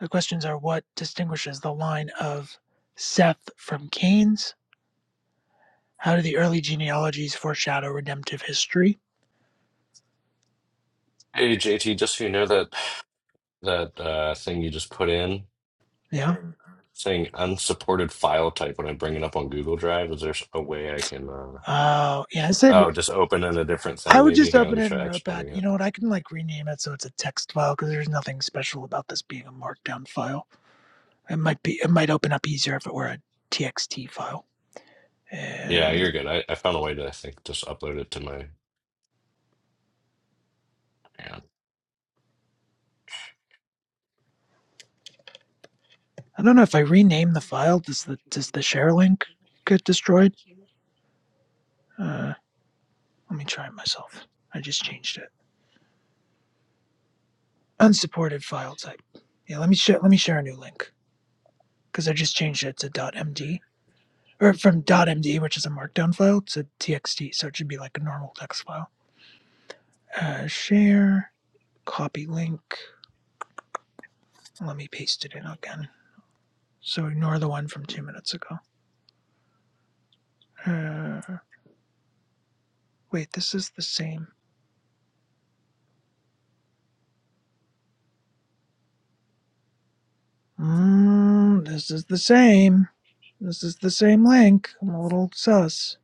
Speaker 2: the questions are what distinguishes the line of Seth from Cain's? How do the early genealogies foreshadow redemptive history?
Speaker 1: Hey, JT, just so you know that that uh, thing you just put in
Speaker 2: Yeah.
Speaker 1: saying unsupported file type when I bring it up on Google Drive, is there a way I can uh,
Speaker 2: Uh, yeah, I said
Speaker 1: oh just open in a different
Speaker 2: I
Speaker 1: thing
Speaker 2: would
Speaker 1: maybe?
Speaker 2: just
Speaker 1: Here, let
Speaker 2: open
Speaker 1: me
Speaker 2: it
Speaker 1: try
Speaker 2: in Notepad.
Speaker 1: exporting
Speaker 2: You
Speaker 1: it.
Speaker 2: know what? I can like rename it so it's a text file because there's nothing special about this being a markdown file. It might be, it might open up easier if it were a TXT file.
Speaker 1: Yeah,
Speaker 2: Um,
Speaker 1: you're good. I, I found a way to I think just upload it to my yeah.
Speaker 2: I don't know if I rename the file. Does the does the share link get destroyed? Uh, let me try it myself. I just changed it. Unsupported file type. Yeah, let me share. Let me share a new link because I just changed it to .md or from .md, which is a markdown file, to .txt. So it should be like a normal text file. Uh, share, copy link. Let me paste it in again. So ignore the one from two minutes ago. Uh, wait, this is the same. Mm, this is the same. This is the same link. I'm a little sus.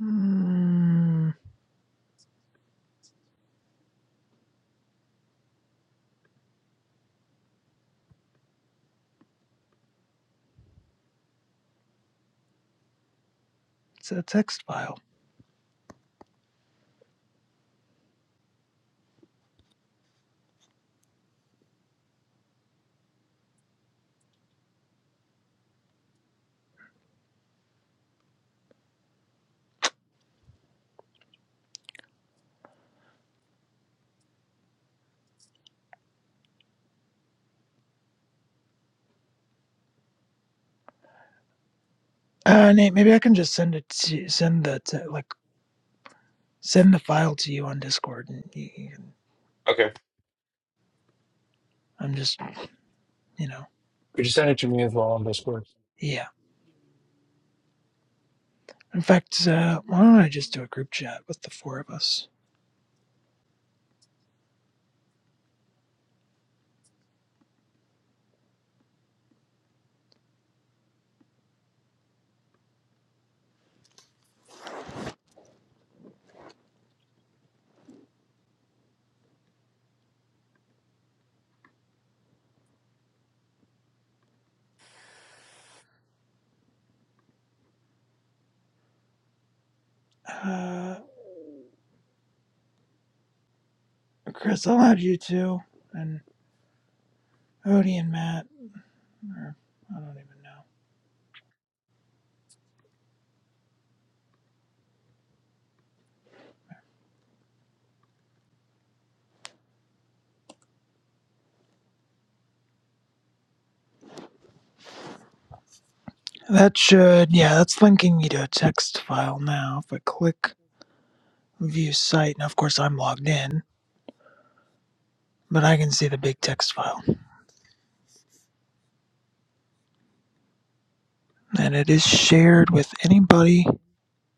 Speaker 2: Mm, it's a text file. Uh, Nate, maybe I can just send it to send the te- like send the file to you on Discord, and you, you can.
Speaker 1: Okay,
Speaker 2: I'm just, you know,
Speaker 4: could you send it to me as well on Discord?
Speaker 2: yeah. In fact, uh, why don't I just do a group chat with the four of us? Uh, Chris, I'll add you two, and Odie and Matt. Or I don't even know. That should, yeah, that's linking me to a text file now. If I click view site, and of course I'm logged in, but I can see the big text file. And it is shared with anybody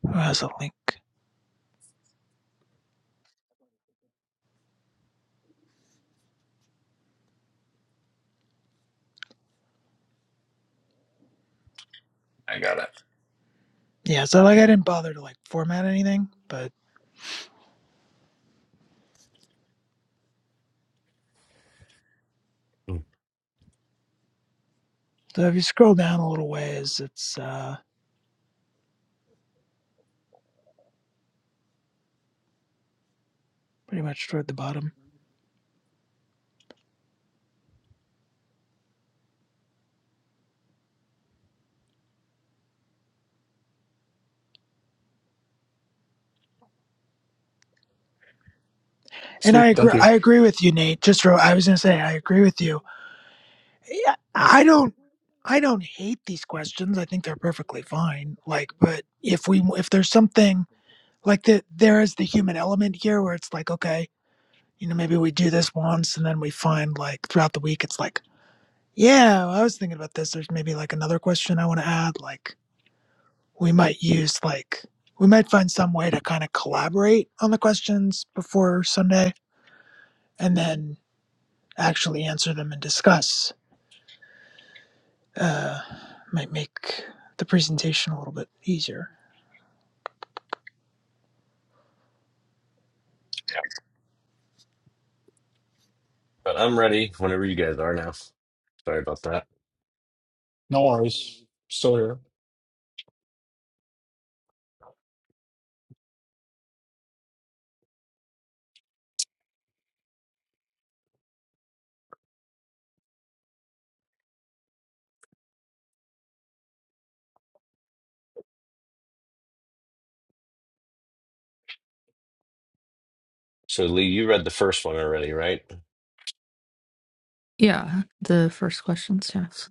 Speaker 2: who has a link.
Speaker 1: I got it.
Speaker 2: Yeah, so like I didn't bother to like format anything, but
Speaker 1: Mm,
Speaker 2: so if you scroll down a little ways, it's uh pretty much toward the bottom. And I
Speaker 4: sweet thank
Speaker 2: agree
Speaker 1: Okay.
Speaker 4: you
Speaker 2: I agree with you, Nate. Just real, I was gonna say I agree with you. Yeah, I don't I don't hate these questions. I think they're perfectly fine. Like, but if we if there's something like that there is the human element here where it's like okay you know maybe we do this once and then we find like throughout the week it's like yeah well, i was thinking about this there's maybe like another question i want to add like we might use like we might find some way to kind of collaborate on the questions before sunday and then actually answer them and discuss uh might make the presentation a little bit easier
Speaker 1: Yeah. But I'm ready whenever you guys are now. Sorry about that.
Speaker 4: no worries still here
Speaker 1: So Lee, you read the first one already, right?
Speaker 5: Yeah, the first questions, yes.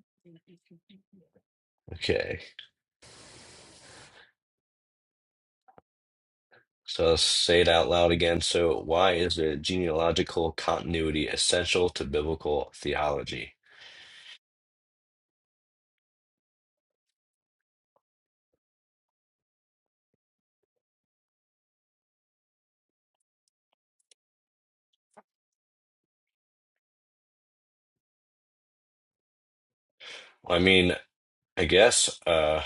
Speaker 1: Okay. So let's say it out loud again. So, why is a genealogical continuity essential to biblical theology? Well, I mean, I guess, uh,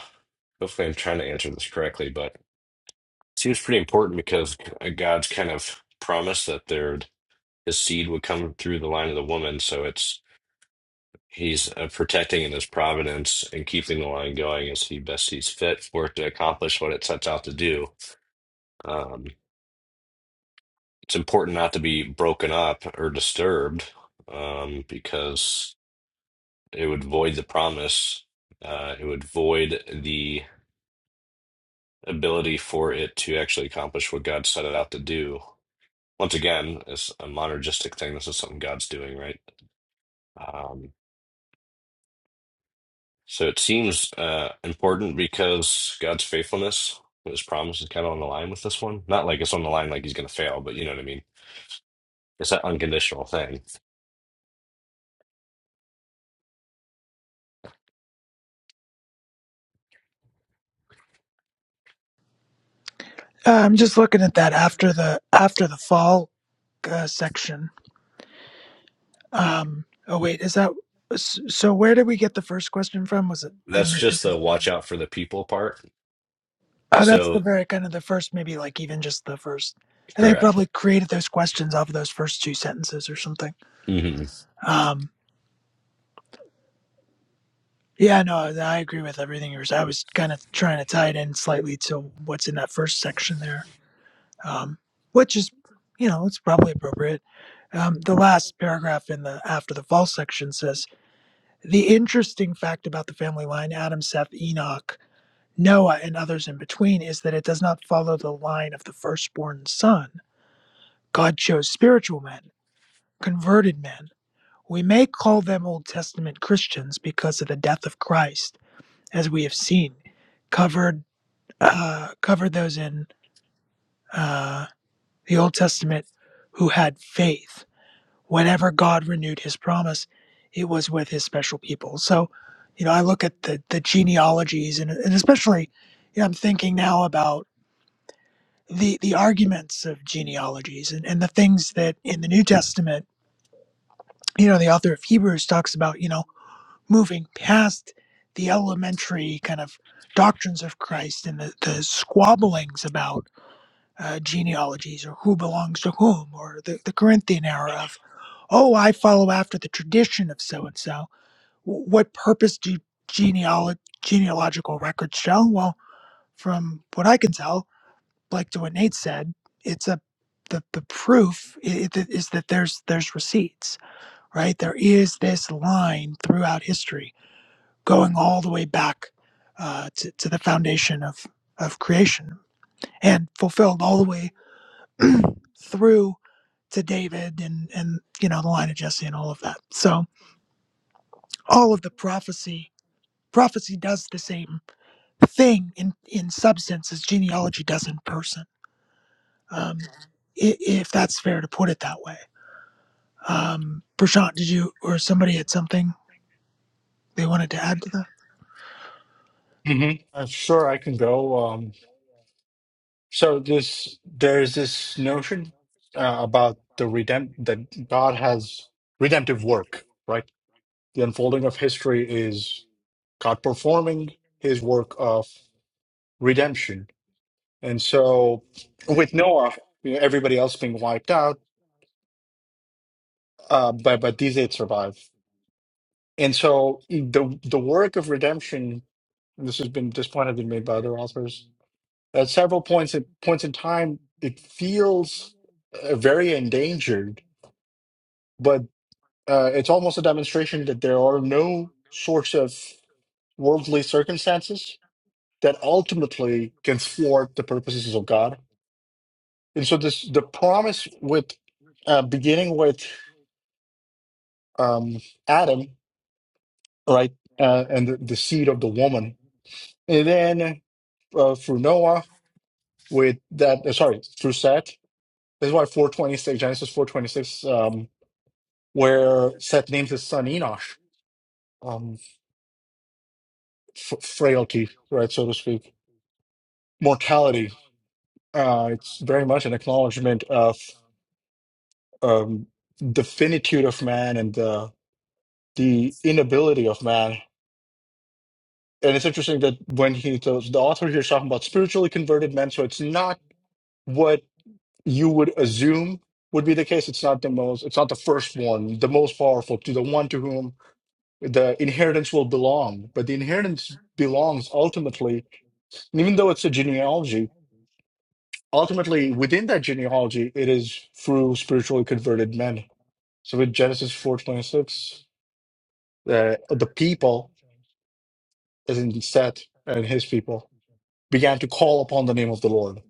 Speaker 1: hopefully I'm trying to answer this correctly, but it seems pretty important because God's kind of promised that there his seed would come through the line of the woman. So it's he's uh, protecting in his providence and keeping the line going as he best sees fit for it to accomplish what it sets out to do. Um, it's important not to be broken up or disturbed um, because it would void the promise. Uh, it would void the ability for it to actually accomplish what God set it out to do. Once again, it's a monergistic thing. This is something God's doing, right? Um, so it seems uh, important because God's faithfulness, His promise is kind of on the line with this one. Not like it's on the line like He's going to fail, but you know what I mean? It's that unconditional thing.
Speaker 2: uh, i'm just looking at that after the after the fall uh, section Um, oh wait, is that s- so? Where did we get the first question from? Was it the?
Speaker 1: That's just
Speaker 2: Is it,
Speaker 1: the watch out for the people part.
Speaker 2: oh, that's the
Speaker 1: So
Speaker 2: very kind of the first, maybe like even just the first. And they
Speaker 1: Correct.
Speaker 2: probably created those questions off of those first two sentences or something.
Speaker 1: hmm
Speaker 2: Um, yeah, no, I agree with everything you were saying. I was kind of trying to tie it in slightly to what's in that first section there, um, which is, you know, it's probably appropriate. Um, the last paragraph in the after the false section says the interesting fact about the family line, Adam, Seth, Enoch. Noah and others in between is that it does not follow the line of the firstborn son. God chose spiritual men, converted men. We may call them Old Testament Christians because of the death of Christ, as we have seen, covered uh, covered those in uh, the Old Testament who had faith. Whenever God renewed His promise, it was with His special people. So, you know, I look at the the genealogies and, and especially, you know, I'm thinking now about. the the arguments of genealogies and, and the things that in the New Testament, you know, the author of Hebrews talks about, you know, moving past the elementary kind of doctrines of Christ and the, the squabblings about uh, genealogies or who belongs to whom or the, the Corinthian era of, oh, I follow after the tradition of so and so. What purpose do genealo- genealogical records show? Well, from what I can tell, like to what Nate said, it's a the the proof is that there's there's receipts, right? There is this line throughout history going all the way back uh, to to the foundation of of creation and fulfilled all the way through to David and and you know the line of Jesse and all of that. So all of the prophecy prophecy does the same thing in in substance as genealogy does in person. Um, i- if that's fair to put it that way. Um, Prashant, did you or somebody had something they wanted to add to that?
Speaker 4: hmm am sure i can go Um, So this there's this notion uh, about the redemp that God has redemptive work, right? The unfolding of history is God performing His work of redemption, and so with Noah, you know, everybody else being wiped out, uh, but but these eight survive, and so the the work of redemption. This has been this point has been made by other authors. At several points at points in time, it feels uh, very endangered but uh, it's almost a demonstration that there are no sorts of worldly circumstances that ultimately can thwart the purposes of God. And so this the promise with uh, beginning with um, Adam, right, uh, and the, the seed of the woman, and then uh, through Noah with that. Uh, sorry, through Seth. This is why four twenty six Genesis four twenty six, um, where Seth names his son Enosh, um, f- frailty, right, so to speak mortality. Uh, it's very much an acknowledgement of um, the finitude of man and the the inability of man. And it's interesting that when he the, the author here is talking about spiritually converted men, so it's not what you would assume would be the case. It's not the most. It's not the first one, the most powerful, to the one to whom the inheritance will belong. But the inheritance belongs ultimately, and even though it's a genealogy. ultimately within that genealogy it is through spiritually converted men so with genesis 426 uh, the people as in seth and his people began to call upon the name of the lord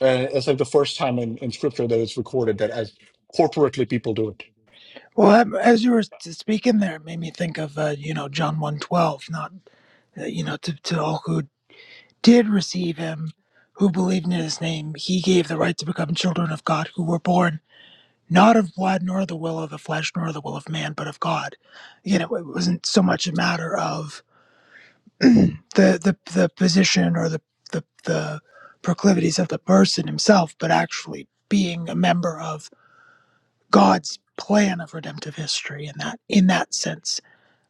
Speaker 4: and it's like the first time in, in scripture that it's recorded that as corporately people do it
Speaker 2: Well, um, as you were speaking there, it made me think of uh, you know John one twelve. Not uh, you know to, to all who did receive him, who believed in his name, he gave the right to become children of God, who were born not of blood, nor the will of the flesh, nor the will of man, but of God. Again, it wasn't so much a matter of the the the position or the, the the proclivities of the person himself, but actually being a member of God's plan of redemptive history, and that in that sense,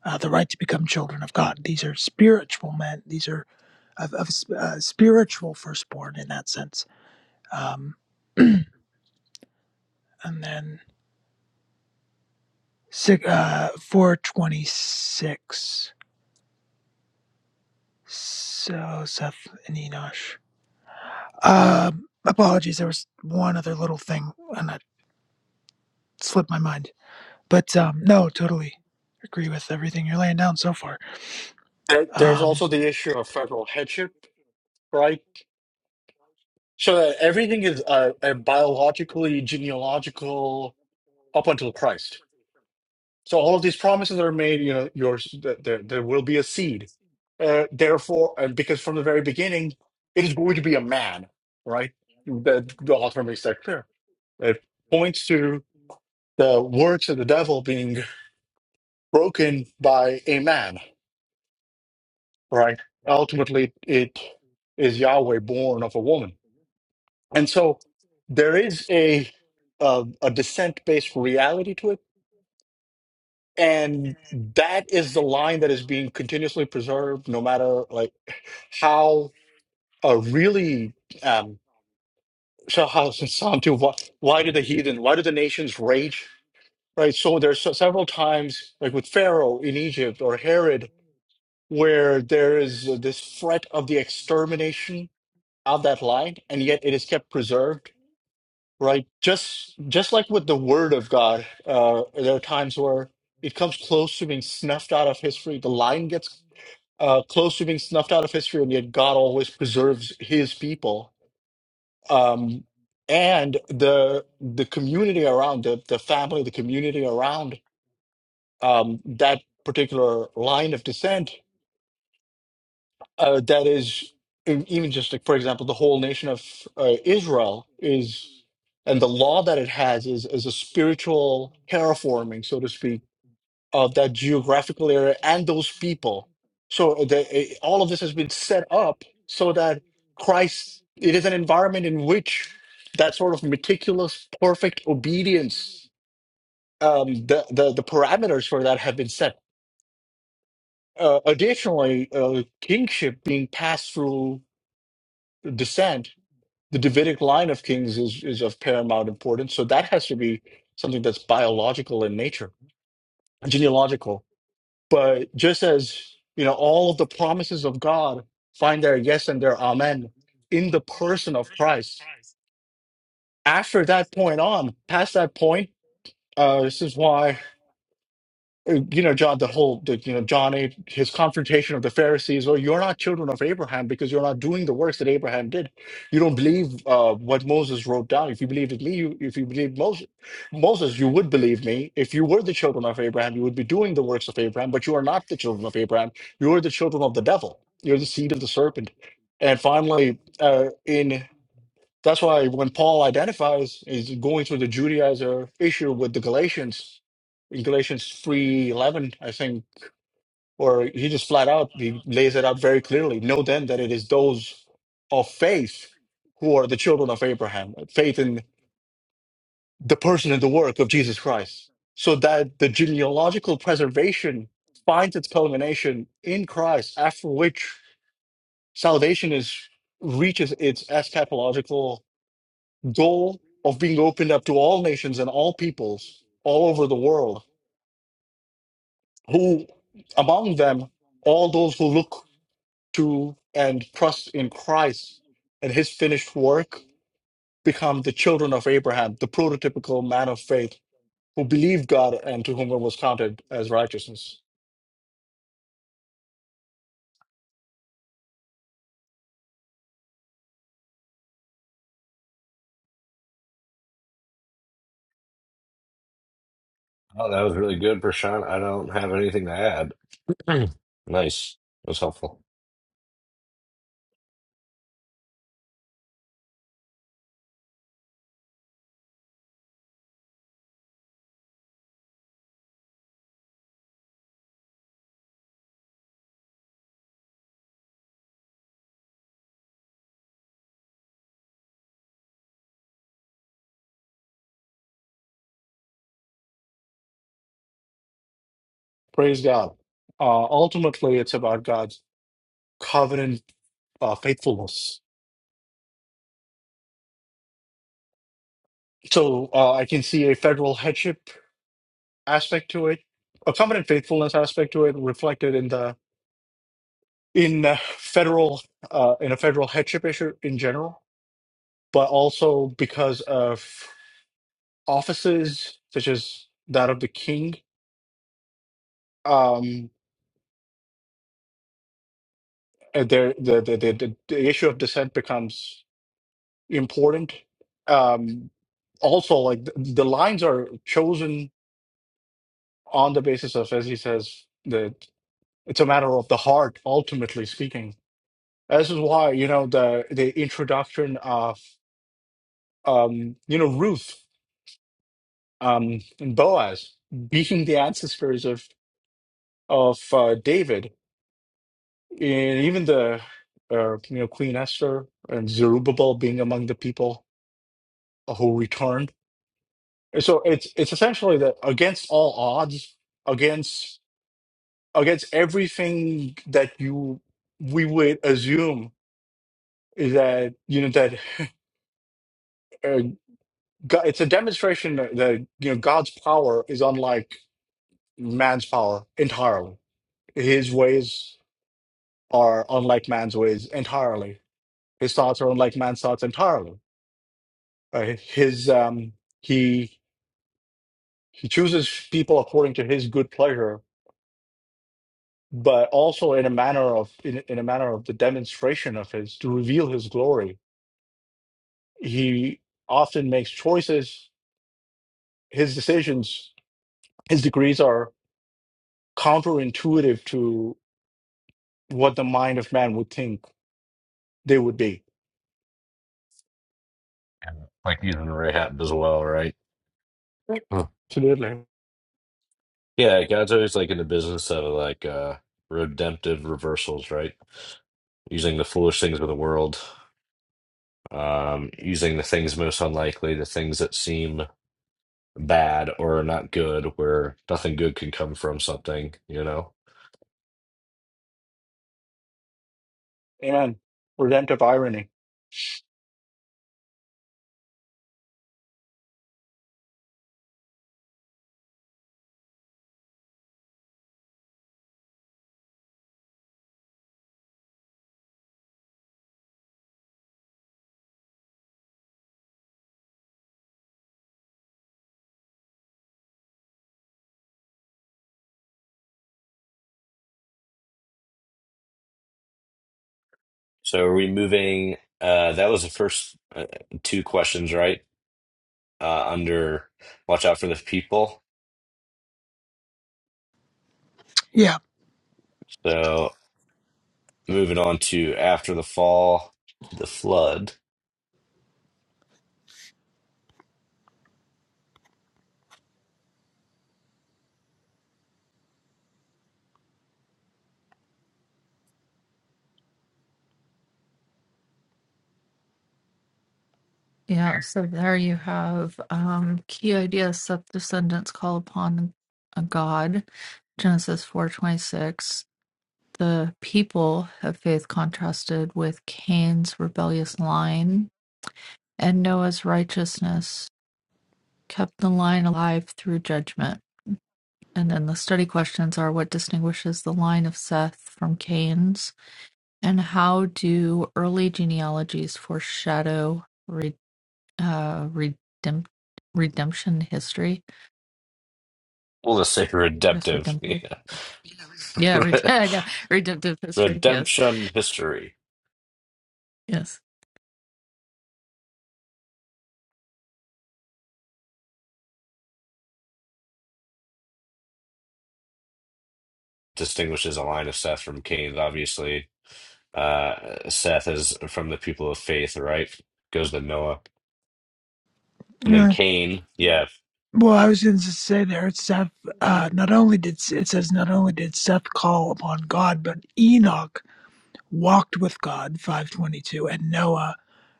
Speaker 2: uh, the right to become children of God. These are spiritual men. These are of, of uh, spiritual firstborn in that sense. Um, and then uh, 426. So Seth and Enosh. Um, apologies, there was one other little thing, and I slipped my mind. But um, no, totally agree with everything you're laying down so far.
Speaker 4: There, there's
Speaker 2: Um,
Speaker 4: also the issue of federal headship, right? So that everything is uh, uh, biologically, genealogical up until Christ. So all of these promises are made. You know, yours that there, there will be a seed. Uh, therefore, and because from the very beginning, it is going to be a man, right? The, the author makes that clear. It points to the works of the devil being broken by a man, right? Ultimately, it is Yahweh born of a woman And so there is a uh, a descent based reality to it, and that is the line that is being continuously preserved, no matter like how uh, really um, so how Santu why, why do the heathen why do the nations rage right? So there's se- several times like with Pharaoh in Egypt or Herod where there is this threat of the extermination of that line, and yet it is kept preserved right? Just just like with the Word of God, uh, there are times where it comes close to being snuffed out of history. The line gets uh, close to being snuffed out of history, and yet God always preserves His people. Um, and the the community around the the family, the community around um, that particular line of descent uh, that is in, even just like for example the whole nation of uh, israel is and the law that it has is is a spiritual terraforming so to speak of that geographical area and those people so uh, the, eh, all of this has been set up so that christ it is an environment in which that sort of meticulous perfect obedience um, the, the the parameters for that have been set uh, additionally uh, kingship being passed through descent the Davidic line of kings is is of paramount importance. So that has to be something that's biological in nature, genealogical. But just as you know, all of the promises of God find their yes and their amen in the person of Christ. After that point on, past that point, uh, this is why uh, you know john the whole the, you know john 8 his confrontation of the pharisees well you're not children of abraham because you're not doing the works that abraham did you don't believe uh, what moses wrote down if you believed me you, if you believed moses moses you would believe me if you were the children of abraham you would be doing the works of abraham but you are not the children of abraham you are the children of the devil you're the seed of the serpent and finally uh, in that's why when Paul identifies is going through the Judaizer issue with the Galatians in Galatians three eleven, I think, or he just flat out he lays it out very clearly. Know then that it is those of faith who are the children of Abraham, faith in the person and the work of Jesus Christ, so that the genealogical preservation finds its culmination in Christ, after which salvation is reaches its eschatological goal of being opened up to all nations and all peoples all over the world, who among them, all those who look to and trust in Christ and his finished work become the children of Abraham, the prototypical man of faith who believed God and to whom it was counted as righteousness.
Speaker 1: Oh, that was really good, Prashant. I don't have anything to add. Mm. Nice. That was helpful.
Speaker 4: Praise God. Uh, ultimately, it's about God's covenant uh, faithfulness. So uh, I can see a federal headship aspect to it, a covenant faithfulness aspect to it, reflected in the in uh, federal uh, in a federal headship issue in general, but also because of offices such as that of the king. Um, uh, there, the, the the the the issue of descent becomes important. Um, also, like the, the lines are chosen on the basis of, as he says, that it's a matter of the heart, ultimately speaking This is why, you know, the the introduction of um, you know, Ruth um and Boaz being the ancestors of of uh, David, and even the uh, you know, Queen Esther and Zerubbabel being among the people who returned. And so it's it's essentially that against all odds, against against everything that you we would assume is that you know that uh, Go- It's a demonstration that that, you know God's power is unlike man's power entirely. His ways are unlike man's ways entirely. His thoughts are unlike man's thoughts entirely. Uh, his um, he he chooses people according to his good pleasure, but also in a manner of in, in a manner of the demonstration of his to reveal his glory. He often makes choices. His decisions, his decrees are counterintuitive to. what the mind of man would think they would be.
Speaker 1: And, Like using Ray Hatton as well, right? Mm.
Speaker 4: Absolutely.
Speaker 1: Yeah, God's always like in the business of like uh redemptive reversals, right? Using the foolish things of the world, um, using the things most unlikely, the things that seem bad or not good, where nothing good can come from something, you know?
Speaker 4: Amen. Redemptive irony.
Speaker 1: So are we moving uh that was the first uh, two questions, right? uh, under Watch Out for the People.
Speaker 2: yeah.
Speaker 1: So moving on to After the Fall, to the Flood.
Speaker 5: Yeah, so there you have um key ideas that descendants call upon a god, Genesis 4:26. The people of faith contrasted with Cain's rebellious line, and Noah's righteousness kept the line alive through judgment. And then the study questions are what distinguishes the line of Seth from Cain's, and how do early genealogies foreshadow uh redempt redemption history
Speaker 1: We'll just say
Speaker 5: i guess
Speaker 1: redemptive.
Speaker 5: redemptive
Speaker 1: Yeah.
Speaker 5: yeah red- I know. redemptive history yes
Speaker 1: Redemption history
Speaker 5: yes
Speaker 1: distinguishes a line of Seth from Cain's. Obviously, uh, Seth is from the people of faith, right? Goes to Noah. And then
Speaker 2: Uh,
Speaker 1: Cain, yeah.
Speaker 2: Well, I was going to say there, Seth. Uh, not only did it says not only did Seth call upon God, but Enoch walked with God, five twenty two, and Noah,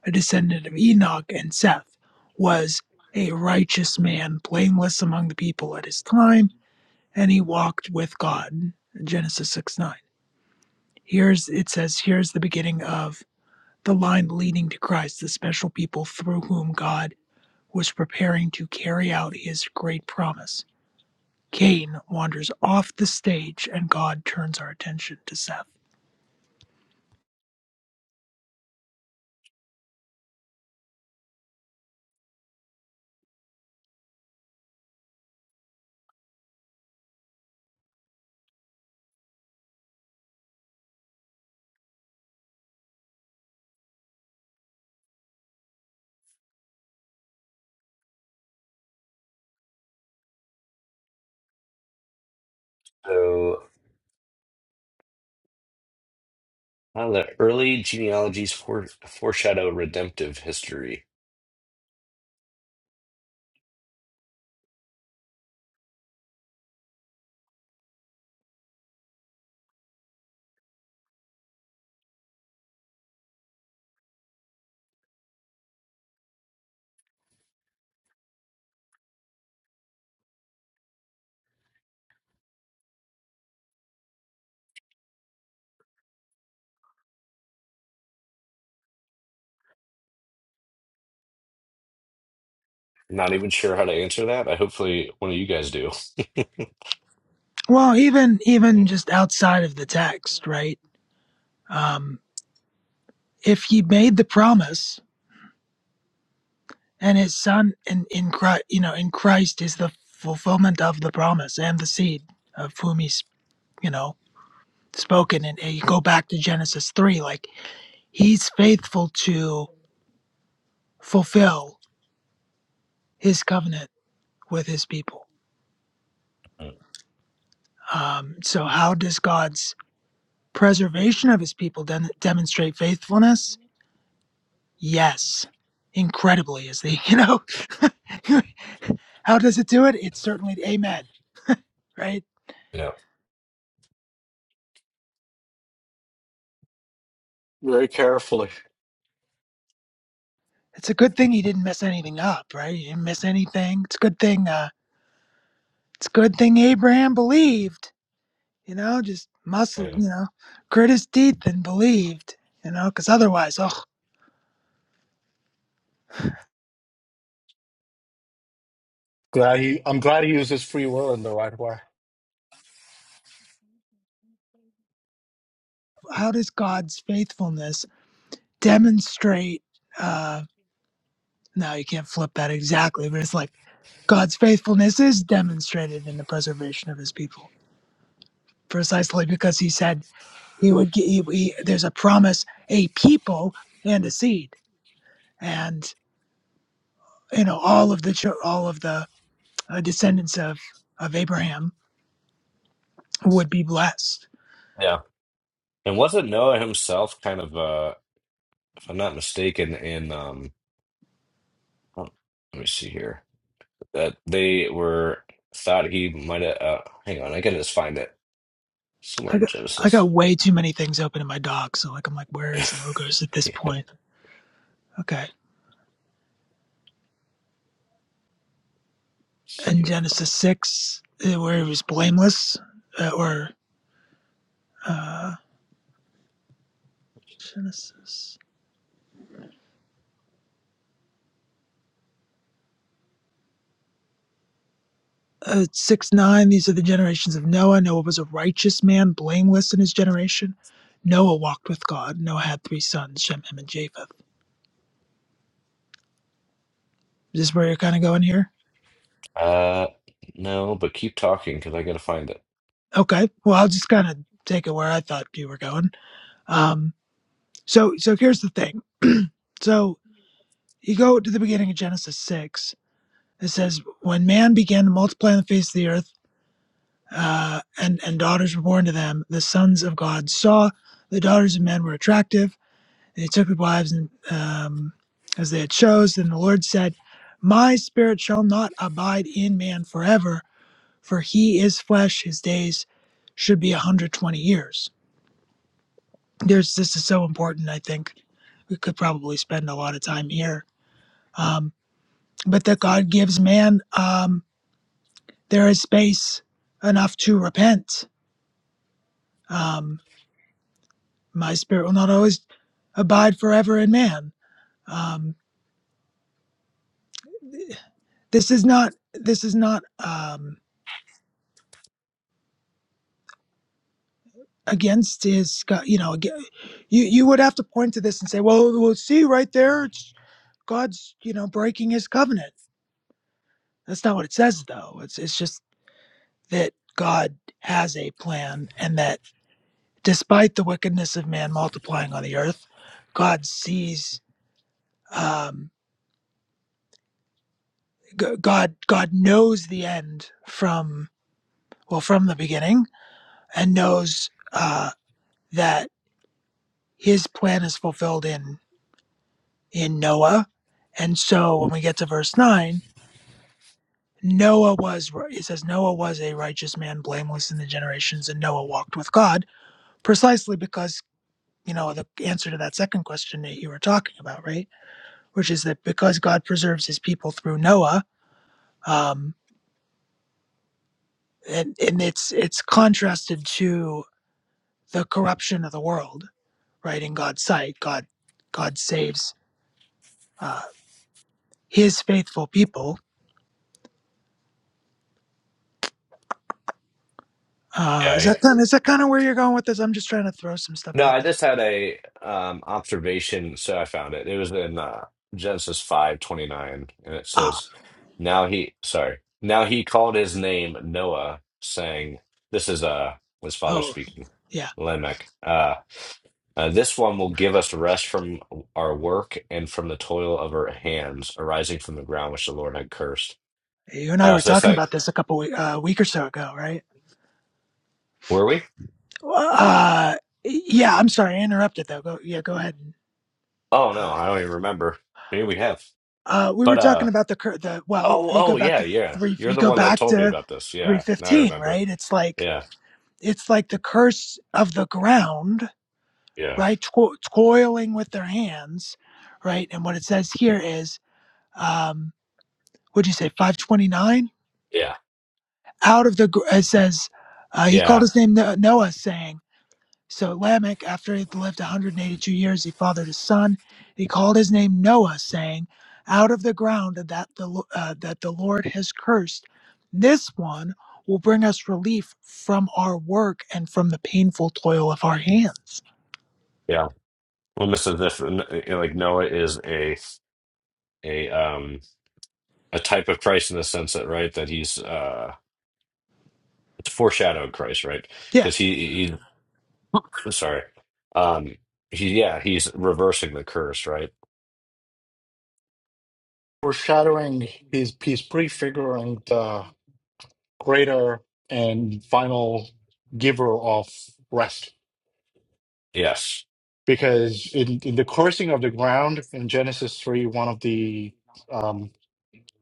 Speaker 2: a descendant of Enoch and Seth, was a righteous man, blameless among the people at his time, and he walked with God. Genesis six nine. Here's it says here's the beginning of the line leading to Christ, the special people through whom God was preparing to carry out his great promise. Cain wanders off the stage and God turns our attention to Seth.
Speaker 1: So uh, the early genealogies fore- foreshadow redemptive history Not even sure how to answer that. I hopefully one of you guys do.
Speaker 2: Well, even even
Speaker 1: Mm,
Speaker 2: just outside of the text, right? Um, if he made the promise and his son in, in Christ, you know, in Christ is the fulfillment of the promise and the seed of whom he's, you know, spoken. And, and you go back to Genesis 3, like he's faithful to fulfill his covenant with his people. Um, so, how does God's preservation of his people den- demonstrate faithfulness? Yes, incredibly, is the, you know, how does it do it? It's certainly, amen, right?
Speaker 1: Yeah,
Speaker 4: Very carefully.
Speaker 2: It's a good thing he didn't mess anything up, right? He didn't miss anything. It's a good thing, uh, it's a good thing Abraham believed, you know, just muscle,
Speaker 1: yeah,
Speaker 2: you know, grit his teeth and believed, you know, because otherwise, oh,
Speaker 4: Glad he, I'm glad he uses free will in the right way.
Speaker 2: how does God's faithfulness demonstrate uh no you can't flip that exactly but it's like god's faithfulness is demonstrated in the preservation of his people precisely because he said he would get he, he- there's a promise a people and a seed and you know all of the chil- all of the uh, descendants of of abraham would be blessed
Speaker 1: yeah. And wasn't Noah himself kind of, uh, if I'm not mistaken, in um, oh, let me see here, that they were thought he might have. Uh, hang on, I gotta just find it
Speaker 2: i
Speaker 1: somewhere in
Speaker 2: got i
Speaker 1: Genesis.
Speaker 2: got way too many things open in my dock, so like i'm like where is logos at this
Speaker 1: Yeah,
Speaker 2: point okay in
Speaker 1: yeah.
Speaker 2: Genesis 6, uh, where he was blameless, uh, or uh, Genesis uh, 6 9, these are the generations of Noah. Noah was a righteous man, blameless in his generation. Noah walked with God. Noah had three sons, Shem, Ham, and Japheth. Is this where you're kind of going here?
Speaker 1: Uh, no, but keep talking because I gotta find it.
Speaker 2: Okay. Well, I'll just kind of take it where I thought you were going. Um, so, so here's the thing. So you go to the beginning of Genesis 6. It says, When man began to multiply on the face of the earth, uh, and and daughters were born to them. The sons of God saw the daughters of men were attractive. They took the wives and, um, as they had chose. Then the Lord said, "My spirit shall not abide in man forever, for he is flesh. His days should be a hundred twenty years." There's this is so important. I think we could probably spend a lot of time here, um, but that God gives man um, there is space enough to repent. Um, my spirit will not always abide forever in man. Um, this is not this is not um, against his God. You know, ag- you you would have to point to this and say, well, we'll see right there. It's God's you know breaking his covenant. That's not what it says though. It's it's just that God has a plan and that despite the wickedness of man multiplying on the earth, God sees. Um, G- God God knows the end from well from the beginning and knows uh, that his plan is fulfilled in in Noah. And so when we get to verse nine, Noah was it says Noah was a righteous man, blameless in the generations, and Noah walked with God, precisely because you know the answer to that second question that you were talking about, right? Which is that because God preserves His people through Noah, um, and, and it's it's contrasted to the corruption of the world, right? In God's sight, God God saves. uh, his faithful people. Uh, is
Speaker 1: Yeah,
Speaker 2: that kind of, is that kind of where you're going with this? I'm just trying to throw some stuff
Speaker 1: No,
Speaker 2: out
Speaker 1: I
Speaker 2: there.
Speaker 1: just had a um observation, so I found it. It was in uh, Genesis five twenty nine, and it
Speaker 2: Ah,
Speaker 1: says, "Now he, sorry, now he called his name Noah, saying, this is uh his father
Speaker 2: oh,
Speaker 1: speaking,
Speaker 2: yeah.
Speaker 1: Lamech. Uh, uh, this one will give us rest from our work and from the toil of our hands arising from the ground which the Lord had cursed."
Speaker 2: You and I
Speaker 1: Uh,
Speaker 2: were
Speaker 1: so it's
Speaker 2: talking about
Speaker 1: like,
Speaker 2: this a couple week, uh, week or so ago, right?
Speaker 1: were we?
Speaker 2: Uh, yeah. I'm sorry, I interrupted though. Go, yeah, go ahead.
Speaker 1: Oh no, I don't even remember. Maybe we have,
Speaker 2: Uh, we were
Speaker 1: but uh.
Speaker 2: talking about the cur- the well.
Speaker 1: Oh,
Speaker 2: You go
Speaker 1: oh,
Speaker 2: back
Speaker 1: yeah,
Speaker 2: to
Speaker 1: yeah.
Speaker 2: three.
Speaker 1: You're
Speaker 2: You
Speaker 1: the
Speaker 2: go
Speaker 1: one that
Speaker 2: back
Speaker 1: told me
Speaker 2: to
Speaker 1: about this.
Speaker 2: three
Speaker 1: Yeah, now I
Speaker 2: fifteen,
Speaker 1: remember.
Speaker 2: right? It's like
Speaker 1: Yeah,
Speaker 2: it's like the curse of the ground,
Speaker 1: yeah,
Speaker 2: right? To- toiling with their hands, right? And what it says here is. Um, what'd you say, 529?
Speaker 1: yeah,
Speaker 2: Out of the, it says, uh, he called
Speaker 1: yeah,
Speaker 2: his name No- Noah, saying, So Lamech, after he had lived 182 years, he fathered a son. He called his name Noah, saying, Out of the ground that the, uh, that the Lord has cursed, this one will bring us relief from our work and from the painful toil of our hands.
Speaker 1: yeah. Well, Mrs. If, like Noah is a a um a type of Christ in the sense that right that he's uh it's foreshadowed Christ, right?
Speaker 2: Yeah.
Speaker 1: Because he he sorry, um he yeah he's reversing the curse, right?
Speaker 4: Foreshadowing, he's, he's prefiguring the greater and final giver of rest.
Speaker 1: Yes,
Speaker 4: Because in, in the cursing of the ground in Genesis 3, one of the, um,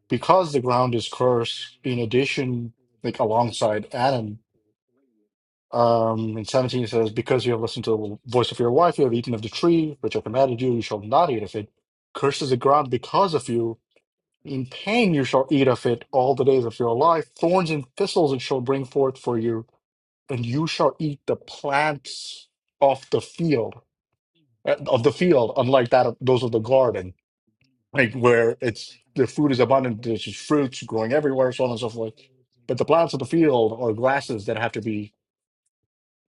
Speaker 4: because the ground is cursed, in addition, like alongside Adam, Um, and 17 says, Because you have listened to the voice of your wife, you have eaten of the tree which I commanded you, you shall not eat of it. Cursed is the ground because of you. In pain you shall eat of it all the days of your life. Thorns and thistles it shall bring forth for you, and you shall eat the plants of the field, uh, of the field, unlike that of those of the garden, like where it's the food is abundant, there's just fruits growing everywhere, so on and so forth. But the plants of the field are grasses that have to be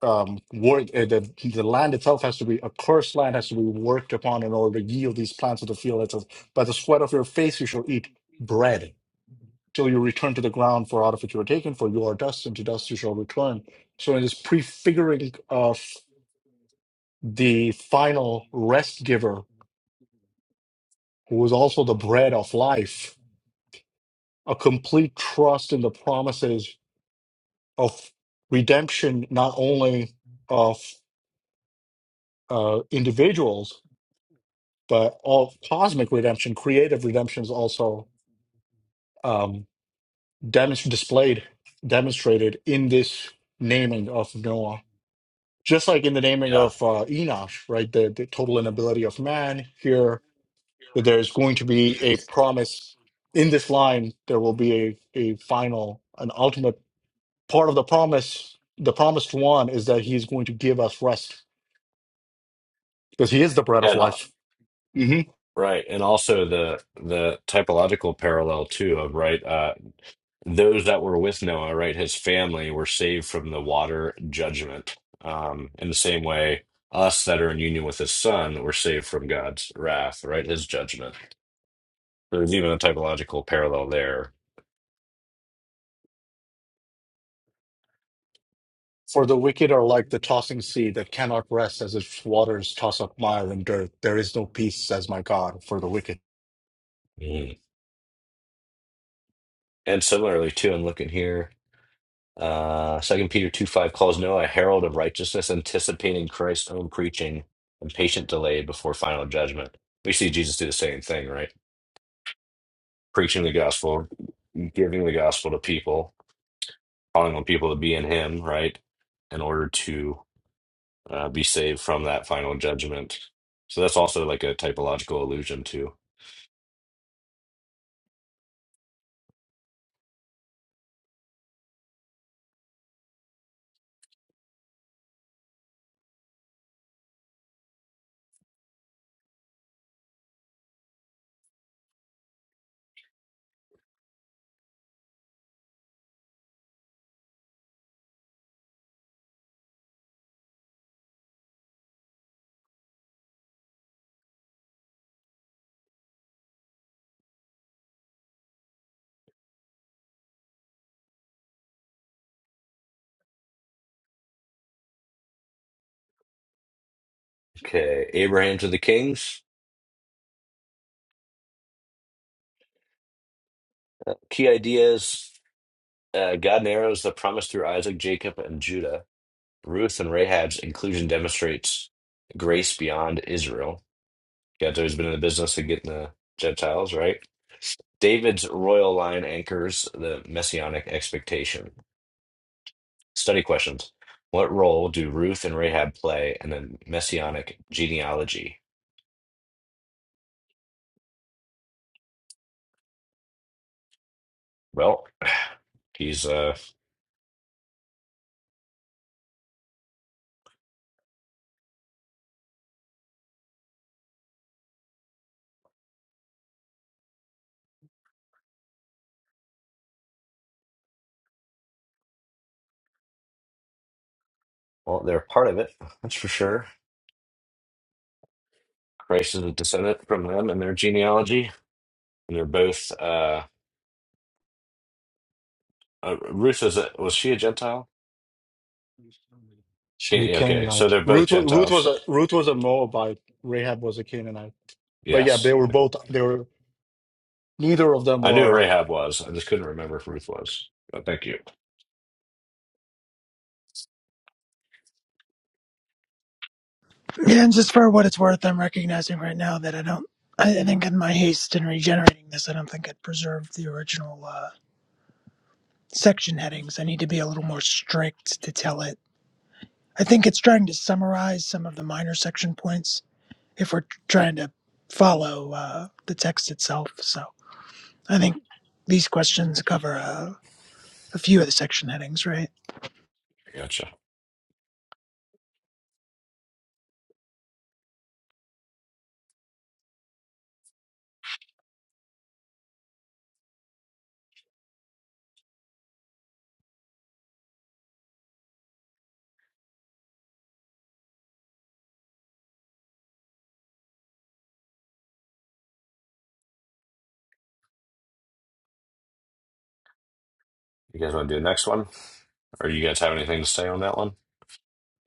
Speaker 4: um, work uh, the the land itself has to be a cursed land has to be worked upon in order to yield these plants of the field. It says, by the sweat of your face you shall eat bread till you return to the ground, for out of it you are taken, for you are dust, and to dust you shall return. So it is prefiguring of the final rest giver, who is also the bread of life, a complete trust in the promises of redemption, not only of uh, individuals but all cosmic redemption, creative redemption is also um, demonst- displayed, demonstrated in this naming of Noah. Just like in the naming
Speaker 1: yeah,
Speaker 4: of uh, Enosh, right? The, the total inability of man here, that there's going to be a promise in this line, there will be a, a final, an ultimate part of the promise. The promised one is that he's going to give us rest because he is the bread of
Speaker 1: and uh,
Speaker 4: life.
Speaker 1: right, and also the the typological parallel too of right. uh. those that were with Noah, right, his family, were saved from the water judgment. Um, in the same way, us that are in union with his son were saved from God's wrath, right, his judgment. So There's even a typological parallel there.
Speaker 4: For the wicked are like the tossing sea that cannot rest as its waters toss up mire and dirt. There is no peace, says my God, for the wicked.
Speaker 1: Mhm. And similarly, too, I'm looking here. Uh, 2 Peter 2 5 calls Noah a herald of righteousness, anticipating Christ's own preaching and patient delay before final judgment. We see Jesus do the same thing, right? Preaching the gospel, giving the gospel to people, calling on people to be in him, right? In order to uh, be saved from that final judgment. So that's also like a typological allusion too. Okay, Abraham to the kings. Key ideas uh, God narrows the promise through Isaac, Jacob, and Judah. Ruth and Rahab's inclusion demonstrates grace beyond Israel. God's always been in the business of getting the Gentiles, right? David's royal line anchors the messianic expectation. Study questions. What role do Ruth and Rahab play in the messianic genealogy? Well, he's uh well, they're part of it, that's for sure. Christ is a descendant from them and their genealogy. And they're both uh, uh Ruth is a, was she a Gentile?
Speaker 4: She's a
Speaker 1: Okay, okay, so
Speaker 4: Canaanite.
Speaker 1: they're both
Speaker 4: Ruth, wa- Ruth was
Speaker 1: Gentiles.
Speaker 4: a Ruth was a Moabite. Rahab was a Canaanite. But yeah, they
Speaker 1: Yes.
Speaker 4: were
Speaker 1: Okay.
Speaker 4: both. They were neither of them
Speaker 1: I knew
Speaker 4: were
Speaker 1: Rahab was. I just couldn't remember if Ruth was. But thank you.
Speaker 2: And just for what it's worth, I'm recognizing right now that I don't I I think in my haste in regenerating this, I don't think it preserved the original. uh, section headings. I need to be a little more strict to tell it. I think it's trying to summarize some of the minor section points if we're trying to follow uh, the text itself. So I think these questions cover a, a few of the section headings, right?
Speaker 1: Gotcha. You guys want to do the next one? Or you guys have anything to say on that one?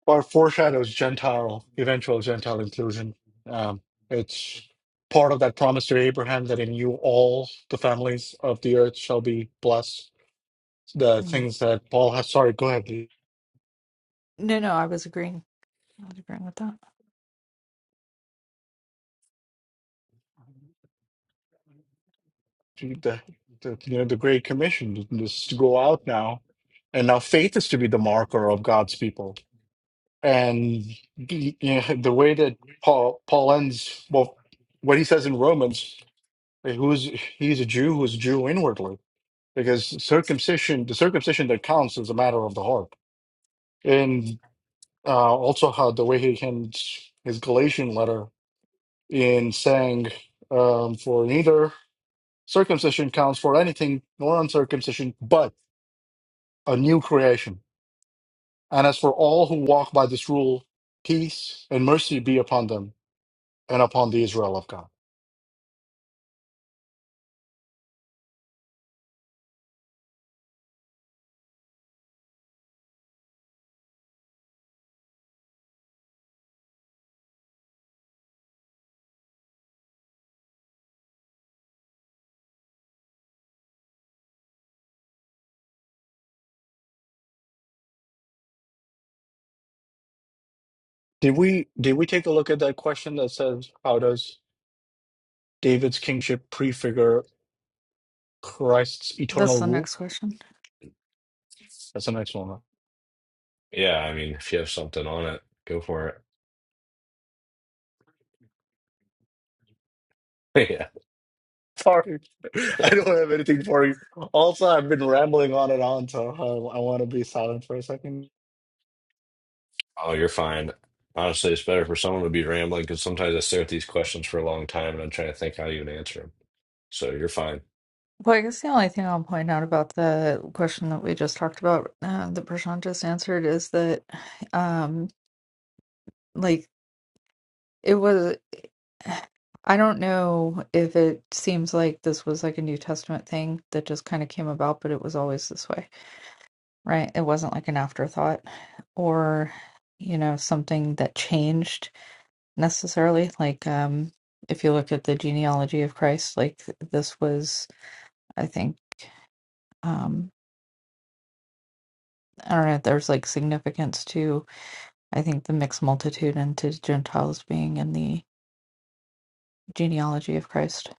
Speaker 4: or foreshadows Gentile eventual Gentile inclusion. Um, it's part of that promise to Abraham that in you all the families of the earth shall be blessed. The
Speaker 5: Mhm.
Speaker 4: things that Paul has. Sorry, go ahead.
Speaker 5: no no i was agreeing i was agreeing with that
Speaker 4: the, the you know the great commission is to go out now and now faith is to be the marker of god's people and the, you know, the way that paul paul ends well what he says in romans eh, who's he's a jew who's a jew inwardly because circumcision the circumcision that counts is a matter of the heart and uh, also how the way he ends his galatian letter in saying um, for neither circumcision counts for anything nor uncircumcision but a new creation. And as for all who walk by this rule, peace and mercy be upon them and upon the Israel of God. Did we did we take a look at that question that says how does David's kingship prefigure Christ's
Speaker 5: that's
Speaker 4: eternal
Speaker 5: the
Speaker 4: rule?
Speaker 5: next question
Speaker 4: That's the next one. Huh?
Speaker 1: Yeah, I mean, if you have something on it, go for it. Yeah.
Speaker 4: Sorry, I don't have anything for you. Also, I've been rambling on and on, so I, I want to be silent for a second.
Speaker 1: Oh, you're fine. Honestly, it's better for someone to be rambling because sometimes I stare at these questions for a long time and I'm trying to think how you would answer them. So you're fine.
Speaker 5: well i guess the only thing i'll point out about the question that we just talked about uh, that prashant just answered is that um like it was I don't know if it seems like this was like a New Testament thing that just kind of came about, but it was always this way right? It wasn't like an afterthought or, you know, something that changed necessarily. Like, um, if you look at the genealogy of Christ, like this was, I think, um, I don't know, there's like significance to, I think, the mixed multitude and to Gentiles being in the genealogy of Christ.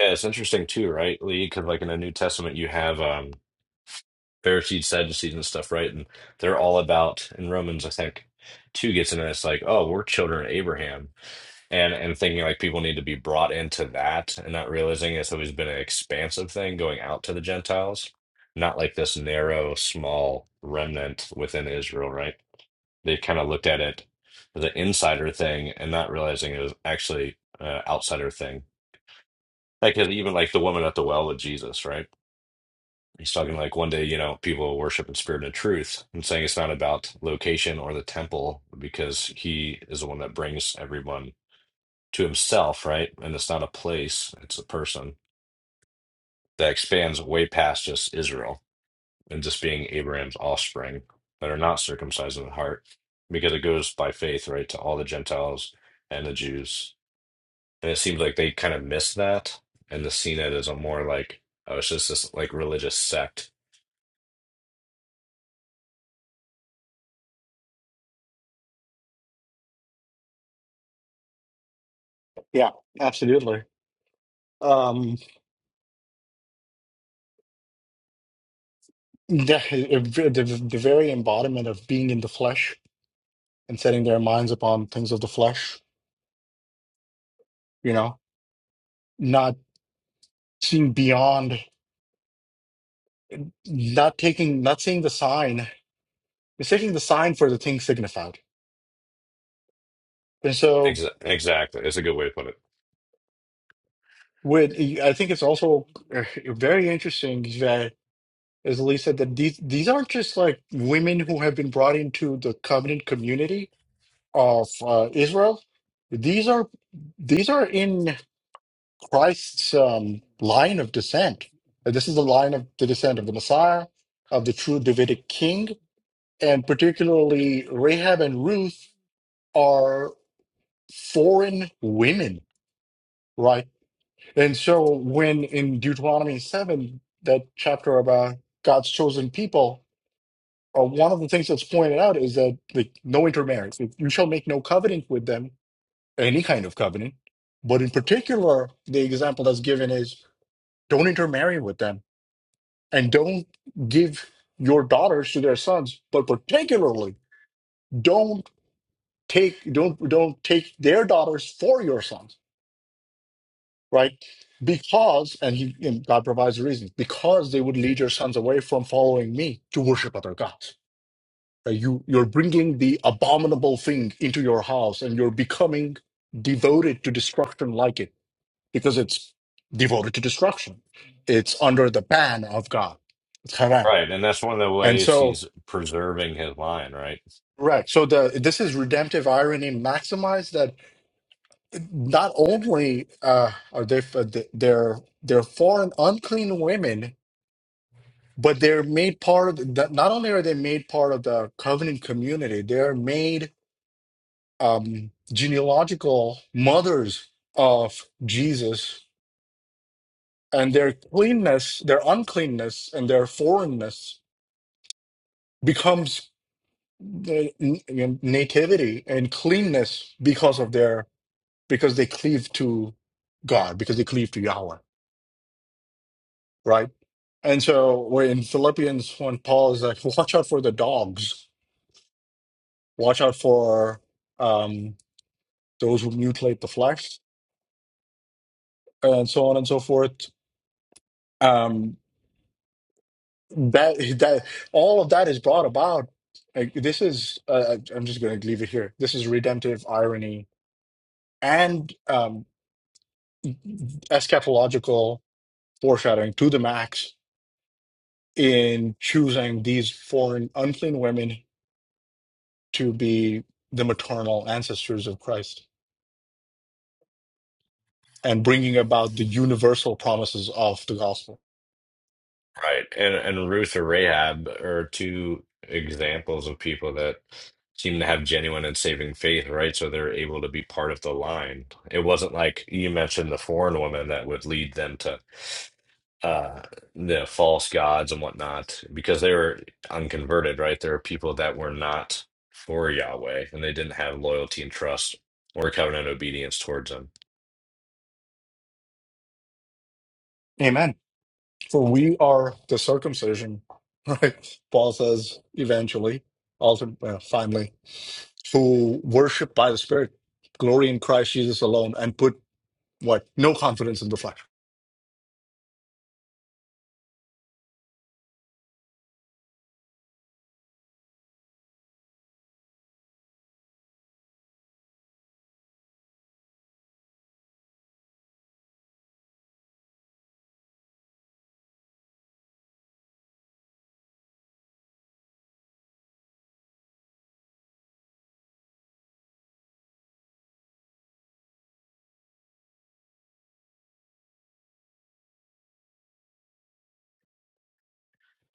Speaker 1: Yeah, it's interesting too, right, Lee? Because like in the New Testament, you have um, Pharisees, Sadducees, and stuff, right? And they're all about in Romans, I think, two gets into this like, oh, we're children of Abraham, and and thinking like people need to be brought into that, and not realizing it's always been an expansive thing going out to the Gentiles, not like this narrow, small remnant within Israel, right? They kind of looked at it as an insider thing, and not realizing it was actually an outsider thing. Like even like the woman at the well with Jesus, right? He's talking like one day, you know, people will worship in spirit and in truth. I'm saying it's not about location or the temple because he is the one that brings everyone to himself, right? And it's not a place, it's a person that expands way past just Israel and just being Abraham's offspring that are not circumcised in the heart because it goes by faith, right, to all the Gentiles and the Jews. And it seems like they kind of miss that and the seen it as a more like, oh, it's just this like religious sect.
Speaker 4: Yeah, absolutely. Um, Yeah, the, the, the very embodiment of being in the flesh and setting their minds upon things of the flesh, you know, not seeing beyond, not taking, not seeing the sign, mistaking the sign for the thing signified. And so,
Speaker 1: Exa- exactly. It's a good way to put it.
Speaker 4: with I think it's also uh, very interesting that, as Lee said, that these these aren't just like women who have been brought into the covenant community of uh, Israel. These are these are in. Christ's um, line of descent. And This is the line of the descent of the Messiah, of the true Davidic king, and particularly Rahab and Ruth are foreign women, right? And so when in Deuteronomy 7, that chapter about God's chosen people, uh, one of the things that's pointed out is that like no intermarriage. Like, You shall make no covenant with them, any kind of covenant. But in particular, the example that's given is don't intermarry with them and don't give your daughters to their sons but particularly don't take don't don't take their daughters for your sons right because and he and god provides the reason because they would lead your sons away from following me to worship other gods Right? you you're bringing the abominable thing into your house and you're becoming devoted to destruction like it because it's devoted to destruction it's under the ban of god it's haram
Speaker 1: Right, and that's one of the
Speaker 4: and
Speaker 1: ways
Speaker 4: so
Speaker 1: he's preserving his line, right?
Speaker 4: Correct. So the this is redemptive irony maximized that not only uh, are they they're they're foreign unclean women, but they're made part of the, not only are they made part of the covenant community, they're made um, genealogical mothers of Jesus, and their cleanness, their uncleanness, and their foreignness becomes the n- nativity and cleanness because of their because they cleave to God, because they cleave to Yahweh, right? And so we're in Philippians when Paul is like, watch out for the dogs, watch out for um, those who mutilate the flesh, and so on and so forth. Um, that that all of that is brought about. Like, this is uh, I'm just going to leave it here. This is redemptive irony and um, eschatological foreshadowing to the max in choosing these foreign unclean women to be the maternal ancestors of Christ and bringing about the universal promises of the gospel.
Speaker 1: Right, and and Ruth or Rahab are two examples of people that seem to have genuine and saving faith, right? So they're able to be part of the line. It wasn't like you mentioned the foreign woman that would lead them to uh the false gods and whatnot, because they were unconverted, right? There are people that were not for Yahweh, and they didn't have loyalty and trust or covenant obedience towards him.
Speaker 4: Amen. For we are the circumcision, right? Paul says eventually, ultimately, uh, finally, who worship by the Spirit, glory in Christ Jesus alone, and put what? No confidence in the flesh.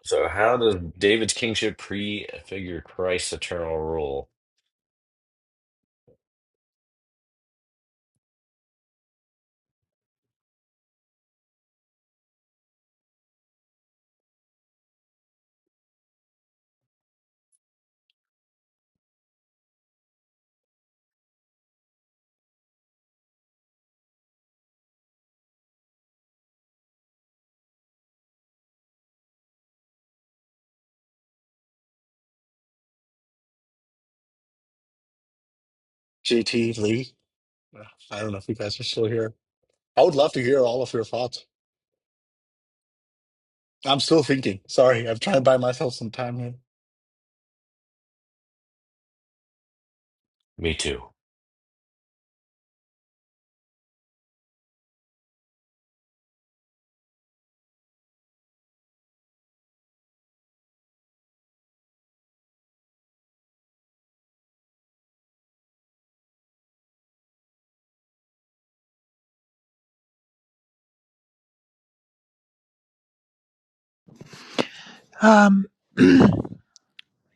Speaker 1: So how does David's kingship prefigure Christ's eternal rule?
Speaker 4: JT Lee, uh, I don't know if you guys are still here. I would love to hear all of your thoughts. I'm still thinking. Sorry, I'm trying to buy myself some time here.
Speaker 1: Me too.
Speaker 2: Um,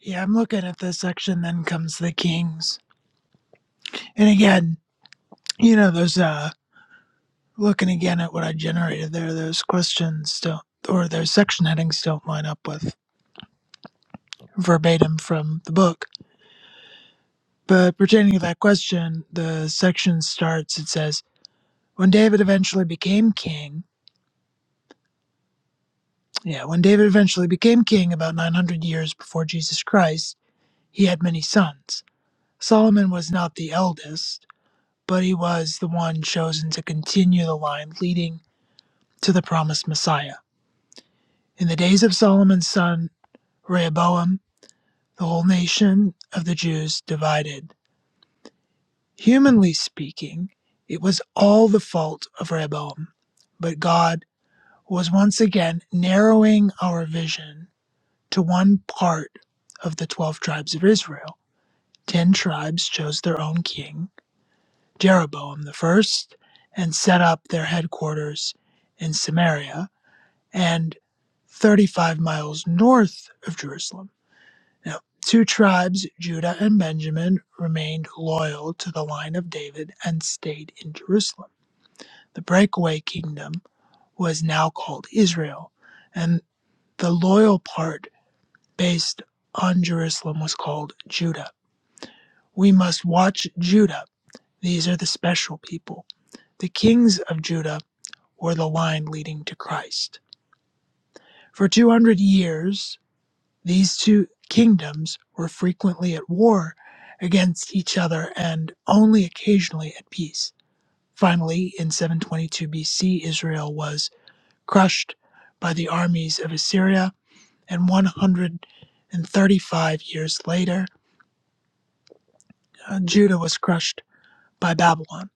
Speaker 2: yeah, I'm looking at this section, then comes the kings. And again, you know, those, uh, looking again at what I generated there, those questions don't, or those section headings don't line up with verbatim from the book But pertaining to that question, the section starts, it says, When David eventually became king, yeah, when David eventually became king about 900 years before Jesus Christ, he had many sons. Solomon was not the eldest, but he was the one chosen to continue the line leading to the promised Messiah. In the days of Solomon's son Rehoboam, the whole nation of the Jews divided. Humanly speaking, it was all the fault of Rehoboam, but God was once again narrowing our vision to one part of the 12 tribes of Israel. 10 tribes chose their own king, Jeroboam the first, and set up their headquarters in Samaria and 35 miles north of Jerusalem. Now, two tribes, Judah and Benjamin, remained loyal to the line of David and stayed in Jerusalem. The breakaway kingdom was now called Israel, and the loyal part based on Jerusalem was called Judah. We must watch Judah. These are the special people. The kings of Judah were the line leading to Christ. For 200 years, these two kingdoms were frequently at war against each other and only occasionally at peace. Finally, in 722 BC, Israel was crushed by the armies of Assyria, and 135 years later, uh, Judah was crushed by Babylon.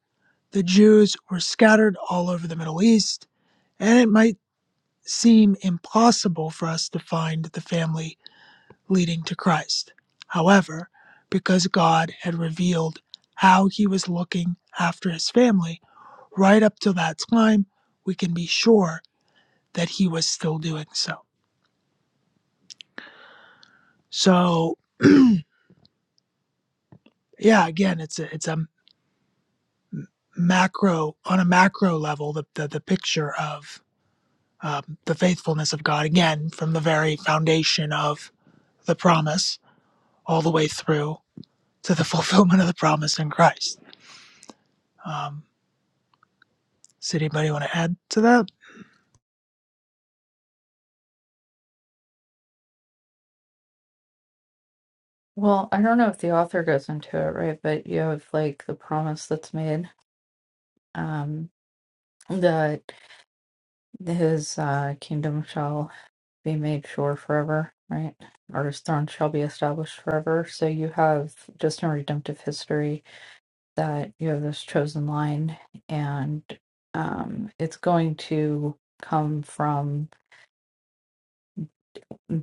Speaker 2: The Jews were scattered all over the Middle East, and it might seem impossible for us to find the family leading to Christ. However, because God had revealed how he was looking after his family right up till that time, we can be sure that he was still doing so. So, yeah, again, it's a, it's a macro on a macro level the, the the picture of um, the faithfulness of God again from the very foundation of the promise all the way through to the fulfillment of the promise in Christ. Um, does anybody want to add to that?
Speaker 5: Well, I don't know if the author goes into it, right? But you have like the promise that's made. um. that his uh, kingdom shall be made sure forever, right? Or his throne shall be established forever. So you have just in redemptive history that you have this chosen line, and um, it's going to come from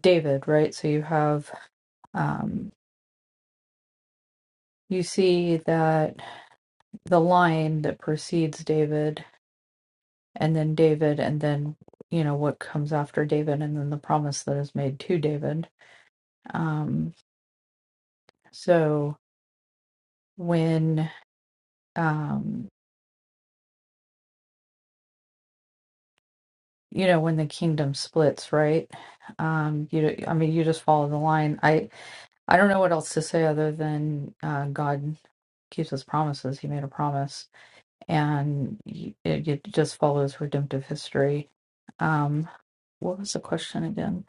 Speaker 5: David, right? So you have, um, you see that the line that precedes David, and then David, and then you know what comes after David, and then the promise that is made to David. um, So when um you know when the kingdom splits, right? Um you I mean you just follow the line. I I don't know what else to say other than uh God keeps his promises. He made a promise and y- it, it just follows redemptive history. Um what was the question again?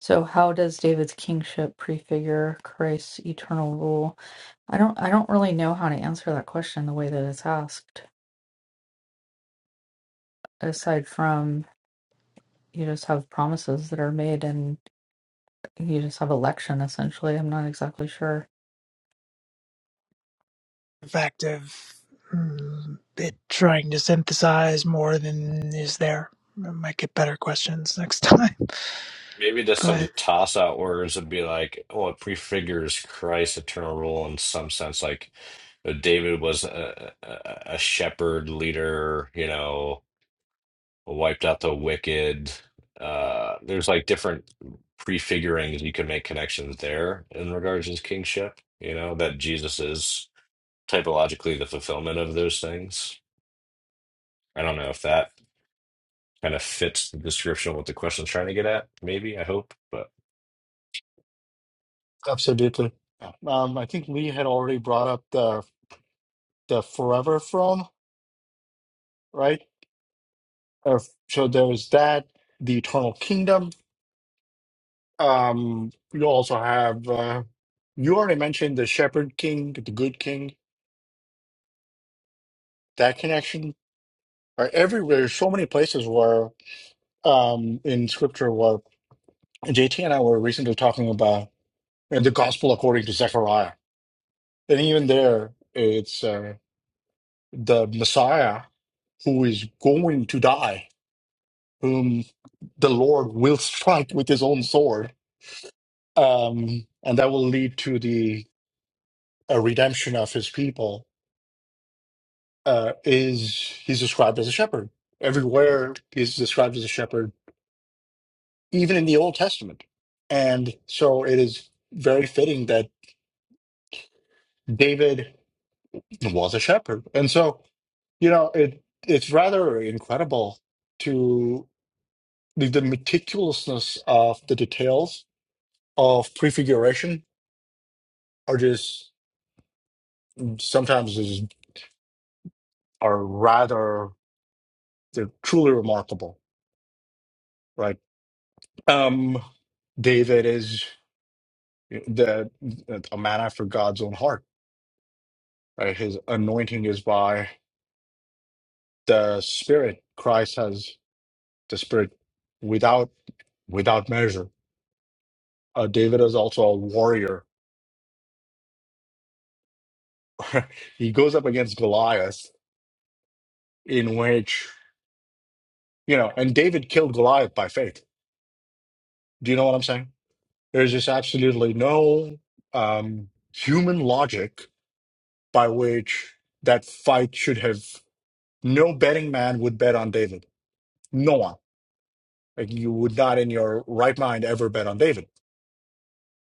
Speaker 5: So how does David's kingship prefigure Christ's eternal rule? I don't I don't really know how to answer that question the way that it's asked, aside from you just have promises that are made and you just have election essentially. I'm not exactly sure.
Speaker 2: The fact of mm, it trying to synthesize more than is there. I might get better questions next time,
Speaker 1: Maybe just
Speaker 2: but
Speaker 1: some toss out words would be like, oh, it prefigures Christ's eternal rule in some sense. Like uh, David was a, a, a shepherd leader, you know, wiped out the wicked. Uh, there's like different prefigurings you can make connections there in regards to his kingship, you know, that Jesus is typologically the fulfillment of those things. I don't know if that. Kind of fits the description of what the question's trying to get at, maybe, I hope. But
Speaker 4: Absolutely. Yeah. Um, I think Lee had already brought up the the forever from, right? Uh, so there's that, the eternal kingdom. Um, you also have uh, you already mentioned the shepherd king, the good king, that connection. Right? Everywhere, there's so many places where um, in scripture where JT and I were recently talking about uh, the gospel according to Zechariah, and even there, it's uh, the Messiah who is going to die whom the Lord will strike with his own sword, um, and that will lead to the uh, redemption of his people. Uh, is he's described as a shepherd everywhere? He's described as a shepherd, even in the Old Testament, and so it is very fitting that David was a shepherd. And so, you know, it it's rather incredible to the, the meticulousness of the details of prefiguration are just sometimes is are rather they're truly remarkable, right? Um, David is eh, the eh, a man after God's own heart, right? His anointing is by the Spirit. Christ has the Spirit without without measure. Uh, David is also a warrior. he goes up against Goliath, in which you know, and David killed Goliath by faith. Do you know what I'm saying? There's just absolutely no um, human logic by which that fight should have no betting man would bet on David. No one. Like you would not in your right mind ever bet on David.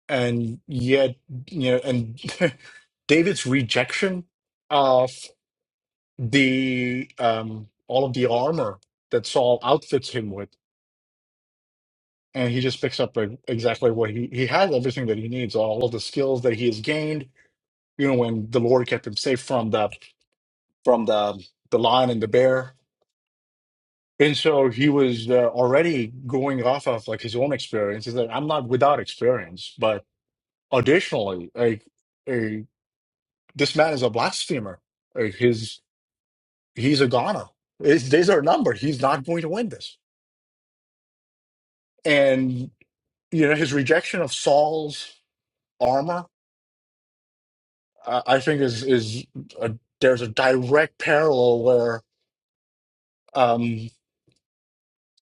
Speaker 4: And yet, you know, and David's rejection of the um all of the armor that Saul outfits him with, and he just picks up like, exactly what he he has everything that he needs, all of the skills that he has gained. You know, when the Lord kept him safe from the from the the lion and the bear, And so he was uh, already going off of like his own experience. Is that I'm not without experience, but additionally, like a, this man is a blasphemer. Like his he's a goner. His days are numbered. He's not going to win this. And you know his rejection of Saul's armor, I, I think is is a, there's a direct parallel where um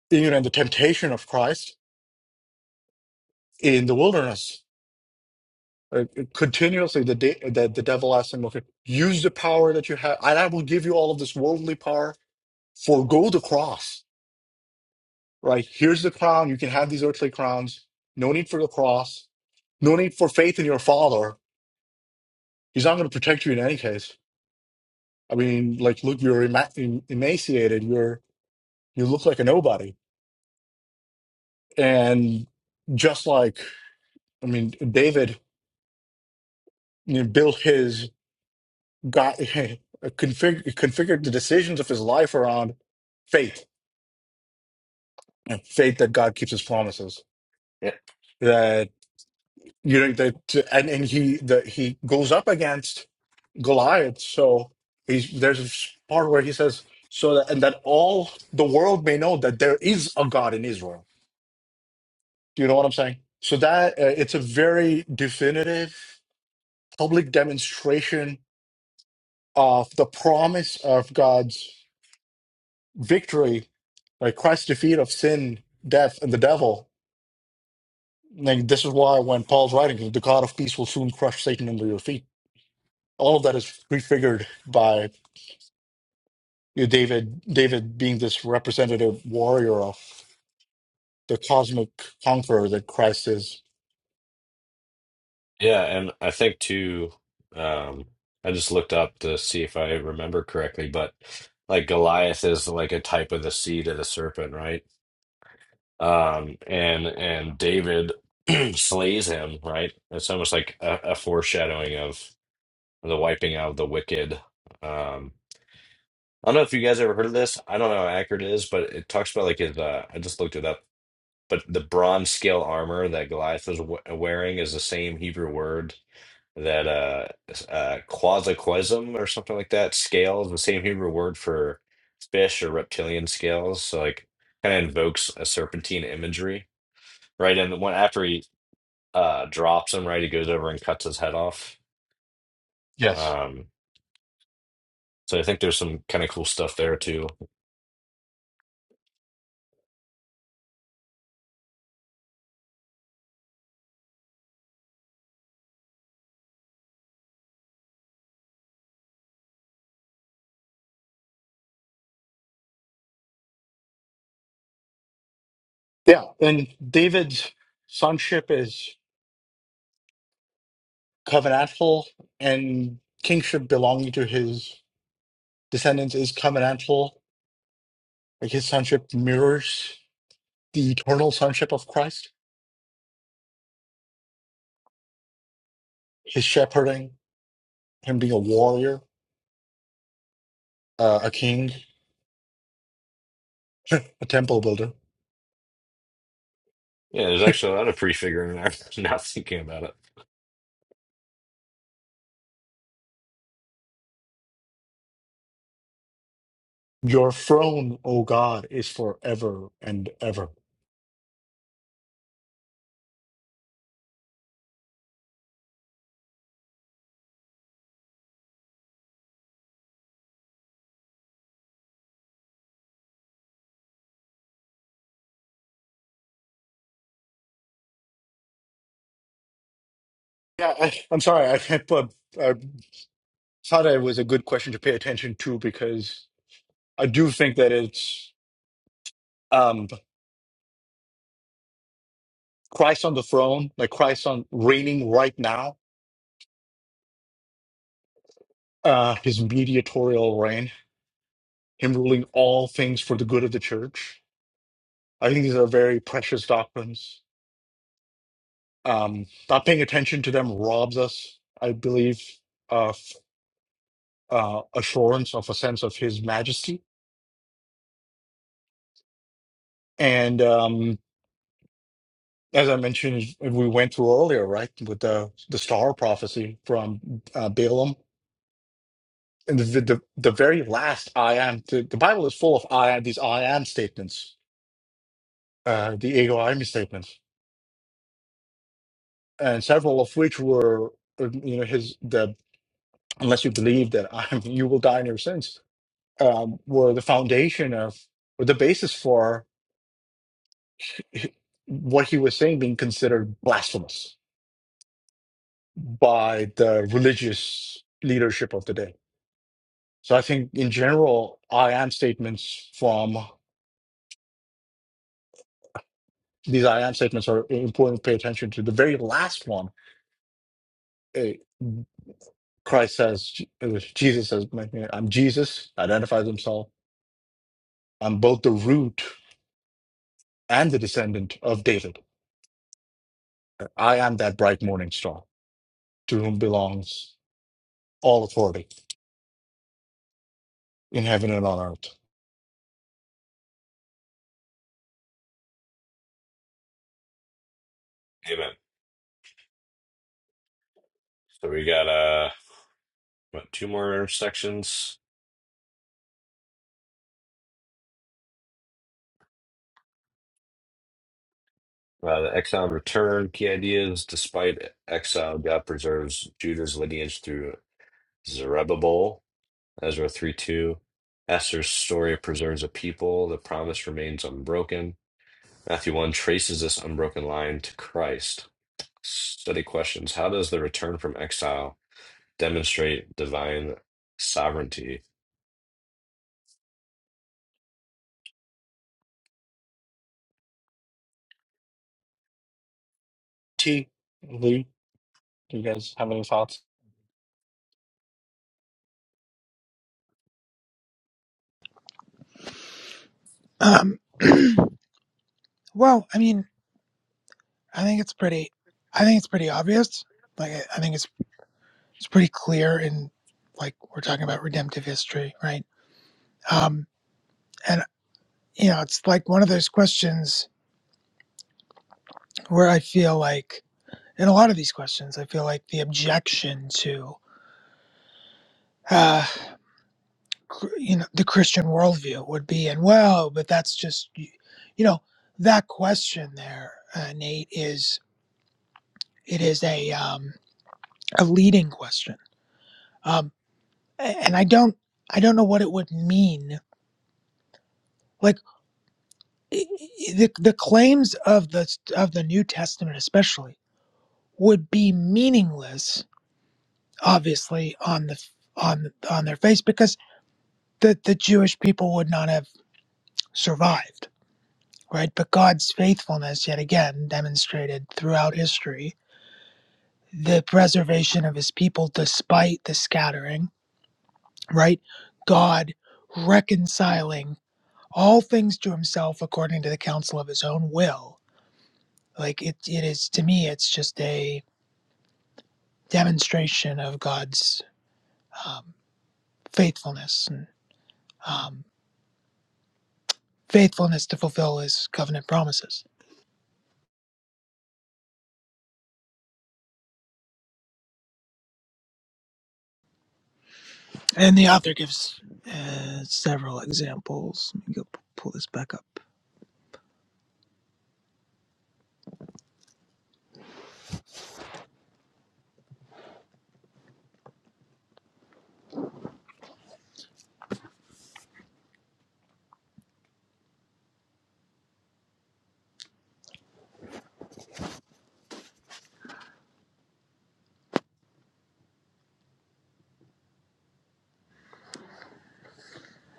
Speaker 4: you know the temptation of Christ in the wilderness Uh, continuously the, de- the the devil asked him okay use the power that you have and i will give you all of this worldly power Forgo the cross right here's the crown you can have these earthly crowns no need for the cross no need for faith in your father he's not going to protect you in any case i mean like look you're ema- em- emaciated you're you look like a nobody and just like i mean david you know, built his god config- configured the decisions of his life around faith and faith that God keeps his promises.
Speaker 1: yeah,
Speaker 4: That you know that and, and he that he goes up against Goliath. So he's there's a part where he says, so that and that all the world may know that there is a God in Israel. Do you know what I'm saying? So that uh, it's a very definitive public demonstration of the promise of God's victory, like Christ's defeat of sin, death, and the devil Like this is why when Paul's writing, the God of peace will soon crush Satan under your feet. All of that is prefigured by you know, David. David being this representative warrior of the cosmic conqueror that Christ is.
Speaker 1: yeah, and I think too, um, I just looked up to see if I remember correctly, but like Goliath is like a type of the seed of the serpent, right? Um, and and David slays him, right? It's almost like a, a foreshadowing of the wiping out of the wicked. Um, I don't know if you guys ever heard of this. I don't know how accurate it is, but it talks about like his. Uh, I just looked it up, but the bronze scale armor that Goliath was w wearing is the same Hebrew word that uh, uh, quasiquism or something like that. Scales, the same Hebrew word for fish or reptilian scales. So like, kind of invokes a serpentine imagery, right? And when after he uh, drops him, right, he goes over and cuts his head off.
Speaker 4: Yes.
Speaker 1: Um, So I think there's some kind of cool stuff there too.
Speaker 4: Yeah, and David's sonship is covenantal, and kingship belonging to his descendants is covenantal. Like his sonship mirrors the eternal sonship of Christ. His shepherding, him being a warrior, uh, a king. a temple builder.
Speaker 1: Yeah, there's actually a lot of prefiguring there. Now thinking about it.
Speaker 4: Your throne, O God, is forever and ever. Yeah, I, I'm sorry. I, but I thought it was a good question to pay attention to because I do think that it's um, Christ on the throne, like Christ on reigning right now, uh, his mediatorial reign, him ruling all things for the good of the church. I think these are very precious doctrines. Um, not paying attention to them robs us, I believe, uh, assurance of a sense of His Majesty. And um, as I mentioned, we went through earlier, right, with the the star prophecy from uh, Balaam, and the, the the very last I am. The, the Bible is full of I am these I am statements, uh, the ego I am statements, and several of which were, uh, you know, his the unless you believe that I am, you will die in your sins, um, were the foundation of, were the basis for what he was saying being considered blasphemous by the religious leadership of the day. So I think in general, I am statements from these I am statements are important to pay attention to. The very last one, eh, Christ says, eh, Jesus says, I'm Jesus, identifies himself. I'm both the root and the descendant of David. I am that bright morning star to whom belongs all authority in heaven and on earth.
Speaker 1: Amen. So we got uh what two more sections. Uh, the exiled return key ideas. Despite exile, God preserves Judah's lineage through Zerubbabel. Ezra 3 2. Esther's story preserves a people. The promise remains unbroken. Matthew 1 traces this unbroken line to Christ. Study questions How does the return from exile demonstrate divine sovereignty?
Speaker 4: T, Lee, do you guys have any thoughts?
Speaker 2: um, well, I mean, I think it's pretty. I think it's pretty obvious. Like, I I think it's it's pretty clear in like we're talking about redemptive history, right? Um, you know, it's like one of those questions where I feel like, in a lot of these questions, I feel like the objection to, uh, cr- you know, the Christian worldview would be, and well, but that's just, y- you know, that question there, uh, Nate, is it is a um, a leading question, um, a- and I don't I don't know what it would mean. Like i- i- the the claims of the of the New Testament, especially, would be meaningless obviously on the on on their face because the the Jewish people would not have survived, right? But God's faithfulness yet again demonstrated throughout history the preservation of his people despite the scattering, right? God reconciling all things to himself according to the counsel of his own will. Like it, it is to me, it's just a demonstration of God's um, faithfulness. and um, faithfulness to fulfill his covenant promises. And the author gives uh, several examples. Let me go p- pull this back up.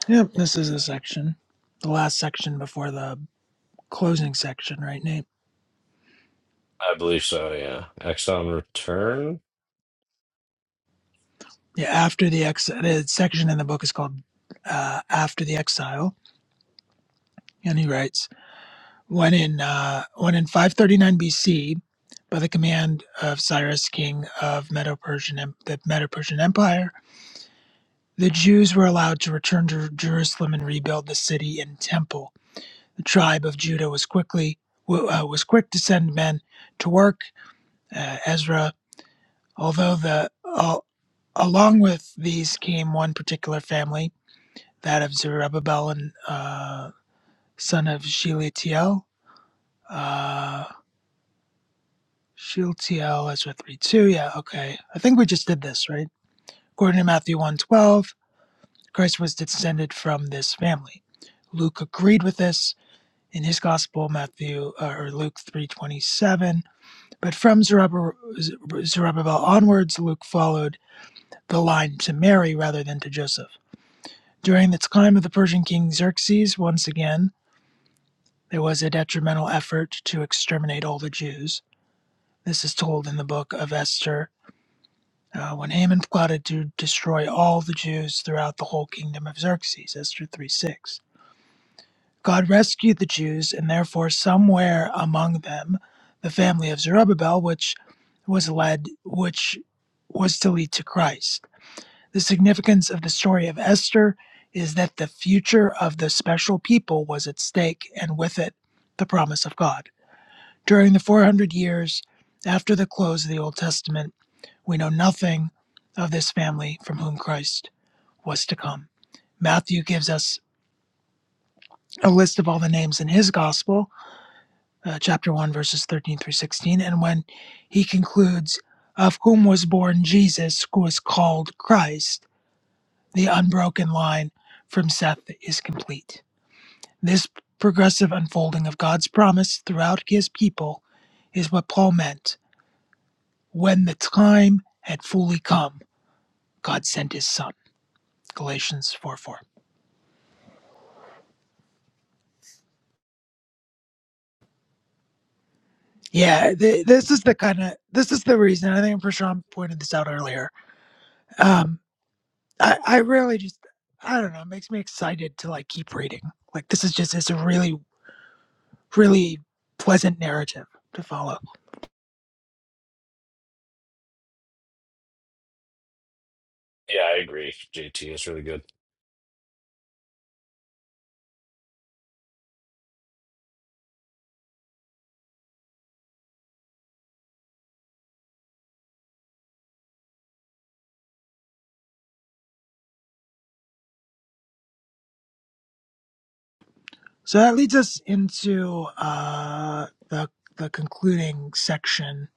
Speaker 2: Yep, this is a section, the last section before the closing section, right, Nate?
Speaker 1: I believe so, yeah. Exile and return?
Speaker 2: Yeah, after the ex, the section in the book is called uh, "After the Exile," and he writes, "When in uh, when in 539 BC, by the command of Cyrus, king of Medo-Persian, Em- the Medo-Persian Empire." The Jews were allowed to return to Jerusalem and rebuild the city and temple. The tribe of Judah was quickly uh, was quick to send men to work. Uh, Ezra, although the al- along with these came one particular family, that of Zerubbabel and uh, son of Shealtiel. Uh, Shealtiel, Ezra three two. Yeah, okay. I think we just did this right. According to Matthew one twelve, Christ was descended from this family. Luke agreed with this in his gospel, Matthew uh, or Luke three twenty seven. But from Zerubbabel, Zerubbabel onwards, Luke followed the line to Mary rather than to Joseph. During the time of the Persian king Xerxes, once again there was a detrimental effort to exterminate all the Jews. This is told in the book of Esther. uh, when Haman plotted to destroy all the Jews throughout the whole kingdom of Xerxes, Esther 3:6. God rescued the Jews, and therefore somewhere among them, the family of Zerubbabel, which was led, which was to lead to Christ. The significance of the story of Esther is that the future of the special people was at stake, and with it, the promise of God. During the 400 years after the close of the Old Testament, we know nothing of this family from whom Christ was to come. Matthew gives us a list of all the names in his gospel, uh, chapter 1, verses 13 through 16. And when he concludes, Of whom was born Jesus, who is called Christ, the unbroken line from Seth is complete. This progressive unfolding of God's promise throughout his people is what Paul meant. When the time had fully come, God sent his son. Galatians 4 4. Yeah, th- this is the kind of, this is the reason, I think Prashant pointed this out earlier. Um, I, I really just I don't know, it makes me excited to like keep reading. Like this is just it's a really, really pleasant narrative to follow.
Speaker 1: Yeah, I agree. JT it's really good.
Speaker 2: So that leads us into uh the the concluding section,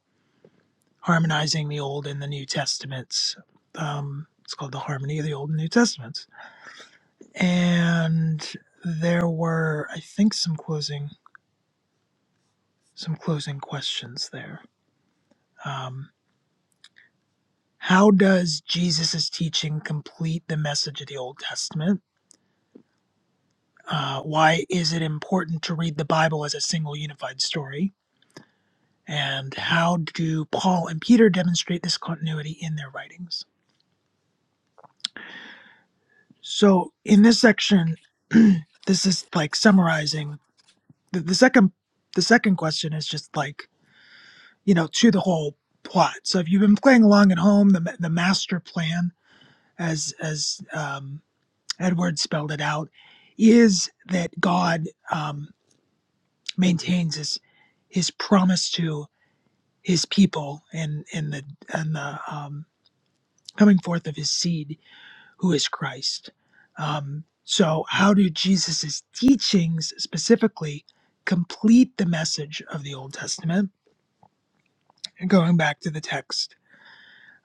Speaker 2: harmonizing the old and the new testaments. Um it's called the harmony of the old and new testaments. And there were I think some closing some closing questions there. Um, How does Jesus' teaching complete the message of the Old Testament? Uh, why is it important to read the Bible as a single unified story? And how do Paul and Peter demonstrate this continuity in their writings? So, in this section, this is like summarizing the, the second. The second question is just like you know to the whole plot. So if you've been playing along at home, the the master plan, as as um, Edward spelled it out, is that God um, maintains his his promise to his people and and the and the um, coming forth of his seed, who is Christ. Um, so, how do Jesus's teachings specifically complete the message of the Old Testament? And going back to the text,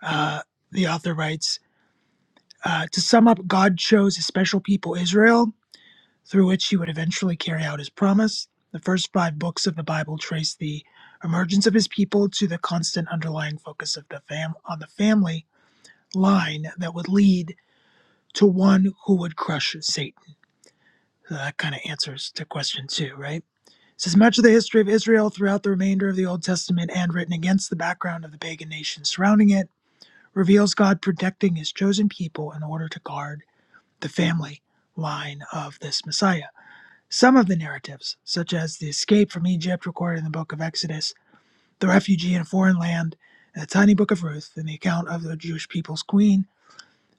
Speaker 2: uh, the author writes. Uh, to sum up, God chose a special people, Israel, through which he would eventually carry out his promise. The first five books of the Bible trace the emergence of his people to the constant underlying focus of the fam- on the family line that would lead to one who would crush Satan. So that kind of answers to question two, right? It says much of the history of Israel throughout the remainder of the Old Testament and written against the background of the pagan nations surrounding it reveals God protecting his chosen people in order to guard the family line of this Messiah. Some of the narratives, such as the escape from Egypt recorded in the book of Exodus, the refugee in a foreign land, and the tiny book of Ruth, and the account of the Jewish people's queen,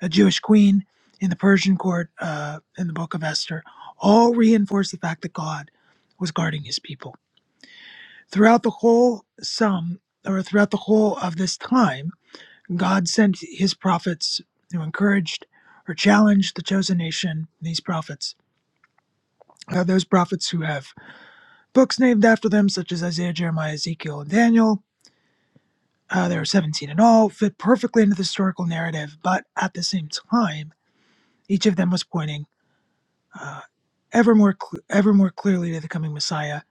Speaker 2: a Jewish queen in the Persian court uh, in the book of Esther, all reinforce the fact that God was guarding his people. Throughout the whole sum, or throughout the whole of this time, God sent his prophets who encouraged or challenged the chosen nation, these prophets, uh, those prophets who have Books named after them, such as Isaiah, Jeremiah, Ezekiel, and Daniel, uh, there are 17 in all, fit perfectly into the historical narrative, but at the same time, each of them was pointing uh, ever, more cl- ever more clearly to the coming Messiah,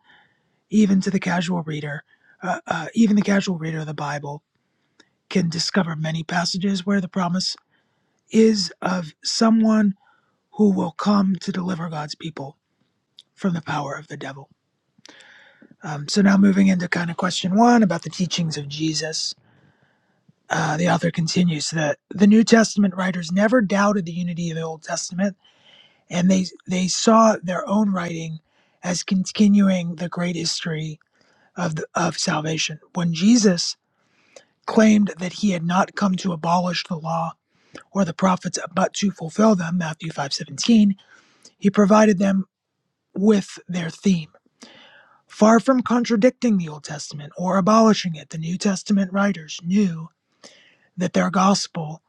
Speaker 2: even to the casual reader. Uh, uh, even the casual reader of the Bible can discover many passages where the promise is of someone who will come to deliver God's people from the power of the devil. Um, so now moving into kind of question one about the teachings of Jesus. Uh, the author continues that the New Testament writers never doubted the unity of the Old Testament, and they they saw their own writing as continuing the great history of the, of salvation. When Jesus claimed that he had not come to abolish the law or the prophets, but to fulfill them, Matthew five seventeen, he provided them with their theme. Far from contradicting the Old Testament or abolishing it, the New Testament writers knew that their gospel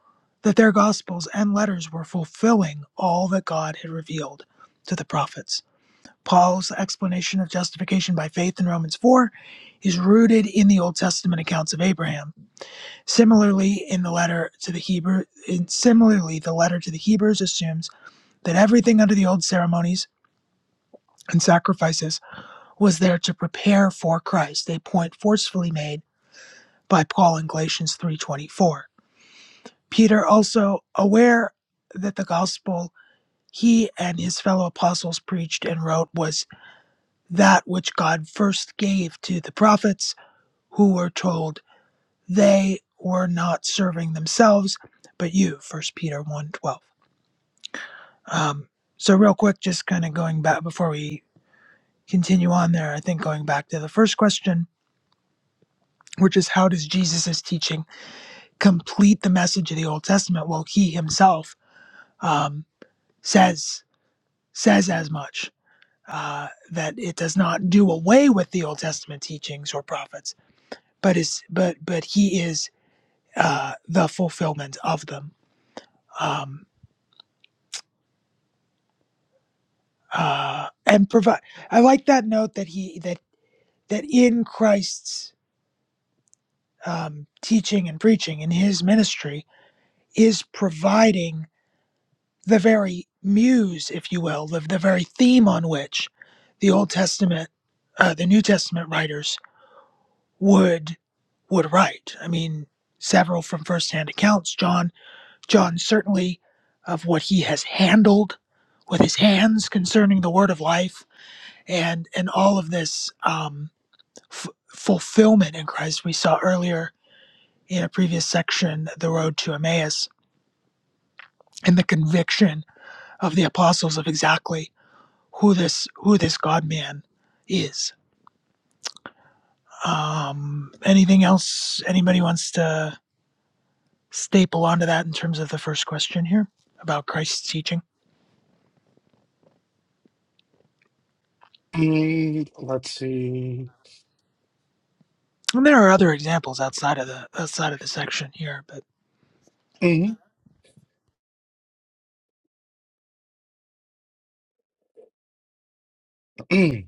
Speaker 2: that their gospels and letters were fulfilling all that God had revealed to the prophets. Paul's explanation of justification by faith in Romans 4 is rooted in the Old Testament accounts of Abraham. Similarly, in the letter to the Hebrew, in, similarly, the letter to the Hebrews assumes that everything under the old ceremonies and sacrifices was there to prepare for Christ, a point forcefully made by Paul in Galatians 3:24. Peter also, aware that the gospel he and his fellow apostles preached and wrote was that which God first gave to the prophets, who were told they were not serving themselves, but you, First Peter one twelve. Um, so, real quick, just kind of going back before we continue on there, I think going back to the first question, which is how does Jesus' teaching complete the message of the Old Testament? Well, he himself um, says says as much uh, that it does not do away with the Old Testament teachings or prophets, but is but but he is uh, the fulfillment of them. Um, uh, and provide. I like that note that he that that in Christ's um, teaching and preaching in his ministry is providing the very muse, if you will, the, the very theme on which the Old Testament, uh, the New Testament writers would would write. I mean, several from firsthand accounts. John John certainly of what he has handled with his hands concerning the word of life and and all of this um, f- fulfillment in Christ we saw earlier in a previous section, the road to Emmaus, and the conviction of the apostles of exactly who this who this God man is. Um, anything else anybody wants to? staple onto that in terms of the first question here about Christ's teaching.
Speaker 4: Mm, let's see.
Speaker 2: And there are other examples outside of the outside of the section here, but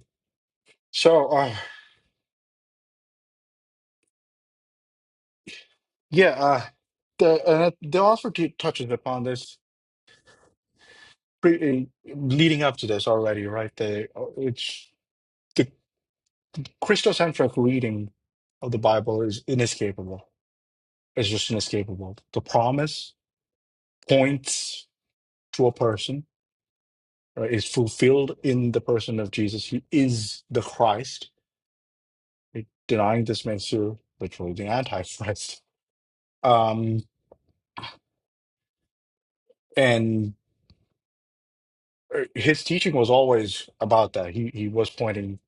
Speaker 4: so uh, yeah, uh, the uh, they also t- touches upon this pre- uh, leading up to this already, right? The uh, it's the Christocentric reading of the Bible is inescapable. It's just inescapable. The promise points to a person, right? Is fulfilled in the person of Jesus. He is the Christ. Denying this makes you literally the Antichrist. Um, uh, his teaching was always about that. He he was pointing,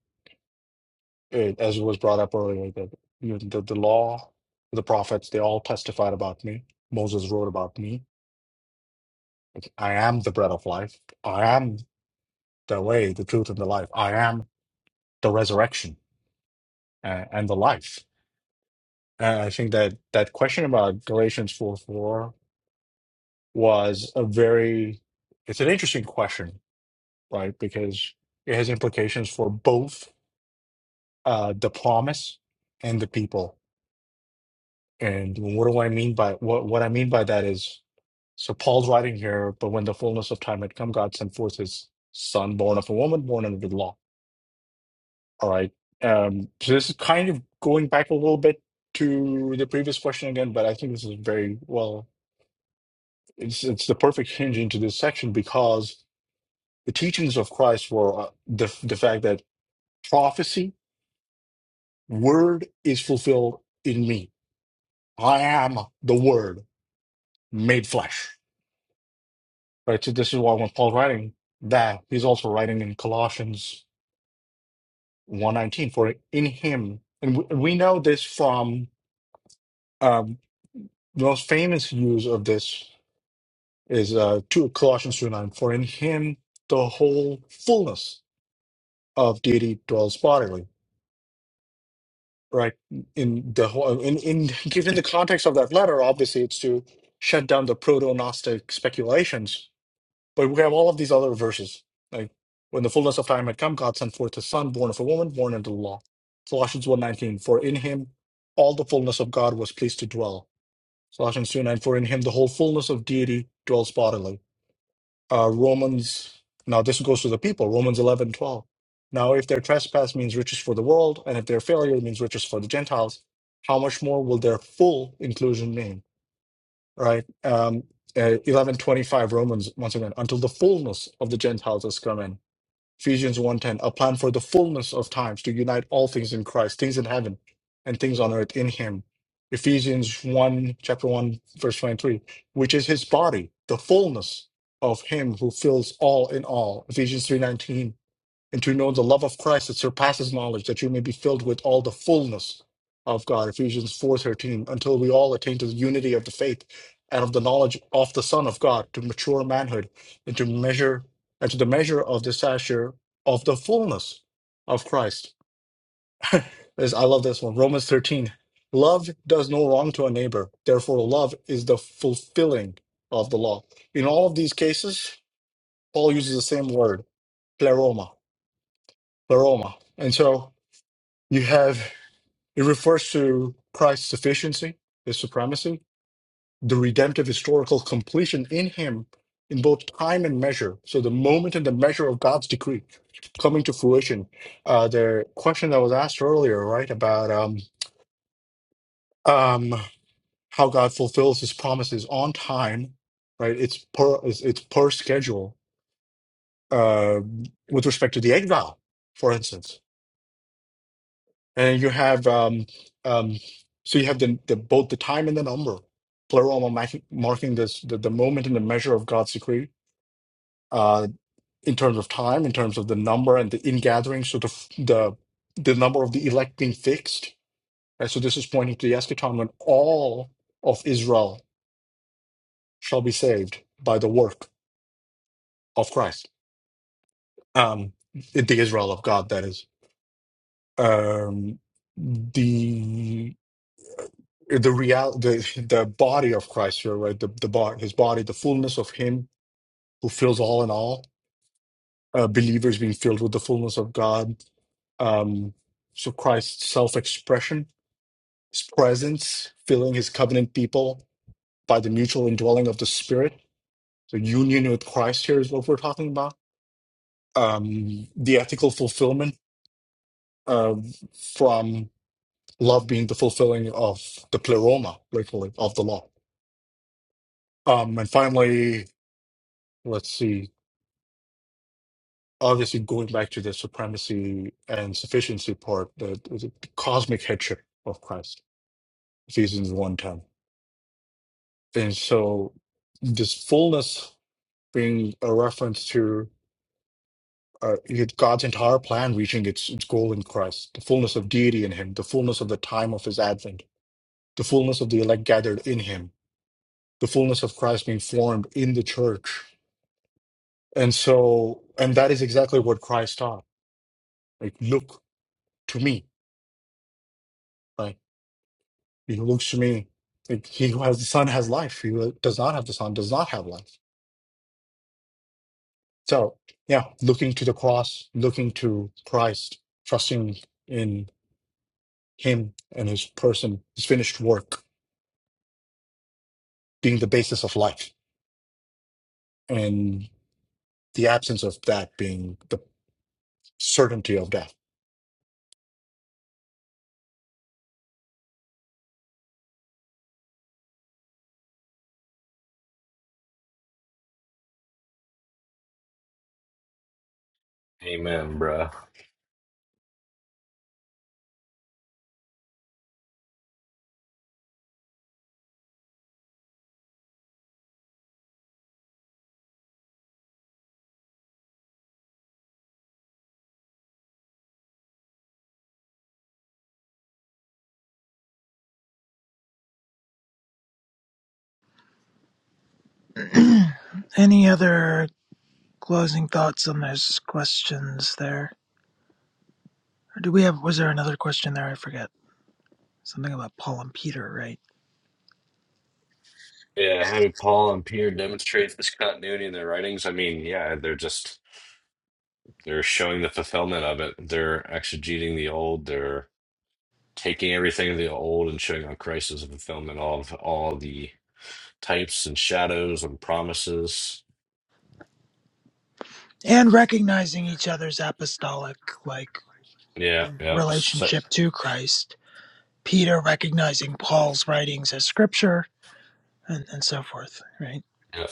Speaker 4: uh, as was brought up earlier, that you know, the the law, the prophets, they all testified about me. Moses wrote about me. Like, I am the bread of life. I am the way, the truth, and the life. I am the resurrection uh, and the life. And I think that that question about Galatians four four was a very, it's an interesting question, right? Because it has implications for both uh, the promise and the people And what do I mean by what what I mean by that is so Paul's writing here, but when the fullness of time had come, God sent forth his son, born of a woman, born under the law. All right. Um, so this is kind of going back a little bit to the previous question again, but I think this is very well, it's it's the perfect hinge into this section because the teachings of Christ were uh, the the fact that prophecy, word is fulfilled in me. I am the word made flesh Right. So this is why when Paul's writing that, he's also writing in Colossians one nineteen. for in him, and we, we know this from um, the most famous use of this is uh, two, Colossians two nine. for in him the whole fullness of deity dwells bodily. Right. In the whole, uh, in, in given the context of that letter, obviously it's to shut down the proto-Gnostic speculations But we have all of these other verses. Like when the fullness of time had come, God sent forth his son, born of a woman, born under the law. Colossians one nineteen. for in him all the fullness of God was pleased to dwell. Colossians two nine. for in him the whole fullness of deity dwells bodily. Uh, Romans, now this goes to the people, Romans 11.12. Now if their trespass means riches for the world, and if their failure means riches for the Gentiles, how much more will their full inclusion mean? right? Um, uh, 1125 Romans, once again, until the fullness of the Gentiles has come in. Ephesians one ten, a plan for the fullness of times to unite all things in Christ, things in heaven and things on earth in him. Ephesians 1, chapter 1, verse 23, which is his body, the fullness of him who fills all in all. Ephesians 3.19, and to know the love of Christ that surpasses knowledge, that you may be filled with all the fullness of God. Ephesians 4:13, until we all attain to the unity of the faith and of the knowledge of the Son of God, to mature manhood, and to measure and to the measure of the stature of the fullness of Christ. This- I love this one. Romans 13. Love does no wrong to a neighbor. Therefore, love is the fulfilling of the law. In all of these cases, Paul uses the same word, pleroma, pleroma. And so You have, it refers to Christ's sufficiency, his supremacy, the redemptive historical completion in him in both time and measure. So the moment and the measure of God's decree coming to fruition. Uh, the question that was asked earlier, right, about um, um, how God fulfills his promises on time, right? It's per, it's, it's per schedule uh, with respect to the exile, for instance and you have um, um, so you have the, the both the time and the number plural marking, marking this the, the moment and the measure of god's decree uh, in terms of time in terms of the number and the ingathering so the f- the the number of the elect being fixed right? so this is pointing to the eschaton when all of israel shall be saved by the work of christ um, the israel of god that is um, the the real the the body of Christ here, right? The the body, his body, the fullness of Him who fills all in all. Uh, believers being filled with the fullness of God. Um, so Christ's self-expression, His presence, filling His covenant people by the mutual indwelling of the Spirit. So union with Christ here is what we're talking about. Um, the ethical fulfillment uh, from love being the fulfilling of the pleroma, literally, of the law. Um, and finally, let's see obviously going back to the supremacy and sufficiency part, the, the cosmic headship of Christ, Ephesians one ten, And so this fullness being a reference to uh, it- God's entire plan reaching its, its goal in Christ, the fullness of deity in him, the fullness of the time of his advent, the fullness of the elect gathered in him, the fullness of Christ being formed in the church. And so, and that is exactly what Christ taught. Like, look to me, right? He who looks to me, like, he who has the Son has life. He who does not have the Son does not have life. So, yeah, looking to the cross, looking to Christ, trusting in Him and His person, His finished work being the basis of life, and the absence of that being the certainty of death.
Speaker 1: Amen, bruh.
Speaker 2: any other closing thoughts on those questions there? Or do we have was there another question there? I forget. Something about Paul and Peter, right?
Speaker 1: Yeah, how do Paul and Peter demonstrate this continuity in their writings? I mean, yeah, they're just they're showing the fulfillment of it. They're exegeting the old. They're taking everything of the old and showing how Christ is a fulfillment of all the types and shadows and promises.
Speaker 2: And recognizing each other's apostolic like
Speaker 1: Yeah, yeah, so,
Speaker 2: relationship to Christ. Peter recognizing Paul's writings as scripture and, and so forth, right?
Speaker 1: yeah,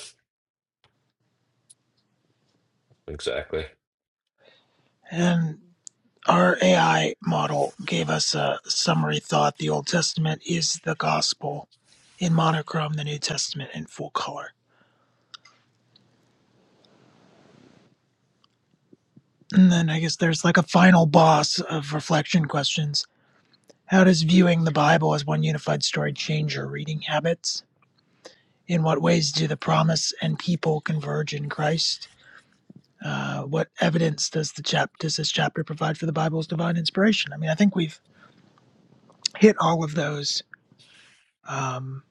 Speaker 1: exactly.
Speaker 2: And Our AI model gave us a summary thought. The Old Testament is the gospel in monochrome, the New Testament in full color. And then I guess there's like a final boss of reflection questions. How does viewing the Bible as one unified story change your reading habits? In what ways do the promise and people converge in Christ? Uh, what evidence does the chap- does this chapter provide for the Bible's divine inspiration? I mean, I think we've hit all of those um,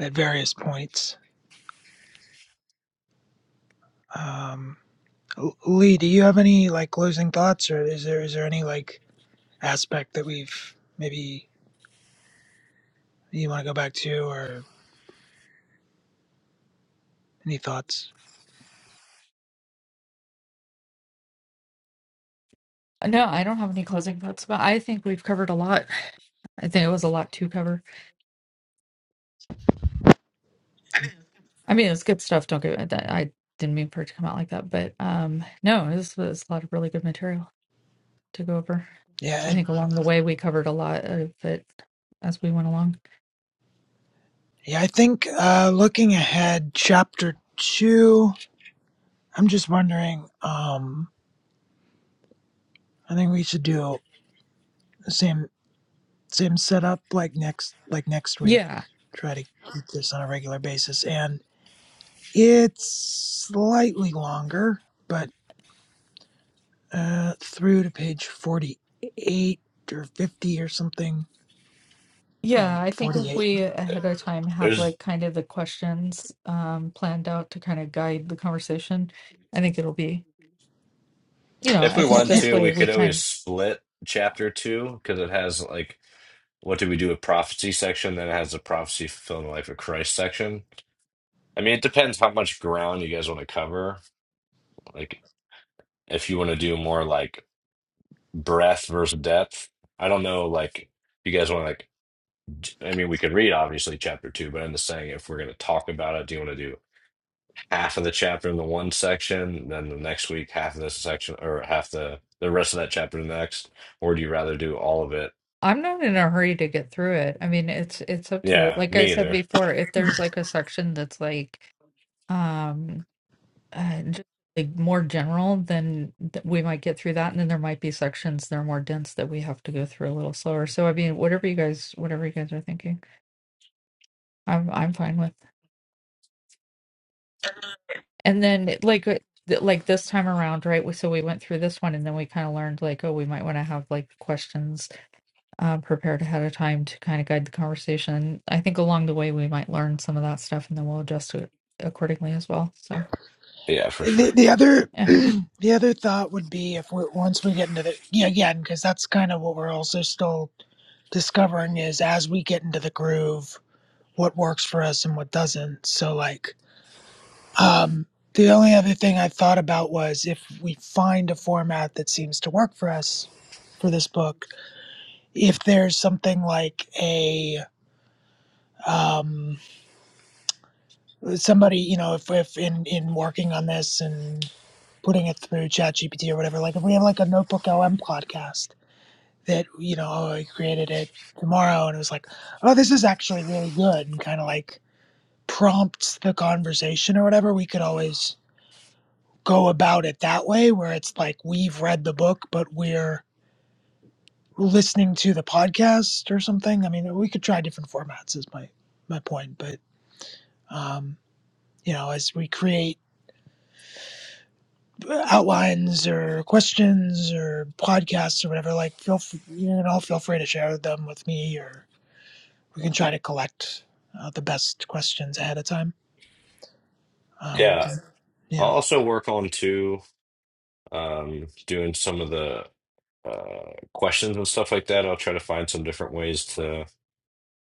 Speaker 2: at various points. Um, L- Lee, do you have any like closing thoughts, or is there is there any like aspect that we've maybe you want to go back to, or any thoughts?
Speaker 5: No, I don't have any closing thoughts, but I think we've covered a lot. I think it was a lot to cover. I mean, it was good stuff. Don't get that. I didn't mean for it to come out like that, but um, no, this was a lot of really good material to go over. I
Speaker 2: Yeah, I-
Speaker 5: think along the way we covered a lot of it as we went along.
Speaker 2: yeah. I think uh, looking ahead, chapter two. I'm just wondering. Um, I think we should do the same same setup like next like next week.
Speaker 5: Yeah,
Speaker 2: Try to keep this on a regular basis, and it's slightly longer, but. uh, through to page 48 or 50 or something. Oh,
Speaker 5: yeah. I think if
Speaker 2: 48.
Speaker 5: we ahead of time have
Speaker 1: There's,
Speaker 5: like kind of the questions um planned out to kind of guide the conversation, I think it'll be you know,
Speaker 1: if we
Speaker 5: I think
Speaker 1: want
Speaker 5: this
Speaker 1: to,
Speaker 5: way
Speaker 1: we
Speaker 5: we
Speaker 1: could always
Speaker 5: kind
Speaker 1: split chapter two because it has like, what do we do with prophecy section? Then it has the prophecy fulfillment life of Christ section. I mean, it depends how much ground you guys want to cover. Like, if you want to do more like breadth versus depth, I don't know, like, you guys want to like I mean, we could read obviously chapter two, but I'm just saying if we're going to talk about it, do you want to do half of the chapter in the one section, then the next week half of this section, or half the the rest of that chapter the next, or do you rather do all of it?
Speaker 5: I'm not in a hurry to get through it. I mean, it's it's up to you.
Speaker 1: Yeah,
Speaker 5: Like I
Speaker 1: me
Speaker 5: said
Speaker 1: either.
Speaker 5: before, if there's like a section that's like um uh, just like more general, then th- we might get through that, and then there might be sections that are more dense that we have to go through a little slower. So I mean, whatever you guys, whatever you guys are thinking, I'm I'm fine with. And then like uh, th- like this time around, right? we- So we went through this one, and then we kind of learned like, oh, we might want to have like questions um, prepared ahead of time to kind of guide the conversation. I think along the way we might learn some of that stuff, and then we'll adjust it accordingly as well. So
Speaker 1: Yeah, for
Speaker 2: The,
Speaker 1: sure.
Speaker 2: the other
Speaker 5: yeah,
Speaker 2: the other thought would be if we're once we get into the yeah again because that's kind of what we're also still discovering is as we get into the groove what works for us and what doesn't so like um the only other thing I thought about was if we find a format that seems to work for us for this book if there's something like a um somebody, you know, if, if in, in working on this and putting it through ChatGPT or whatever, like if we have like a Notebook LM podcast that, you know, oh, I created it tomorrow and it was like, oh, this is actually really good and kind of like prompts the conversation or whatever, we could always go about it that way where it's like we've read the book, but we're listening to the podcast or something. I mean, we could try different formats is my, my point, but, um, you know, as we create outlines or questions or podcasts or whatever, like feel f- you know feel free to share them with me, or we can try to collect uh, the best questions ahead of time. Um,
Speaker 1: Yeah, I'll
Speaker 2: yeah,
Speaker 1: also work on too, um, doing some of the uh questions and stuff like that. I'll try to find some different ways to.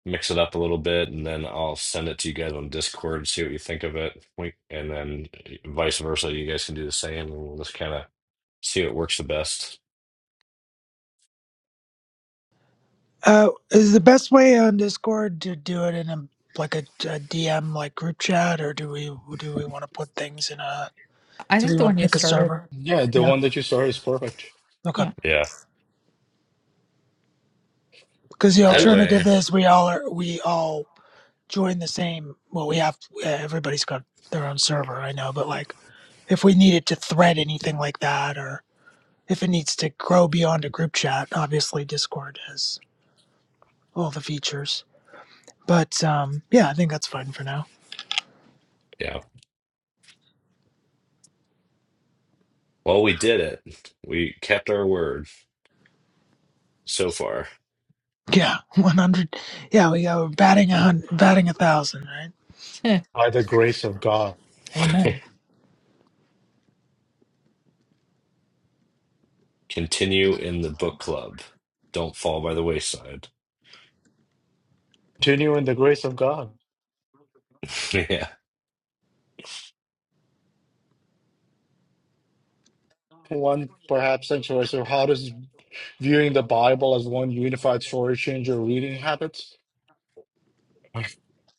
Speaker 1: mix it up a little bit, and then I'll send it to you guys on Discord, see what you think of it. We, and then vice versa, you guys can do the same, and we'll just kind of see what works the best.
Speaker 2: uh, is the best way on Discord to do it in a like a, a DM like group chat, or do we do we want to put things in a
Speaker 5: I
Speaker 2: do
Speaker 5: think
Speaker 2: we
Speaker 5: the
Speaker 2: want
Speaker 5: one
Speaker 2: to
Speaker 5: you
Speaker 2: pick a
Speaker 5: started,
Speaker 2: server?
Speaker 4: Yeah, the
Speaker 2: Yeah,
Speaker 4: one that you saw is perfect.
Speaker 2: okay.
Speaker 5: yeah,
Speaker 1: Yeah,
Speaker 2: Because the
Speaker 1: that
Speaker 4: I,
Speaker 2: alternative
Speaker 1: way.
Speaker 2: is we all are we all join the same. Well, we have uh, everybody's got their own server, I know, but like if we needed to thread anything like that, or if it needs to grow beyond a group chat, obviously Discord has all the features. But um, yeah, I think that's fine for now.
Speaker 1: Yeah. Well, we did it. We kept our word so far.
Speaker 2: Yeah, one hundred. Yeah, we go batting a hun- batting a thousand, right?
Speaker 4: by the grace of God,
Speaker 2: Amen.
Speaker 1: Continue in the book club. Don't fall by the wayside.
Speaker 4: continue in the grace of God.
Speaker 1: Yeah.
Speaker 4: One perhaps sanctuary. So, how does viewing the Bible as one unified story change your reading habits.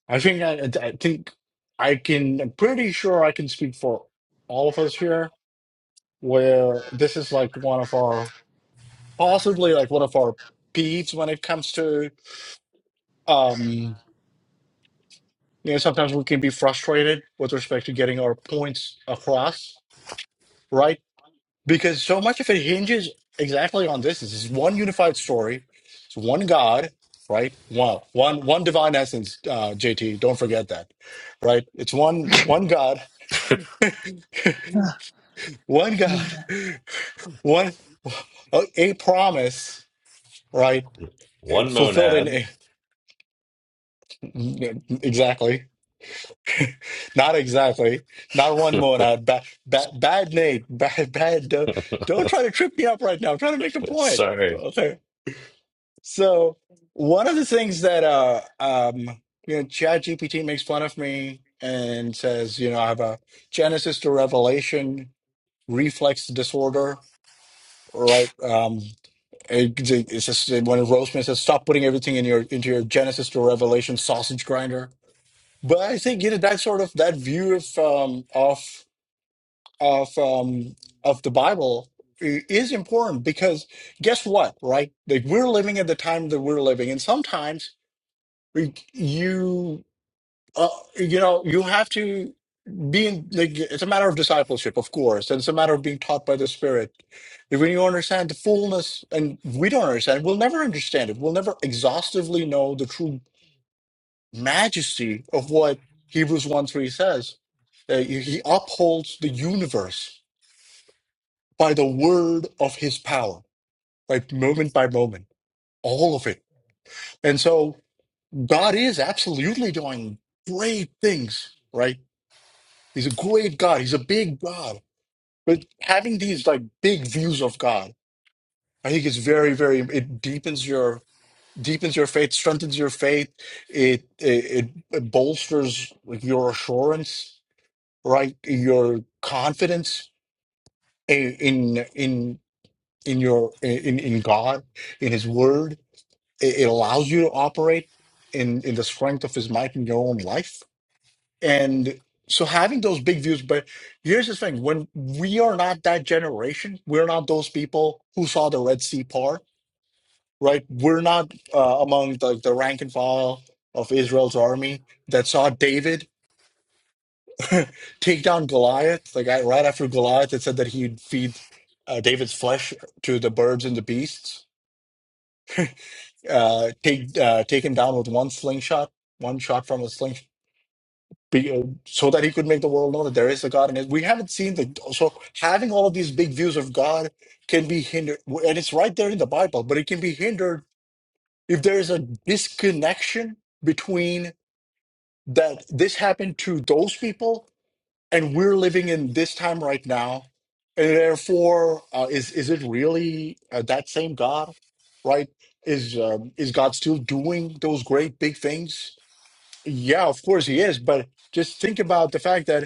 Speaker 4: I think I, I think I can. I'm pretty sure I can speak for all of us here, where this is like one of our possibly like one of our peeves when it comes to um you know sometimes we can be frustrated with respect to getting our points across right because so much of it hinges exactly on this. This is one unified story. It's one God, right? One, one, one divine essence. Uh, JT, don't forget that, right? It's one, one God,
Speaker 2: Ah,
Speaker 4: one God,
Speaker 2: yeah.
Speaker 4: one a, a promise, right? Uh,
Speaker 1: One
Speaker 4: Fulfilled in
Speaker 1: monad.
Speaker 4: a, exactly, not exactly, not one monad. Bad, bad, bad Nate, bad, bad. Don't, don't try to trip me up right now. I'm trying to make a point.
Speaker 1: Sorry.
Speaker 4: Okay. So one of the things that uh um you know Chat GPT makes fun of me and says, you know, I have a Genesis to Revelation reflex disorder, right? Um it, it's just when Roseman says stop putting everything in your into your Genesis to Revelation sausage grinder. But I think you know that sort of that view of um of of um of the Bible i- is important because guess what, right? Like we're living at the time that we're living, and sometimes like, you uh, you know you have to be in like it's a matter of discipleship of course and it's a matter of being taught by the spirit when you understand the fullness and we don't understand we'll never understand it we'll never exhaustively know the true majesty of what hebrews 1 3 says Uh, he he upholds the universe by the word of his power like moment by moment all of it and so god is absolutely doing great things right He's a great God. He's a big God. But having these like big views of God, I think it's very, very. It deepens your deepens your faith, strengthens your faith. It it, it bolsters like your assurance, right? Your confidence in in in in your in in God, in His Word. It, it allows you to operate in in the strength of His might in your own life And so having those big views, but here's the thing, when we are not that generation, we're not those people who saw the Red Sea part, right? We're not uh, among the, the rank and file of Israel's army that saw David take down Goliath, the guy right after Goliath that said that he'd feed uh, David's flesh to the birds and the beasts, uh, take uh, take him down with one slingshot, one shot from a slingshot be- uh, so that he could make the world know that there is a God. And we haven't seen the so having all of these big views of God can be hindered, and it's right there in the Bible. But it can be hindered if there is a disconnection between that this happened to those people and we're living in this time right now, and therefore uh, is is it really uh, that same God, right? Is um, is God still doing those great big things? Yeah, of course he is, but just think about the fact that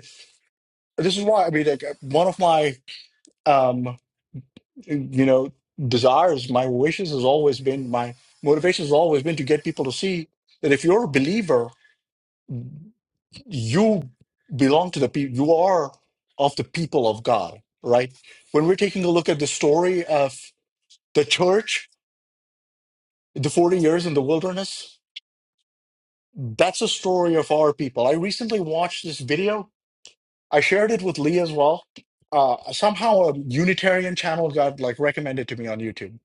Speaker 4: this is why I mean, like, one of my, um, you know, desires, my wishes has always been my motivation has always been to get people to see that if you're a believer, you belong to the people, you are of the people of God, right? When we're taking a look at the story of the church, the 40 years in the wilderness, that's a story of our people. I recently watched this video I shared it with Lee as well. Uh, somehow a Unitarian channel got like recommended to me on YouTube.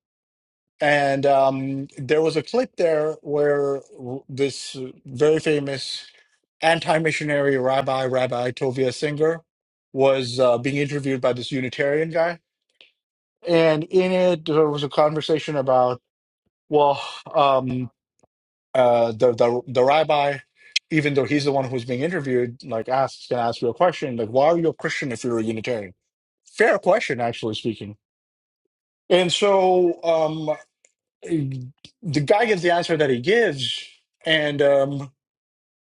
Speaker 4: And um, there was a clip there where w- this very famous anti-missionary rabbi, Rabbi Tovia Singer, was uh, being interviewed by this Unitarian guy. And in it, there was a conversation about, well, um, uh, the the the rabbi, even though he's the one who's being interviewed, like asks can ask you a question, like why are you a Christian if you're a Unitarian? Fair question, actually speaking. And so um, the guy gives the answer that he gives, and um,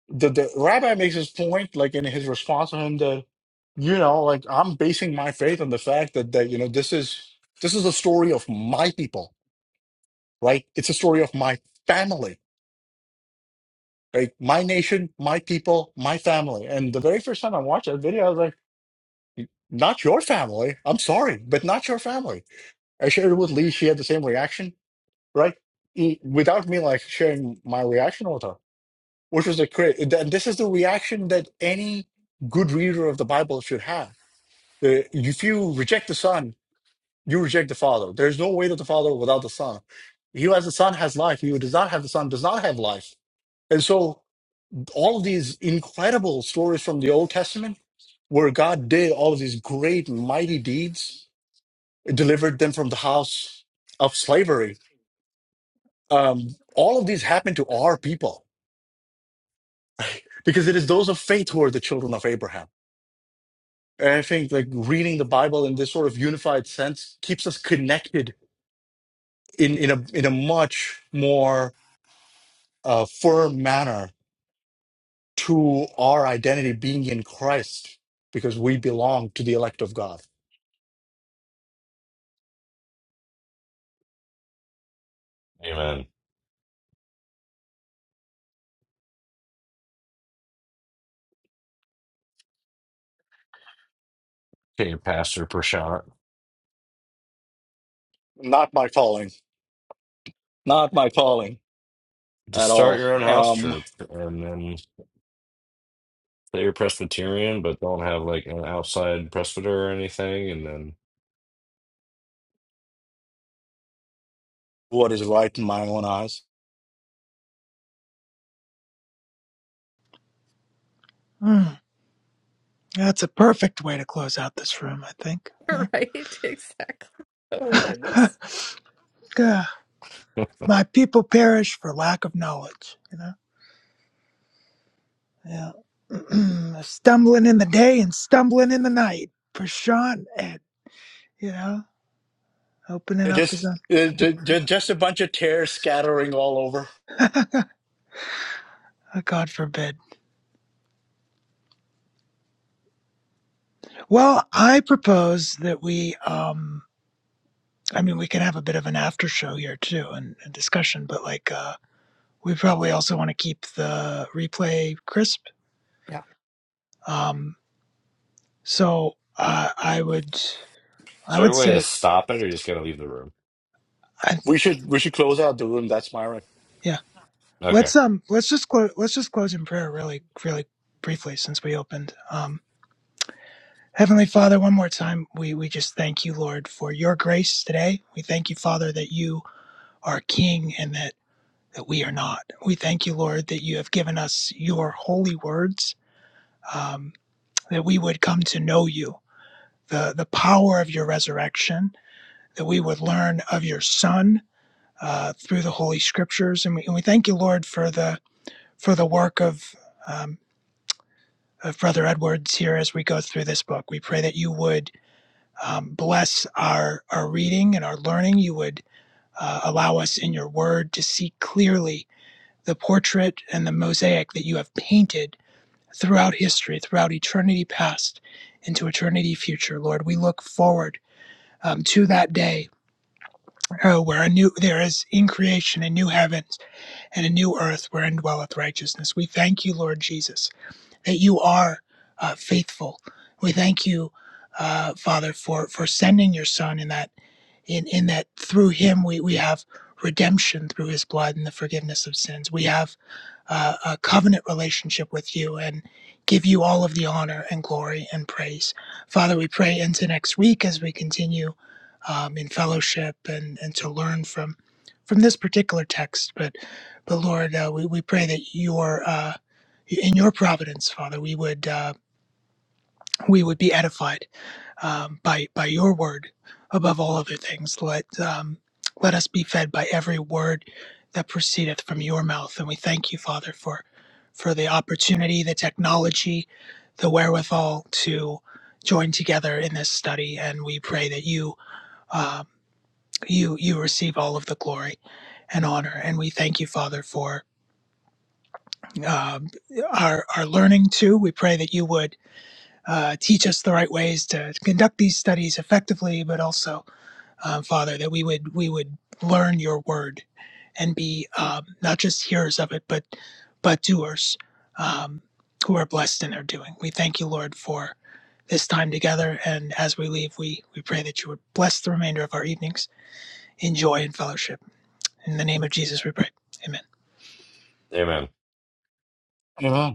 Speaker 4: the the rabbi makes his point, like in his response to him, that you know, like I'm basing my faith on the fact that that you know this is this is the story of my people, right? It's a story of my family Like my nation, my people, my family. And the very first time I watched that video, I was like, not your family. I'm sorry, but not your family. I shared it with Lee. She had the same reaction, right? E- Without me like sharing my reaction with her, which was a cra- th- This is the reaction that any good reader of the Bible should have. The- If you reject the son, you reject the father. There's no way that the father without the son. He who has the son has life. He who does not have the son does not have life. And so all these incredible stories from the Old Testament where God did all of these great, mighty deeds, delivered them from the house of slavery. Um, all of these happened to our people because it is those of faith who are the children of Abraham. And I think like reading the Bible in this sort of unified sense keeps us connected in, in a in a much more uh, firm manner to our identity being in Christ because we belong to the elect of God.
Speaker 1: Amen. Hey, Pastor Prashant.
Speaker 4: Not my calling. Not my calling
Speaker 1: To
Speaker 4: at
Speaker 1: start
Speaker 4: all.
Speaker 1: your own house
Speaker 4: Um,
Speaker 1: church and then that you're Presbyterian, but don't have like an outside presbyter or anything, and then
Speaker 4: what is right in my own eyes?
Speaker 2: Mm, that's a perfect way to close out this room, I think. Yeah.
Speaker 5: right, exactly. Oh my goodness,
Speaker 2: Ah, My people perish for lack of knowledge. You know. Yeah. stumbling in the day and stumbling in the night for Sean Ed, you know, opening
Speaker 4: It
Speaker 2: up his
Speaker 4: Just,
Speaker 2: own.
Speaker 4: just a bunch of tears scattering all over.
Speaker 2: Oh, God forbid. Well, I propose that we, um, I mean, we can have a bit of an after show here too and, and discussion, but like, uh, we probably also want to keep the replay crisp.
Speaker 5: yeah.
Speaker 2: Um, so, uh, I would,
Speaker 1: is
Speaker 2: I
Speaker 1: there a
Speaker 2: would
Speaker 1: way to
Speaker 2: say,
Speaker 1: stop it, or you just gotta leave the room?
Speaker 2: I,
Speaker 4: We should, we should close out the room. That's my
Speaker 2: yeah,
Speaker 1: Okay,
Speaker 2: let's, um, let's just close, let's just close in prayer really, really briefly since we opened. Um. Heavenly Father, one more time, we, we just thank you, Lord, for your grace today. We thank you, Father, that you are King and that, that we are not. We thank you, Lord, that you have given us your holy words, um, that we would come to know you, the, the power of your resurrection, that we would learn of your Son uh, through the Holy Scriptures. And we, and we thank you, Lord, for the, for the work of, um, of Brother Edwards here as we go through this book. We pray that you would um, bless our, our reading and our learning. You would uh, allow us in your word to see clearly the portrait and the mosaic that you have painted throughout history, throughout eternity past into eternity future. Lord, we look forward um, to that day uh, where a new there is in creation a new heavens and a new earth wherein dwelleth righteousness. We thank you, Lord Jesus, that you are uh, faithful. We thank you, uh, Father, for for sending your Son in that in, in that through him we, we have redemption through his blood and the forgiveness of sins. We have uh, a covenant relationship with you and give you all of the honor and glory and praise. Father, we pray into next week as we continue um, in fellowship and, and to learn from from this particular text. But, but Lord, uh, we, we pray that your uh, in your providence, Father, we would uh, we would be edified um, by by your word above all other things. Let um, let us be fed by every word that proceedeth from your mouth, and we thank you, Father, for for the opportunity, the technology, the wherewithal to join together in this study, and we pray that you. Um, you you receive all of the glory and honor, and we thank you, Father, for um, our our learning too. We pray that you would uh, teach us the right ways to conduct these studies effectively, but also um, Father, that we would we would learn your word and be um, not just hearers of it, but but doers um, who are blessed in their doing. We thank you, Lord, for this time together. And as we leave, we we pray that you would bless the remainder of our evenings in joy and fellowship. In the name of Jesus, we pray. Amen.
Speaker 1: amen.
Speaker 4: recommendation.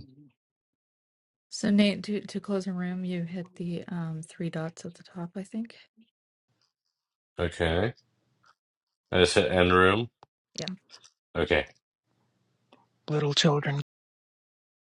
Speaker 5: So Nate, to to close the room, you hit the um three dots at the top, I think.
Speaker 1: Okay, I just hit end room.
Speaker 5: Yeah.
Speaker 1: Okay.
Speaker 2: Little children.